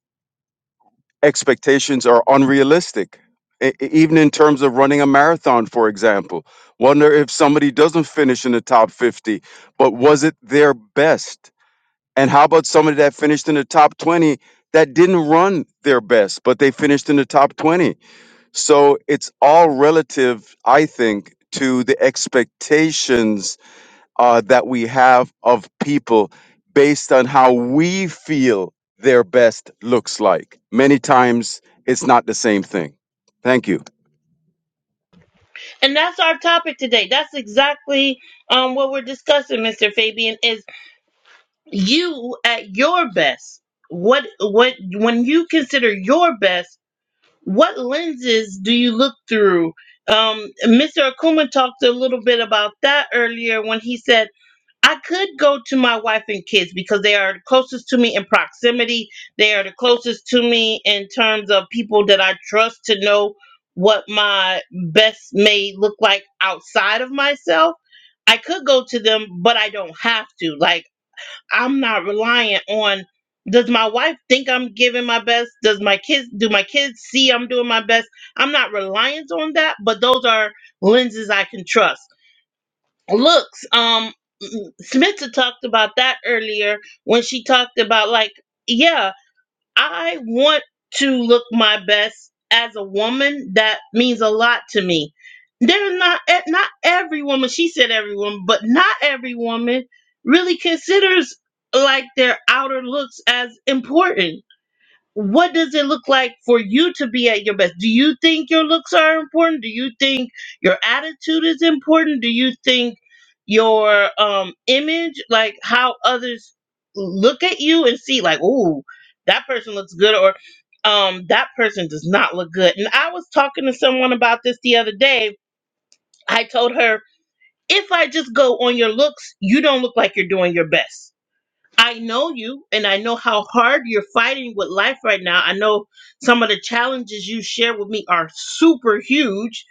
Speaker 9: expectations are unrealistic e- e- even in terms of running a marathon for example wonder if somebody doesn't finish in the top 50 but was it their best and how about somebody that finished in the top 20 that didn't run their best but they finished in the top 20 so it's all relative i think to the expectations uh, that we have of people based on how we feel their best looks like. Many times it's not the same thing. Thank you.
Speaker 1: and that's our topic today that's exactly um what we're discussing mr fabian is you at your best what what when you consider your best what lenses do you look through um mr akuma talked a little bit about that earlier when he said i could go to my wife and kids because they are the closest to me in proximity they are the closest to me in terms of people that i trust to know what my best may look like outside of myself i could go to them but i don't have to like I'm not reliant on does my wife think I'm giving my best? Does my kids do my kids see I'm doing my best? I'm not reliant on that, but those are lenses I can trust. Looks, um Smita talked about that earlier when she talked about like, yeah, I want to look my best as a woman. That means a lot to me. There's not eh, not every woman. She said every woman, but not every woman really considers like their outer looks as important what does it look like for you to be at your best? Do you think your looks are important? Do you think your attitude is important? Do you think your um image, like how others look at you and see like, "Ooh, that person looks good," or um that person does not look good. And I was talking to someone about this the other day. I told her, "If I just go on your looks, you don't look like you're doing your best." I know you and I know how hard you're fighting with life right now. I know some of the challenges you share with me are super huge,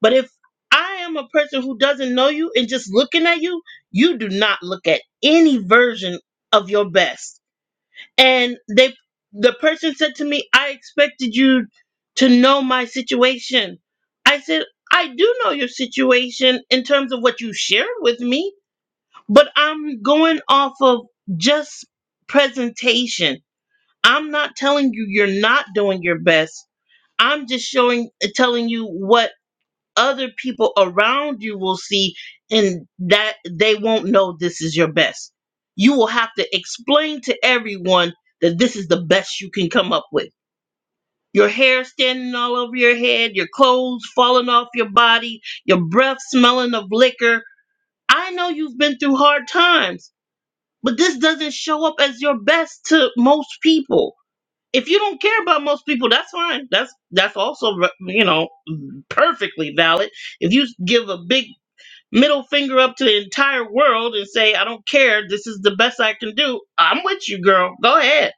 Speaker 1: but if I am a person who doesn't know you and just looking at you, you do not look at any version of your best. And they the person said to me, "I expected you to know my situation." I said, "I do know your situation in terms of what you shared with me." but I'm going off of just presentation. I'm not telling you you're not doing your best. I'm just showing telling you what other people around you will see and that they won't know this is your best. You will have to explain to everyone that this is the best you can come up with. Your hair standing all over your head, your clothes falling off your body, your breath smelling of liquor. I know you've been through hard times but this doesn't show up as your best to most people. If you don't care about most people, that's fine. That's that's also you know perfectly valid. If you give a big middle finger up to the entire world and say I don't care, this is the best I can do. I'm with you, girl. Go ahead.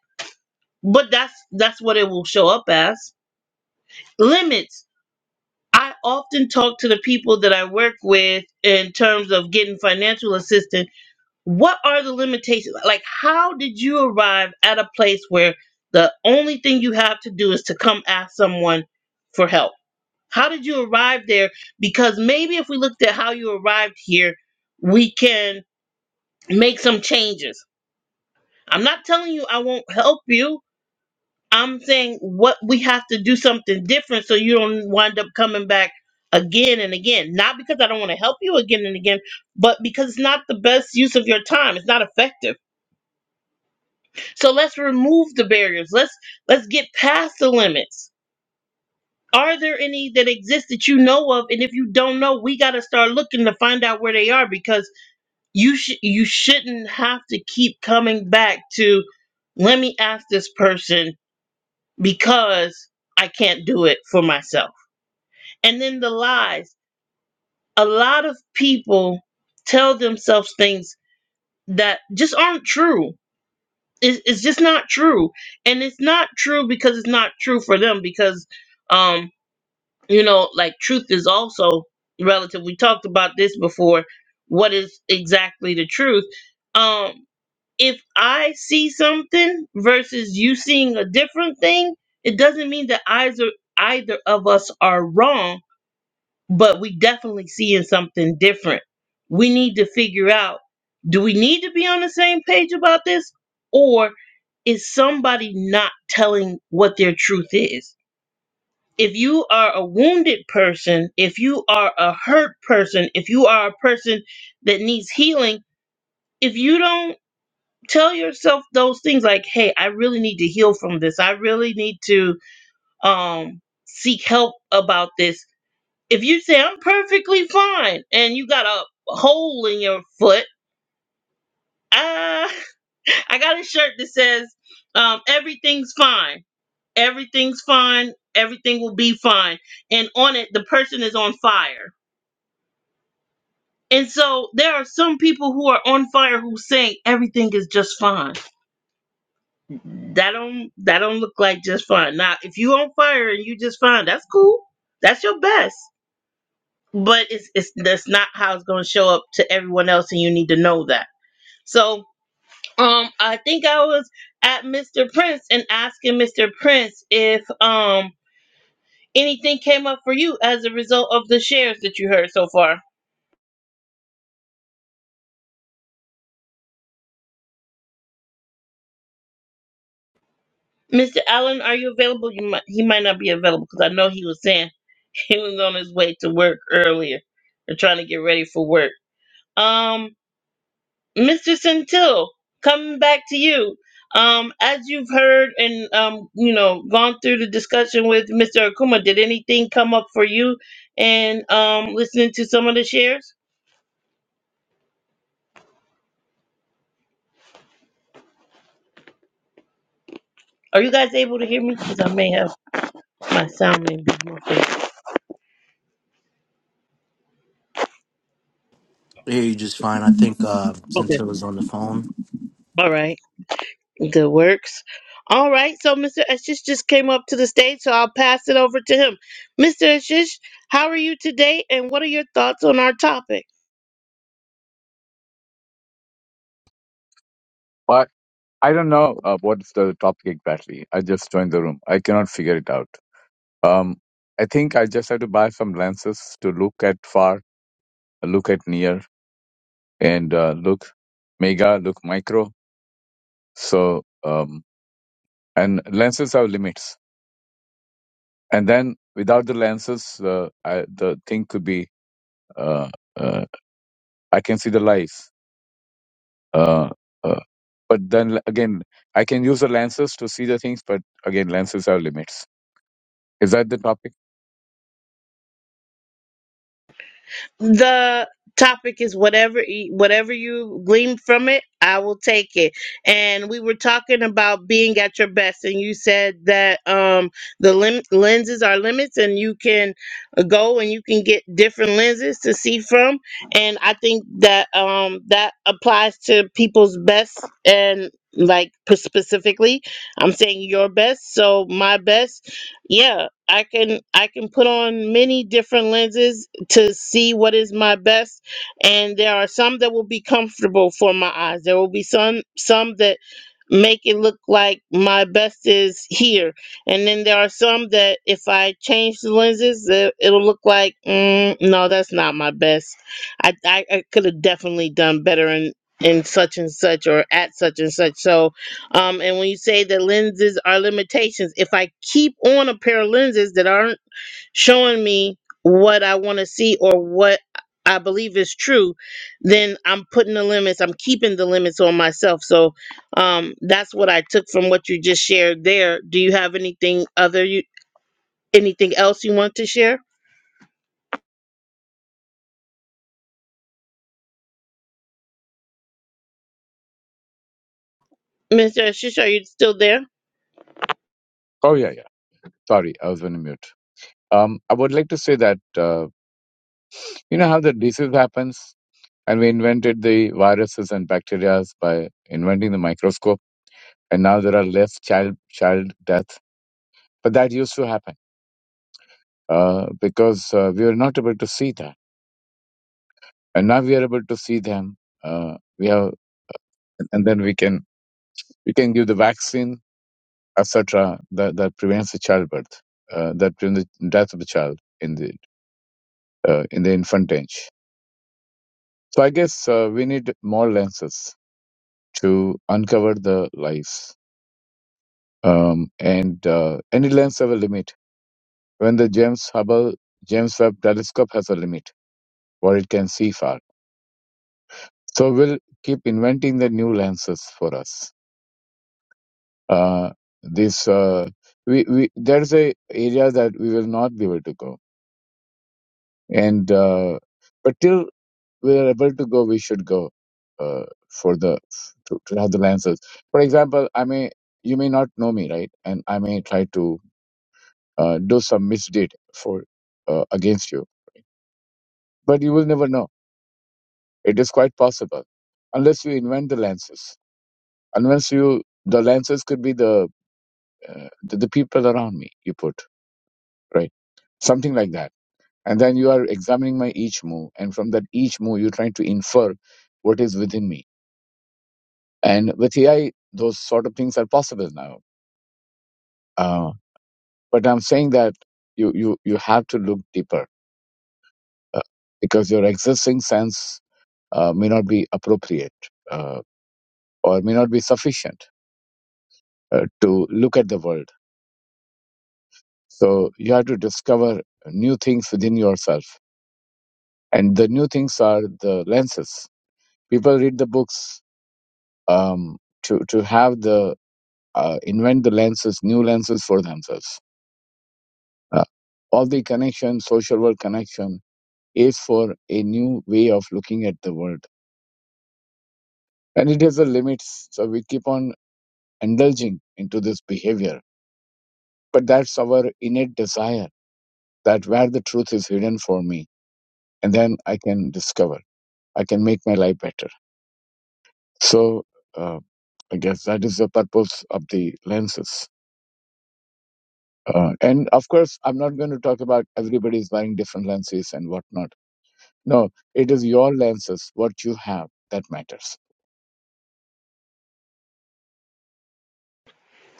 Speaker 1: But that's that's what it will show up as. Limits. I often talk to the people that I work with in terms of getting financial assistance what are the limitations like how did you arrive at a place where the only thing you have to do is to come ask someone for help how did you arrive there because maybe if we looked at how you arrived here we can make some changes i'm not telling you i won't help you i'm saying what we have to do something different so you don't wind up coming back again and again not because i don't want to help you again and again but because it's not the best use of your time it's not effective So let's remove the barriers. Let's let's get past the limits. Are there any that exist that you know of? And if you don't know, we got to start looking to find out where they are because you sh- you shouldn't have to keep coming back to let me ask this person because I can't do it for myself. And then the lies. A lot of people tell themselves things that just aren't true It's, it's just not true, and it's not true because it's not true for them. Because, um, you know, like truth is also relative. We talked about this before. What is exactly the truth? Um, if I see something versus you seeing a different thing, it doesn't mean that either either of us are wrong but we definitely seeing something different. We need to figure out do we need to be on the same page about this or is somebody not telling what their truth is? If you are a wounded person, if you are a hurt person, if you are a person that needs healing, if you don't tell yourself those things like, "Hey, I really need to heal from this. I really need to um seek help about this." if you say I'm perfectly fine and you got a hole in your foot, uh, (laughs) I got a shirt that says um, everything's fine, everything's fine, everything will be fine, and on it the person is on fire. And so there are some people who are on fire who saying everything is just fine. That don't that don't look like just fine. Now if you on fire and you just fine, that's cool. That's your best. but it's it's that's not how it's going to show up to everyone else and you need to know that so um i think i was at mr prince and asking mr prince if um anything came up for you as a result of the shares that you heard so far mr allen are you available you might he might not be available because i know he was saying (laughs) he was on his way to work earlier and trying to get ready for work Um. Mr. Centil, coming back to you. Um, as you've heard and um, you know, gone through the discussion with Mr. Akuma, did anything come up for you and um listening to some of the shares? Are you guys able to hear me? Because I may have my sound may be muffled.
Speaker 4: Yeah, you just fine. I think uh,
Speaker 1: Okay.
Speaker 4: Centil is on the phone.
Speaker 1: All right. good works. All right, so Mr. Ashish just came up to the stage, so I'll pass it over to him. Mr. Ashish, how are you today and what are your thoughts on our topic?
Speaker 10: I I don't know uh, what's the topic exactly. I just joined the room. I cannot figure it out. Um, I think I just have to buy some lenses to look at far, look at near, and uh, look mega, look micro. So um, and lenses have limits. And then without the lenses, uh, I, the thing could be uh, uh, I can see the lights. Uh, uh, but then again, I can use the lenses to see the things. But again, lenses have limits. Is that the topic?
Speaker 1: the topic is whatever e- whatever you glean from it i will take it and we were talking about being at your best and you said that um the lim- lenses are limits and you can go and you can get different lenses to see from and i think that um that applies to people's best and like p- specifically i'm saying your best so my best yeah i can i can put on many different lenses to see what is my best and there are some that will be comfortable for my eyes there will be some some that make it look like my best is here and then there are some that if i change the lenses it- it'll look like mm, no that's not my best i i, I could have definitely done better in in such and such or at such and such so um and when you say that lenses are limitations if i keep on a pair of lenses that aren't showing me what I want to see or what I believe is true, then I'm putting the limits, I'm keeping the limits on myself. So um, that's what I took from what you just shared there. Do you have anything other you, Anything else you want to share? Mr. Ashish, are you still there?
Speaker 10: Oh yeah, yeah. Sorry, I was on mute. Um, I would like to say that uh, you know how the disease happens, and we invented the viruses and bacteria by inventing the microscope, and now there are less child child death. But that used to happen uh, because uh, we were not able to see that, and now we are able to see them. Uh, we have, and then we can we can give the vaccine, etc. That that prevents the childbirth, uh, that prevents the death of the child in the uh, in the infant age. So I guess uh, we need more lenses to uncover the lies. Um, and uh, any lens have a limit. When the James Hubble James Webb Telescope has a limit, what it can see far. So we'll keep inventing the new lenses for us. Uh, this uh, we, we there's a area that we will not be able to go, and uh, but till we are able to go, we should go uh, for the to, to have the lenses. For example, I may you may not know me, right, and I may try to uh, do some misdeed for uh, against you. But you will never know. It is quite possible, unless you invent the lenses. Unless you, the lenses could be the uh, the, the people around me. You put right something like that, and then you are examining my each move, and from that each move, you're trying to infer what is within me. And with AI, those sort of things are possible now. Uh, but I'm saying that you you you have to look deeper uh, because your existing sense uh, may not be appropriate uh, or may not be sufficient uh, to look at the world. So you have to discover new things within yourself. And the new things are the lenses. People read the books um, to, to have the, uh, invent the lenses, new lenses for themselves. Uh, all the connection, social world connection is for a new way of looking at the world. And it has a limits. So we keep on indulging into this behavior But that's our innate desire that where the truth is hidden for me, and then I can discover, I can make my life better. So uh, I guess that is the purpose of the lenses. Uh, and of course, I'm not going to talk about everybody's buying different lenses and whatnot. No, it is your lenses, what you have, that matters.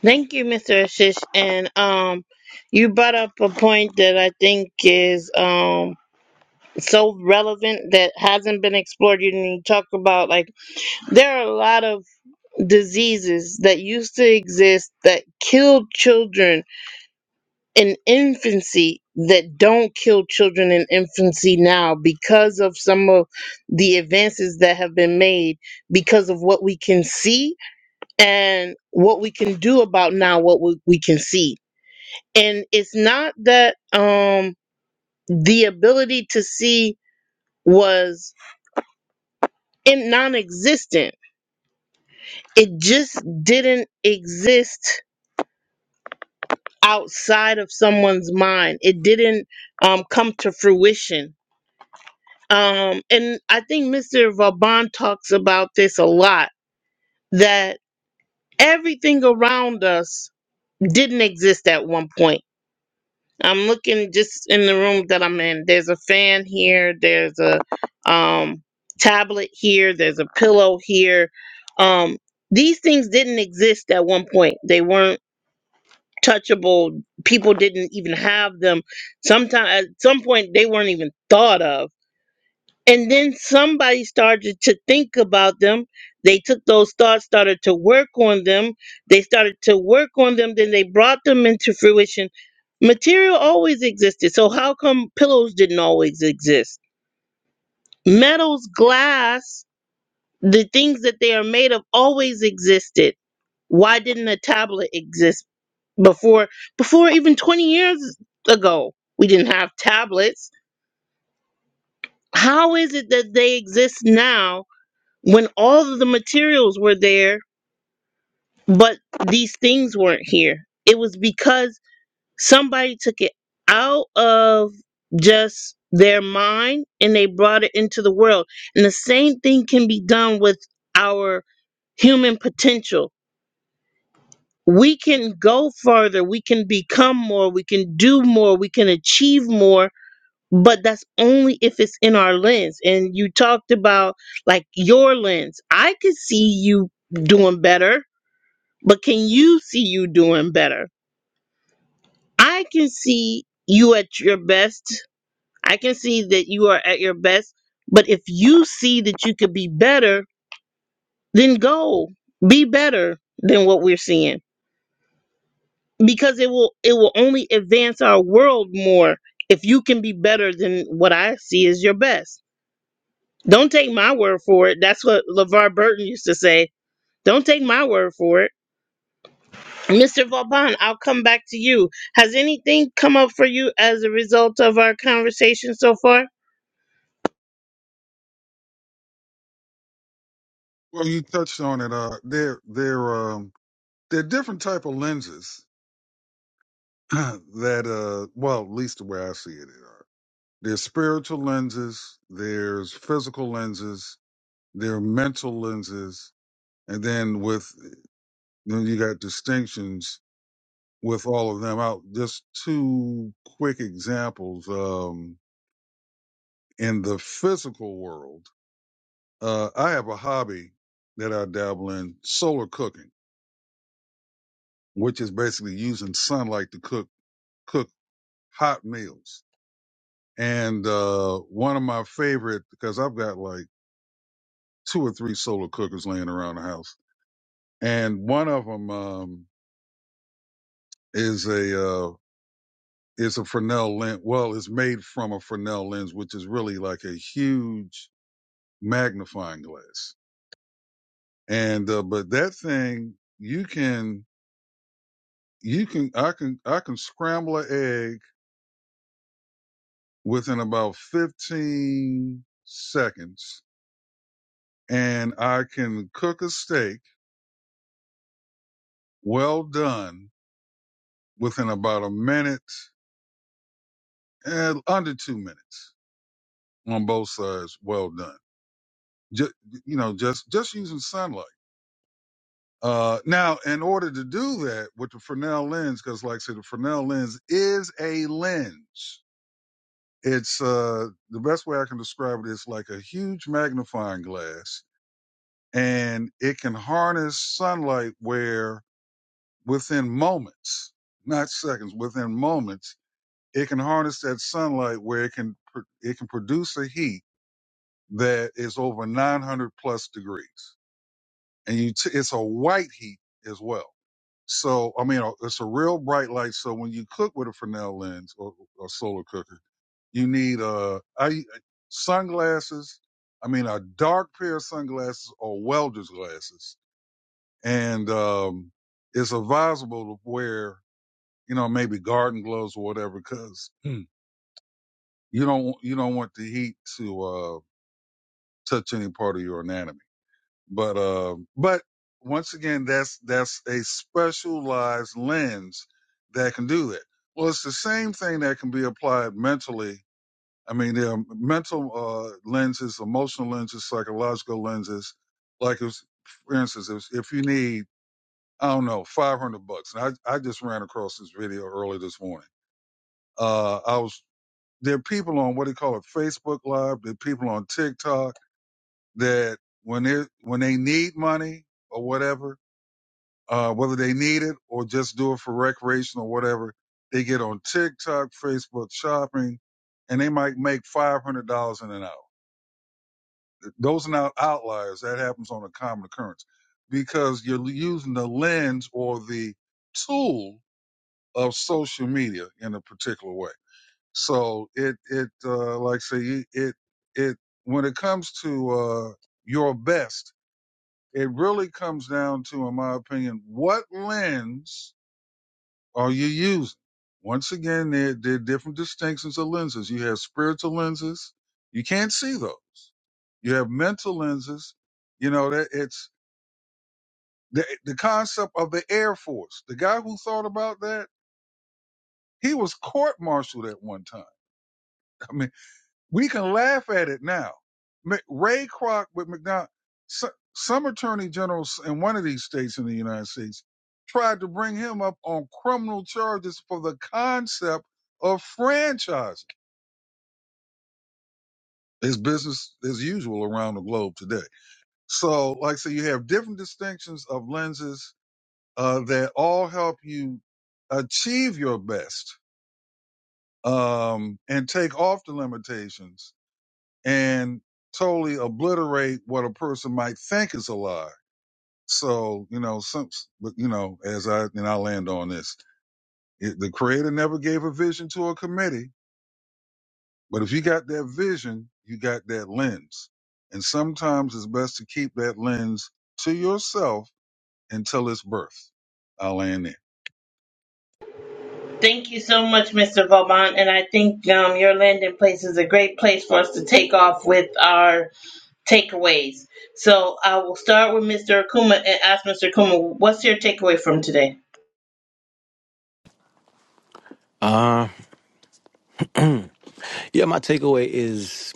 Speaker 1: Thank you, Mr. Ashish. And um, you brought up a point that I think is um, so relevant that hasn't been explored. You didn't talk about like there are a lot of diseases that used to exist that killed children in infancy that don't kill children in infancy now because of some of the advances that have been made because of what we can see and what we can do about now what we, we can see and it's not that um the ability to see was in non-existent it just didn't exist outside of someone's mind it didn't um come to fruition um and i think mr vaban talks about this a lot that everything around us didn't exist at one point I'm looking just in the room that I'm in. There's a fan here. There's a um, tablet here. There's a pillow here. Um, these things didn't exist at one point. They weren't touchable. People didn't even have them. Sometimes at some point they weren't even thought of. And then somebody started to think about them. They took those thoughts, started to work on them. They started to work on them, then they brought them into fruition. Material always existed. So, how come pillows didn't always exist? Metals, glass, the things that they are made of always existed. Why didn't a tablet exist before before even 20 years ago? We didn't have tablets. How is it that they exist now when all of the materials were there, but these things weren't here. It was because somebody took it out of just their mind and they brought it into the world. And the same thing can be done with our human potential. We can go farther, we can become more, we can do more, we can achieve more, but that's only if it's in our lens. And you talked about like your lens. I could see you doing better but can you see you doing better? I can see you at your best. I can see that you are at your best. But if you see that you could be better, then go be better than what we're seeing because it will it will only advance our world more if you can be better than what I see as your best. Don't take my word for it. That's what LeVar Burton used to say. Don't take my word for it Mr. Vauban, I'll come back to you. Has anything come up for you as a result of our conversation so far?
Speaker 2: Well, you touched on it. Uh, there, there um, they're different type of lenses (clears throat) that, uh, well, at least the way I see it, are. There's spiritual lenses. There's physical lenses their mental lenses, and then with then you got distinctions with all of them out. Just two quick examples. Um, in the physical world, uh, I have a hobby that I dabble in solar cooking, which is basically using sunlight to cook cook hot meals. And uh, one of my favorite because I've got like two or three solar cookers laying around the house, and one of them um, is a uh, It's a Fresnel lens. Well, it's made from a Fresnel lens, which is really like a huge magnifying glass. And uh, but that thing, you can, you can, I can, I can scramble an egg within about 15 seconds, and I can cook a steak well done within about a minute and under two minutes on both sides. Well done. Just, you know, just just using sunlight. Uh, now, in order to do that with the Fresnel lens, because like I said, the Fresnel lens is a lens. It's uh, the best way I can describe it is like a huge magnifying glass, and it can harness sunlight where within moments, not seconds, within moments, it can harness that sunlight where it can it can produce a heat that is over 900 plus degrees, and you t- it's a white heat as well So I mean, uh, it's a real bright light. So when you cook with a Fresnel lens or a solar cooker, you need uh, I sunglasses. I mean, a dark pair of sunglasses or welder's glasses, and um, it's advisable to wear, you know, maybe garden gloves or whatever, because hmm. you don't you don't want the heat to uh, touch any part of your anatomy. But um, but once again, that's that's a specialized lens that can do that. Well, it's the same thing that can be applied mentally. I mean, there are mental uh, lenses, emotional lenses, psychological lenses. Like, if, for instance, if, if you need, I don't know, five hundred bucks, and I I just ran across this video early this morning. Uh, I was there are people on what do you call it, Facebook Live. There are people on TikTok that when they when they need money or whatever, uh, whether they need it or just do it for recreation or whatever. They get on TikTok, Facebook shopping, and they might make $500 in an hour. Those are not outliers. That happens on a common occurrence because you're using the lens or the tool of social media in a particular way. So it, it, uh, like I say, it, it, when it comes to, uh, your best, it really comes down to, in my opinion, what lens Are you using? Once again, there, there are different distinctions of lenses. You have spiritual lenses. You can't see those. You have mental lenses. You know, that it's the, the concept of the Air Force. The guy who thought about that, he was court martialed at one time. (laughs) I mean. We can laugh at it now. Mc- Ray Kroc with McDonald, so, some attorney generals in one of these states in the United States tried to bring him up on criminal charges for the concept of franchising. It's business as usual around the globe today. So, like I say, you have different distinctions of lenses uh, that all help you achieve your best um, and take off the limitations and totally obliterate what a person might think is a lie. So, you know, some, but you know, as I, and I land on this, it, the creator never gave a vision to a committee, but if you got that vision, you got that lens. And sometimes it's best to keep that lens to yourself until it's birth. I land there.
Speaker 1: Thank you so much, Mr. Vauban. And I think um, your landing place is a great place for us to take off with our takeaways. So I will start with Mr. Akuma and ask Mr. Akuma, what's your takeaway from today?
Speaker 4: Uh, yeah, my takeaway is,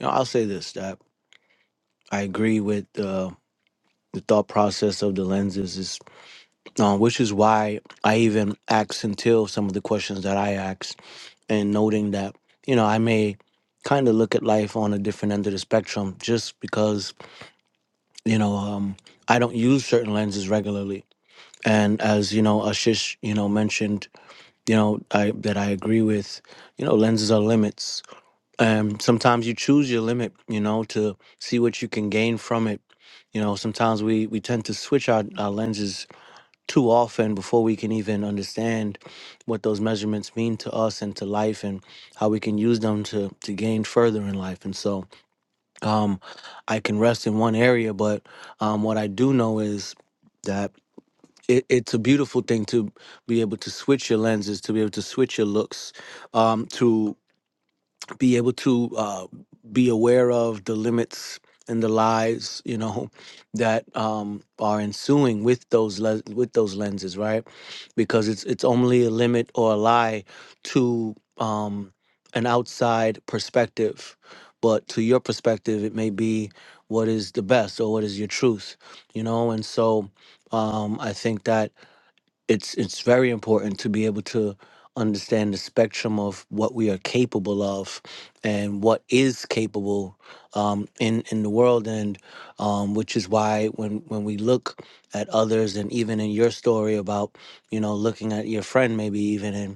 Speaker 4: you know, I'll say this that I agree with uh, the thought process of the lenses, is, um, which is why I even asked until some of the questions that I asked, and noting that you know I may kind of look at life on a different end of the spectrum just because you know um, I don't use certain lenses regularly, and as you know Ashish you know mentioned you know I that I agree with you know lenses are limits um, sometimes you choose your limit, you know, to see what you can gain from it. You know, sometimes we, we tend to switch our, our lenses too often before we can even understand what those measurements mean to us and to life and how we can use them to, to gain further in life. And so um, I can rest in one area, but um, what I do know is that it, it's a beautiful thing to be able to switch your lenses, to be able to switch your looks, um, to be able to uh, be aware of the limits and the lies, you know, (laughs) that um, are ensuing with those le- with those lenses, right? Because it's it's only a limit or a lie to um, an outside perspective, but to your perspective, it may be what is the best or what is your truth, you know. And so, um, I think that it's it's very important to be able to understand the spectrum of what we are capable of and what is capable um, in in the world and um, which is why when when we look at others and even in your story about you know looking at your friend maybe even and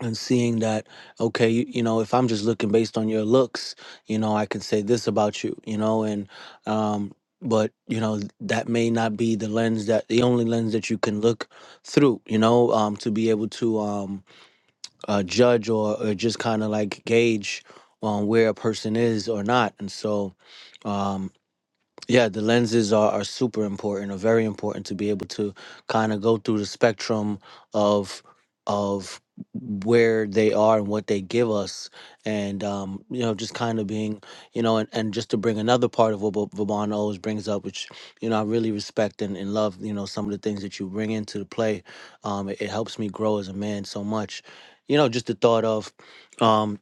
Speaker 4: and seeing that okay you, you know if i'm just looking based on your looks you know i can say this about you you know and um but you know that may not be the lens that the only lens that you can look through you know um to be able to um uh, judge or, or just kind of like gauge on where a person is or not and so um, yeah, the lenses are, are super important or very important to be able to kind of go through the spectrum of of where they are and what they give us and um you know just kind of being you know and, and just to bring another part of what Va- Vaban always brings up which you know I really respect and, and love you know some of the things that you bring into the play um it, it helps me grow as a man so much you know just the thought of um,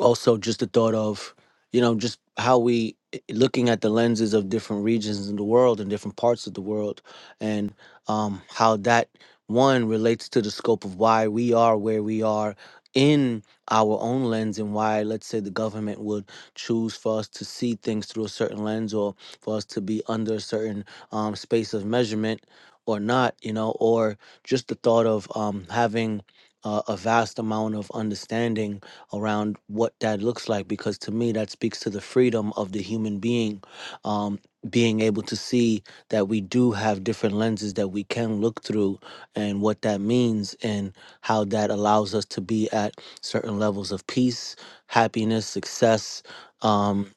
Speaker 4: also just the thought of you know just how we i- looking at the lenses of different regions in the world and different parts of the world and um how that one relates to the scope of why we are where we are in our own lens and why let's say the government would choose for us to see things through a certain lens or for us to be under a certain um, space of measurement or not you know or just the thought of um, having uh, a vast amount of understanding around what that looks like because to me that speaks to the freedom of the human being um, being able to see that we do have different lenses that we can look through and what that means and how that allows us to be at certain levels of peace happiness success um,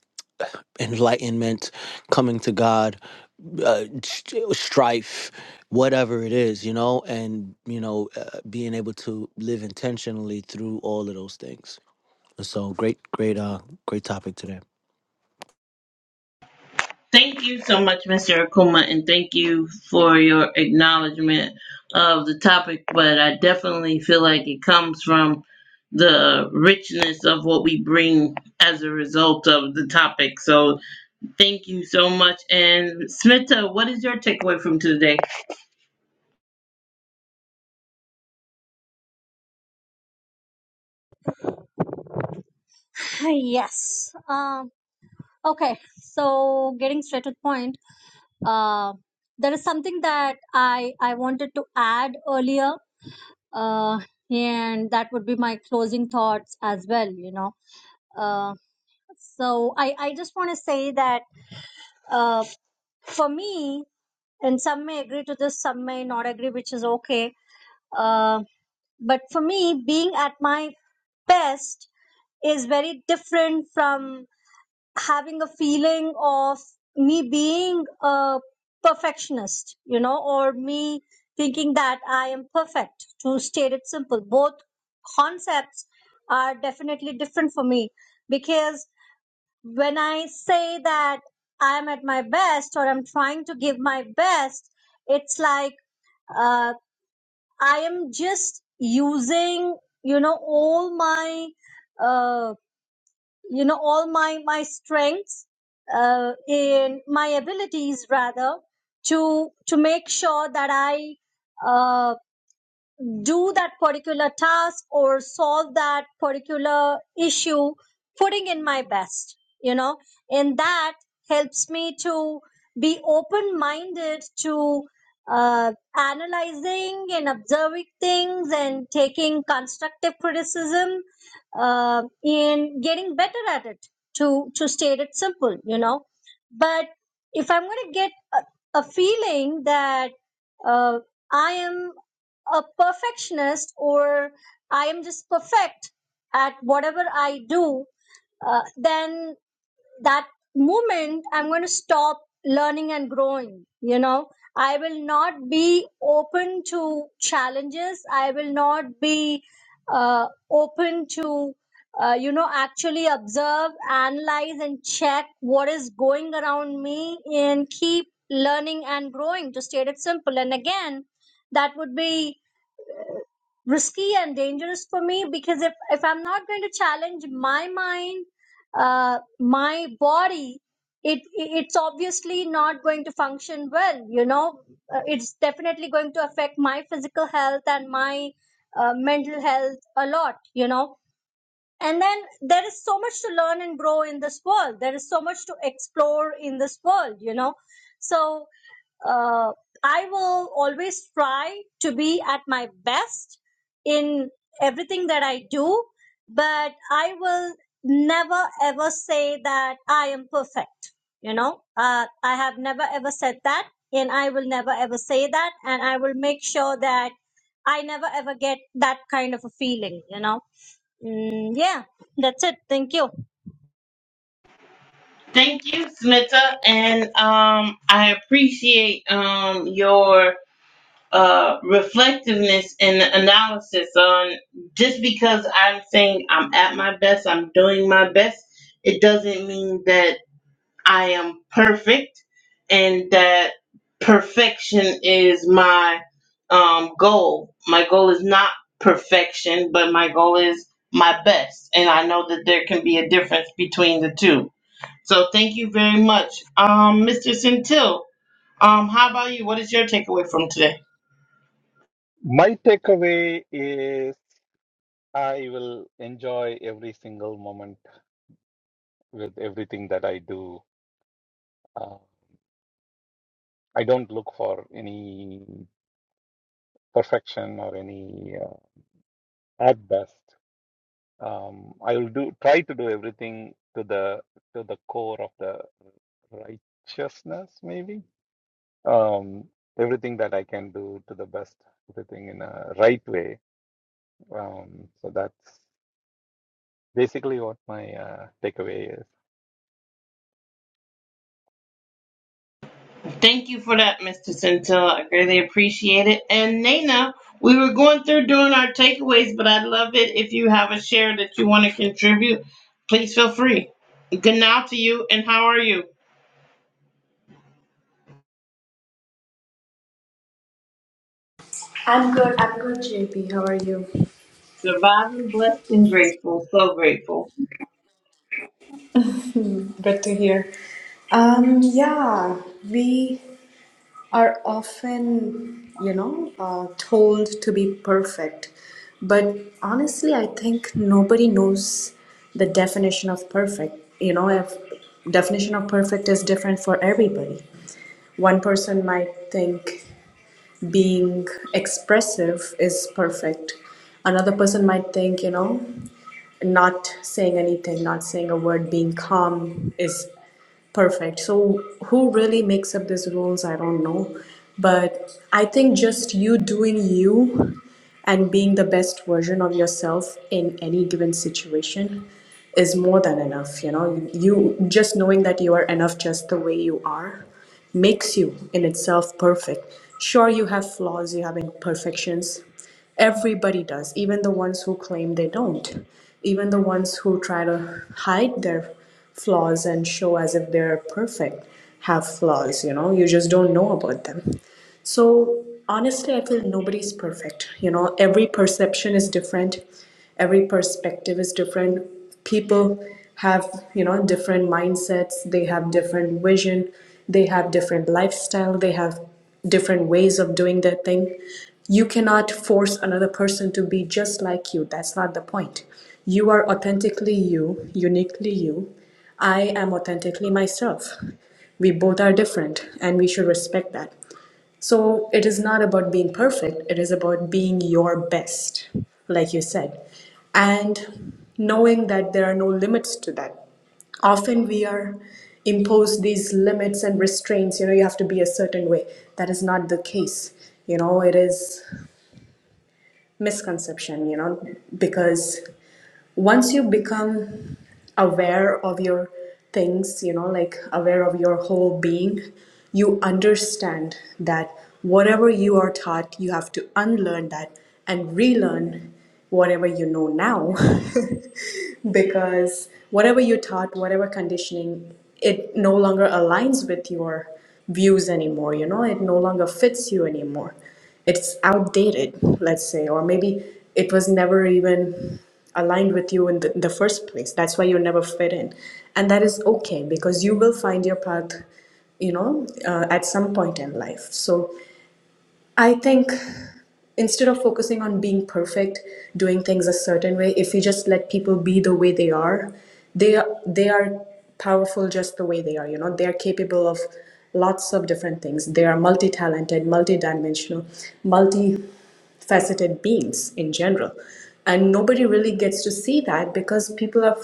Speaker 4: enlightenment coming to god uh, st- strife whatever it is you know and you know uh, being able to live intentionally through all of those things so great, great, uh, great topic today.
Speaker 1: Thank you so much, Mr. Akuma, and thank you for your acknowledgement of the topic. But I definitely feel like it comes from the richness of what we bring as a result of the topic. So thank you so much. And Smita, what is your takeaway from today?
Speaker 7: (laughs) (sighs) yes. Um, okay. So getting straight to the point, uh, there is something that I I wanted to add earlier, uh, and that would be my closing thoughts as well. You know. Uh, so I I just want to say that uh, for me, and some may agree to this, some may not agree, which is okay. Uh, but for me, being at my best is very different from having a feeling of me being a perfectionist, you know, or me thinking that I am perfect, to state it simple. Both concepts are definitely different for me because when I say that I'm at my best or I'm trying to give my best, it's like uh, I am just using, you know, all my, uh, you know, all my, my strengths, uh, in my abilities rather to, to make sure that I, uh, do that particular task or solve that particular issue, putting in my best, you know, and that helps me to be open minded to uh, analyzing and observing things and taking constructive criticism uh, and getting better at it to, to state it simple, you know. But if I'm going to get a, a feeling that uh, I am a perfectionist or I am just perfect at whatever I do, uh, then that moment I'm going to stop learning and growing. You know, I will not be open to challenges. I will not be uh, open to, uh, you know, actually observe, analyze, and check what is going around me and keep learning and growing to state it simple. And again, that would be risky and dangerous for me because if, if I'm not going to challenge my mind, uh, my body, it it's obviously not going to function well. You know, uh, it's definitely going to affect my physical health and my uh, mental health a lot. You know, and then there is so much to learn and grow in this world. There is so much to explore in this world, you know. So uh, I will always try to be at my best in everything that I do, but I will never ever say that I am perfect. You know, uh, I have never ever said that, and I will never ever say that, and I will make sure that I never ever get that kind of a feeling, you know Mm, yeah, that's it. Thank you.
Speaker 1: Thank you, Smita, and um, I appreciate um, your uh, reflectiveness and analysis on just because I'm saying I'm at my best, I'm doing my best, it doesn't mean that I am perfect and that perfection is my um, goal. My goal is not perfection, but my goal is my best. And I know that there can be a difference between the two. So thank you very much. Um, Mr. Centil, um, how about you? What is your takeaway from today?
Speaker 8: My takeaway is I will enjoy every single moment with everything that I do. Uh, I don't look for any perfection or any uh, at best. Um, I will do try to do everything to the to the core of the righteousness, maybe. Um, everything that I can do to the best, everything in a right way. Um, so that's basically what my uh, takeaway is.
Speaker 1: Thank you for that, Mr. Centilla. I greatly appreciate it. And Nana, we were going through doing our takeaways, but I'd love it if you have a share that you want to contribute. Please feel free. Good now to you, and how are you?
Speaker 11: I'm good. I'm good, JP. How are you?
Speaker 1: Surviving, blessed, and grateful. So grateful.
Speaker 11: Hmm, Good to hear. Um, yeah, we are often, you know, uh, told to be perfect. But honestly, I think nobody knows the definition of perfect. You know, if definition of perfect is different for everybody. One person might think being expressive is perfect. Another person might think, you know, not saying anything, not saying a word, being calm is perfect. So, who really makes up these rules? I don't know. But I think just you doing you and being the best version of yourself in any given situation is more than enough. You know, you just knowing that you are enough just the way you are makes you in itself perfect. Sure, you have flaws, you have imperfections. Everybody does, even the ones who claim they don't, even the ones who try to hide their flaws and show as if they're perfect have flaws, you know, you just don't know about them. So, honestly, I feel nobody's perfect. You know, every perception is different every perspective is different people have you know different mindsets they have different vision they have different lifestyle they have different ways of doing their thing you cannot force another person to be just like you that's not the point you are authentically you uniquely you i am authentically myself we both are different and we should respect that so it is not about being perfect, it is about being your best, like you said, and knowing that there are no limits to that. Often we are imposed these limits and restraints, you know, you have to be a certain way. That is not the case. You know, it is misconception, you know, because once you become aware of your things, you know, like aware of your whole being, you understand that whatever you are taught, you have to unlearn that and relearn whatever you know now. (laughs) because whatever you taught, whatever conditioning, it no longer aligns with your views anymore, you know, it no longer fits you anymore it's outdated, let's say, or maybe it was never even aligned with you in the, the first place. That's why you never fit in. And that is okay because you will find your path, you know, uh, at some point in life. So I think instead of focusing on being perfect, doing things a certain way, if you just let people be the way they are, they are, they are powerful just the way they are. You know, they are capable of lots of different things. They are multi-talented, multi-dimensional, multi-faceted beings in general, and nobody really gets to see that because people are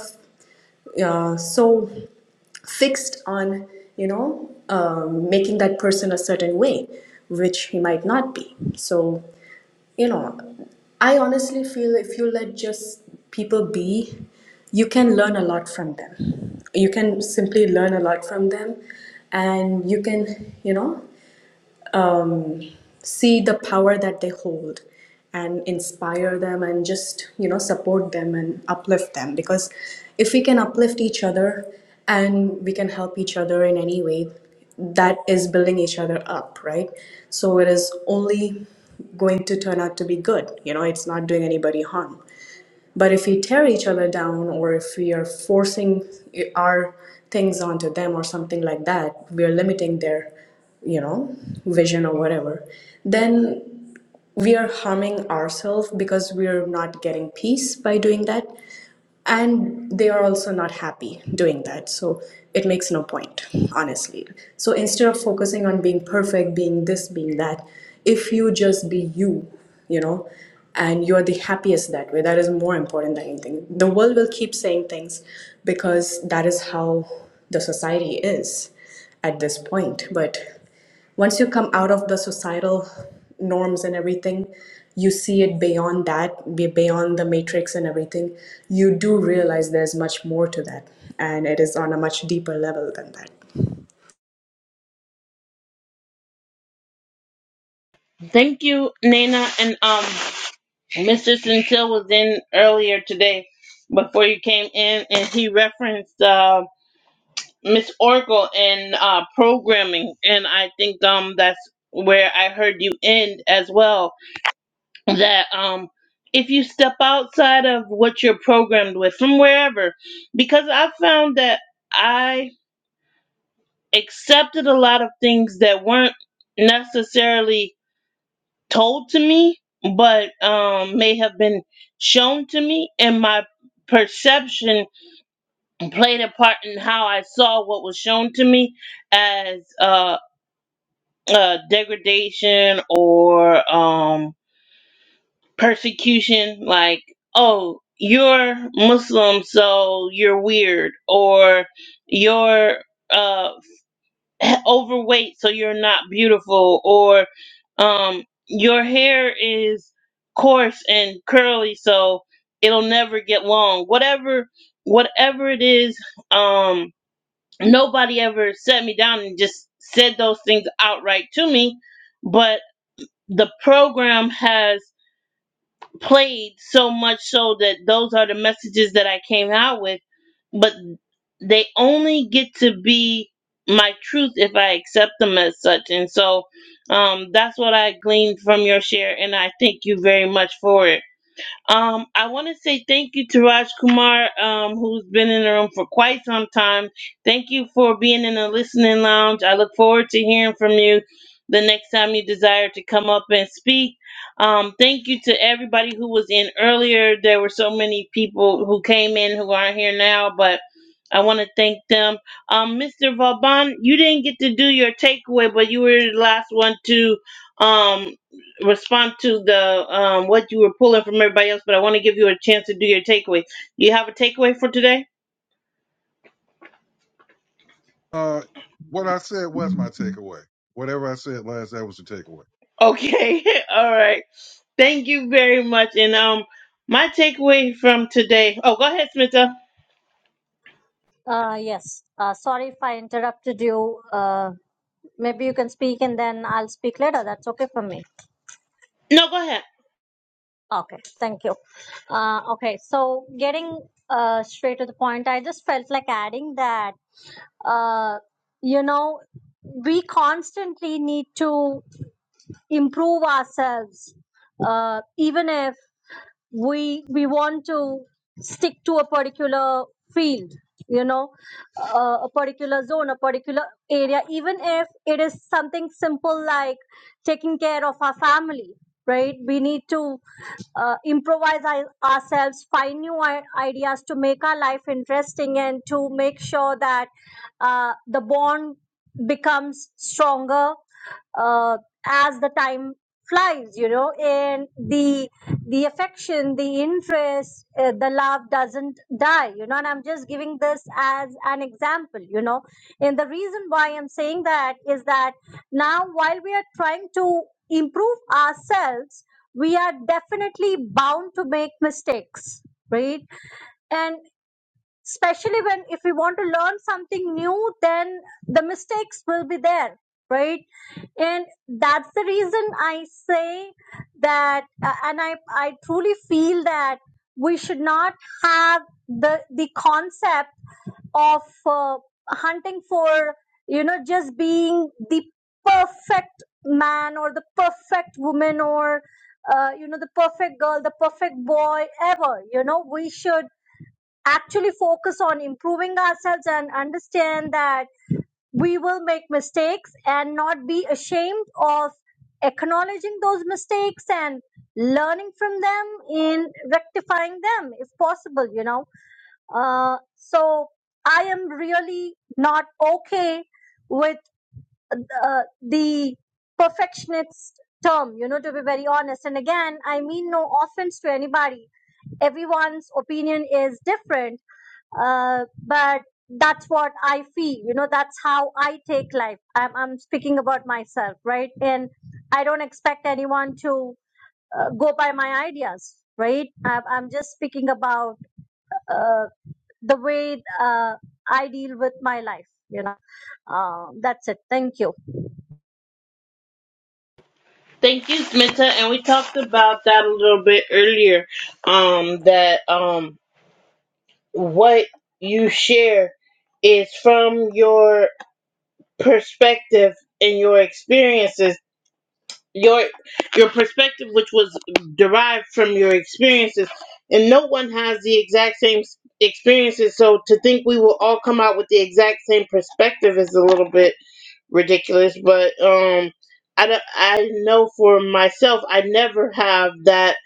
Speaker 11: uh, so fixed on you know um, making that person a certain way which he might not be so you know i honestly feel if you let just people be you can learn a lot from them you can simply learn a lot from them and you can you know um, see the power that they hold and inspire them and just you know support them and uplift them because if we can uplift each other and we can help each other in any way that is building each other up right so it is only going to turn out to be good you know it's not doing anybody harm but if we tear each other down or if we are forcing our things onto them or something like that, we are limiting their, you know, vision or whatever, then we are harming ourselves because we're not getting peace by doing that and they are also not happy doing that so it makes no point honestly so instead of focusing on being perfect being this being that if you just be you you know and you're the happiest that way that is more important than anything the world will keep saying things because that is how the society is at this point but once you come out of the societal norms and everything you see it beyond that be- beyond the matrix and everything you do realize there's much more to that and it is on a much deeper level than that
Speaker 1: Thank you, Nana. And um, Mr. Centilla was in earlier today before you came in, and he referenced. uh, Miss Oracle in uh, programming, and I think um that's where I heard you end as well. That um if you step outside of what you're programmed with from wherever, because I found that I accepted a lot of things that weren't necessarily told to me, but um may have been shown to me, and my perception played a part in how I saw what was shown to me as. uh. uh degradation or um persecution like oh you're muslim so you're weird or you're uh (clears throat) overweight so you're not beautiful or um your hair is coarse and curly so it'll never get long whatever whatever it is um nobody ever sat me down and just said those things outright to me but the program has played so much so that those are the messages that I came out with, but they only get to be my truth if I accept them as such. And so um, that's what I gleaned from your share, and I thank you very much for it. Um, I want to say thank you to Raj Kumar, um, who's been in the room for quite some time. Thank you for being in the listening lounge. I look forward to hearing from you the next time you desire to come up and speak. Um, thank you to everybody who was in earlier. There were so many people who came in who aren't here now, but I want to thank them. Um, Mr. Vauban, you didn't get to do your takeaway, but you were the last one to. Um, respond to the um, what you were pulling from everybody else, but I want to give you a chance to do your takeaway. You have a takeaway for today?
Speaker 2: Uh, what I said was my takeaway. Whatever I said last, that was the takeaway.
Speaker 1: Okay, (laughs) all right. Thank you very much. And um, my takeaway from today. Oh, go ahead, Smita.
Speaker 7: Uh, yes. Uh, sorry if I interrupted you. Uh, maybe you can speak and then I'll speak later. That's okay for me.
Speaker 1: No, go ahead.
Speaker 7: Okay. Thank you. Uh, okay. So getting uh, straight to the point, I just felt like adding that, uh, you know, we constantly need to improve ourselves. Uh, even if we we want to stick to a particular field you know uh, a particular zone a particular area even if it is something simple like taking care of our family right we need to uh, improvise our- ourselves find new i- ideas to make our life interesting and to make sure that uh, the bond becomes stronger uh, as the time flies you know and the the affection the interest uh, the love doesn't die you know and i'm just giving this as an example you know and the reason why i'm saying that is that now while we are trying to improve ourselves we are definitely bound to make mistakes right and especially when if we want to learn something new then the mistakes will be there right and that's the reason i say that uh, and i i truly feel that we should not have the the concept of uh, hunting for you know just being the perfect man or the perfect woman or uh, you know the perfect girl the perfect boy ever you know we should actually focus on improving ourselves and understand that we will make mistakes and not be ashamed of acknowledging those mistakes and learning from them in rectifying them if possible you know uh, so i am really not okay with uh, the perfectionist term you know to be very honest and again i mean no offense to anybody everyone's opinion is different uh, but that's what I feel. You know, that's how I take life. I'm, I'm speaking about myself, right? And I don't expect anyone to uh, go by my ideas, right? I'm, I'm just speaking about uh, the way uh, I deal with my life. You know, uh, that's it. Thank you.
Speaker 1: Thank you, Smita. And we talked about that a little bit earlier. Um, that um, what you share is from your perspective and your experiences your your perspective which was derived from your experiences and no one has the exact same s- experiences so to think we will all come out with the exact same perspective is a little bit ridiculous. But um, I don't- I know for myself, I never have that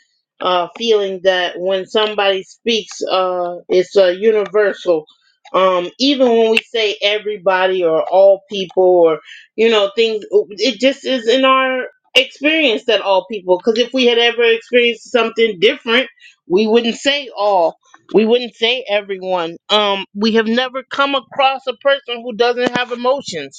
Speaker 1: uh feeling that when somebody speaks, uh, it's uh, universal. Um, even when we say everybody or all people or you know things, it just is in our experience that all people. Because if we had ever experienced something different, we wouldn't say all. We wouldn't say everyone. Um, we have never come across a person who doesn't have emotions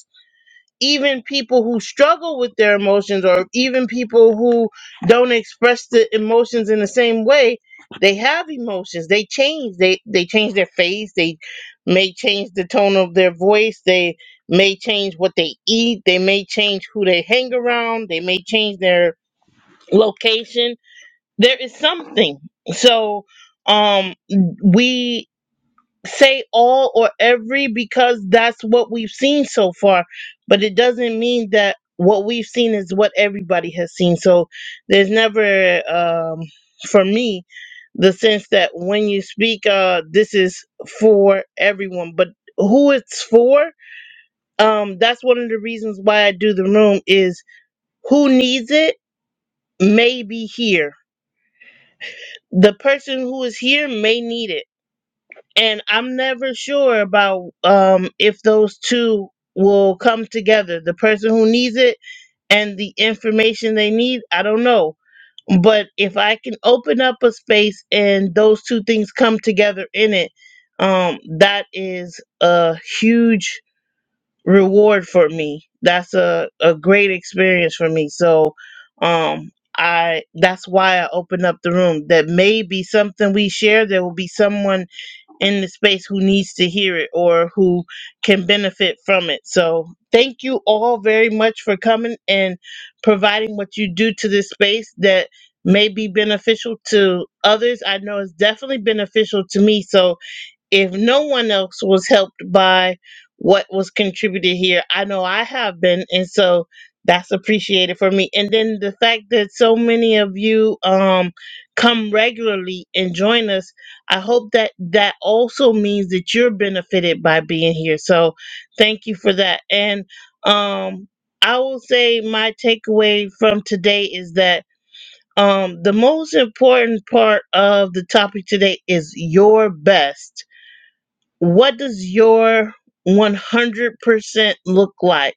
Speaker 1: even people who struggle with their emotions or even people who don't express the emotions in the same way they have emotions they change they they change their face they may change the tone of their voice they may change what they eat they may change who they hang around they may change their location there is something so um we say all or every because that's what we've seen so far, but it doesn't mean that what we've seen is what everybody has seen. So there's never, um, for me, the sense that when you speak, uh, this is for everyone, but who it's for, um, that's one of the reasons why I do the room is who needs it may be here. The person who is here may need it and I'm never sure about um if those two will come together. The person who needs it and the information they need, I don't know. But if I can open up a space and those two things come together in it, um that is a huge reward for me. That's a a great experience for me. So, um I that's why I opened up the room that may be something we share there will be someone in the space who needs to hear it or who can benefit from it. So, thank you all very much for coming and providing what you do to this space that may be beneficial to others. I know it's definitely beneficial to me. So, if no one else was helped by what was contributed here, I know I have been, and so that's appreciated for me. And then the fact that so many of you um come regularly and join us, I hope that that also means that you're benefited by being here. So thank you for that. And um I will say my takeaway from today is that um the most important part of the topic today is your best what does your 100% look like?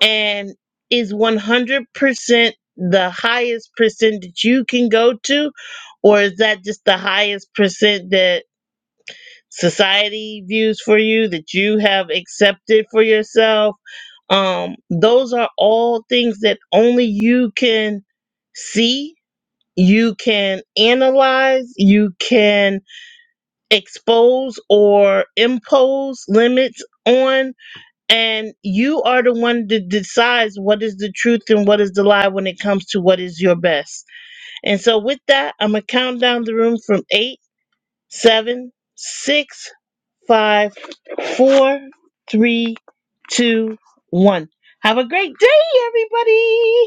Speaker 1: And is 100% the highest percent that you can go to? Or is that just the highest percent that society views for you, that you have accepted for yourself? Um, those are all things that only you can see, you can analyze, you can expose or impose limits on and you are the one that decides what is the truth and what is the lie when it comes to what is your best. And so, with that, I'm gonna count down the room from eight, seven, six, five, four, three, two, one. Have a great day, everybody.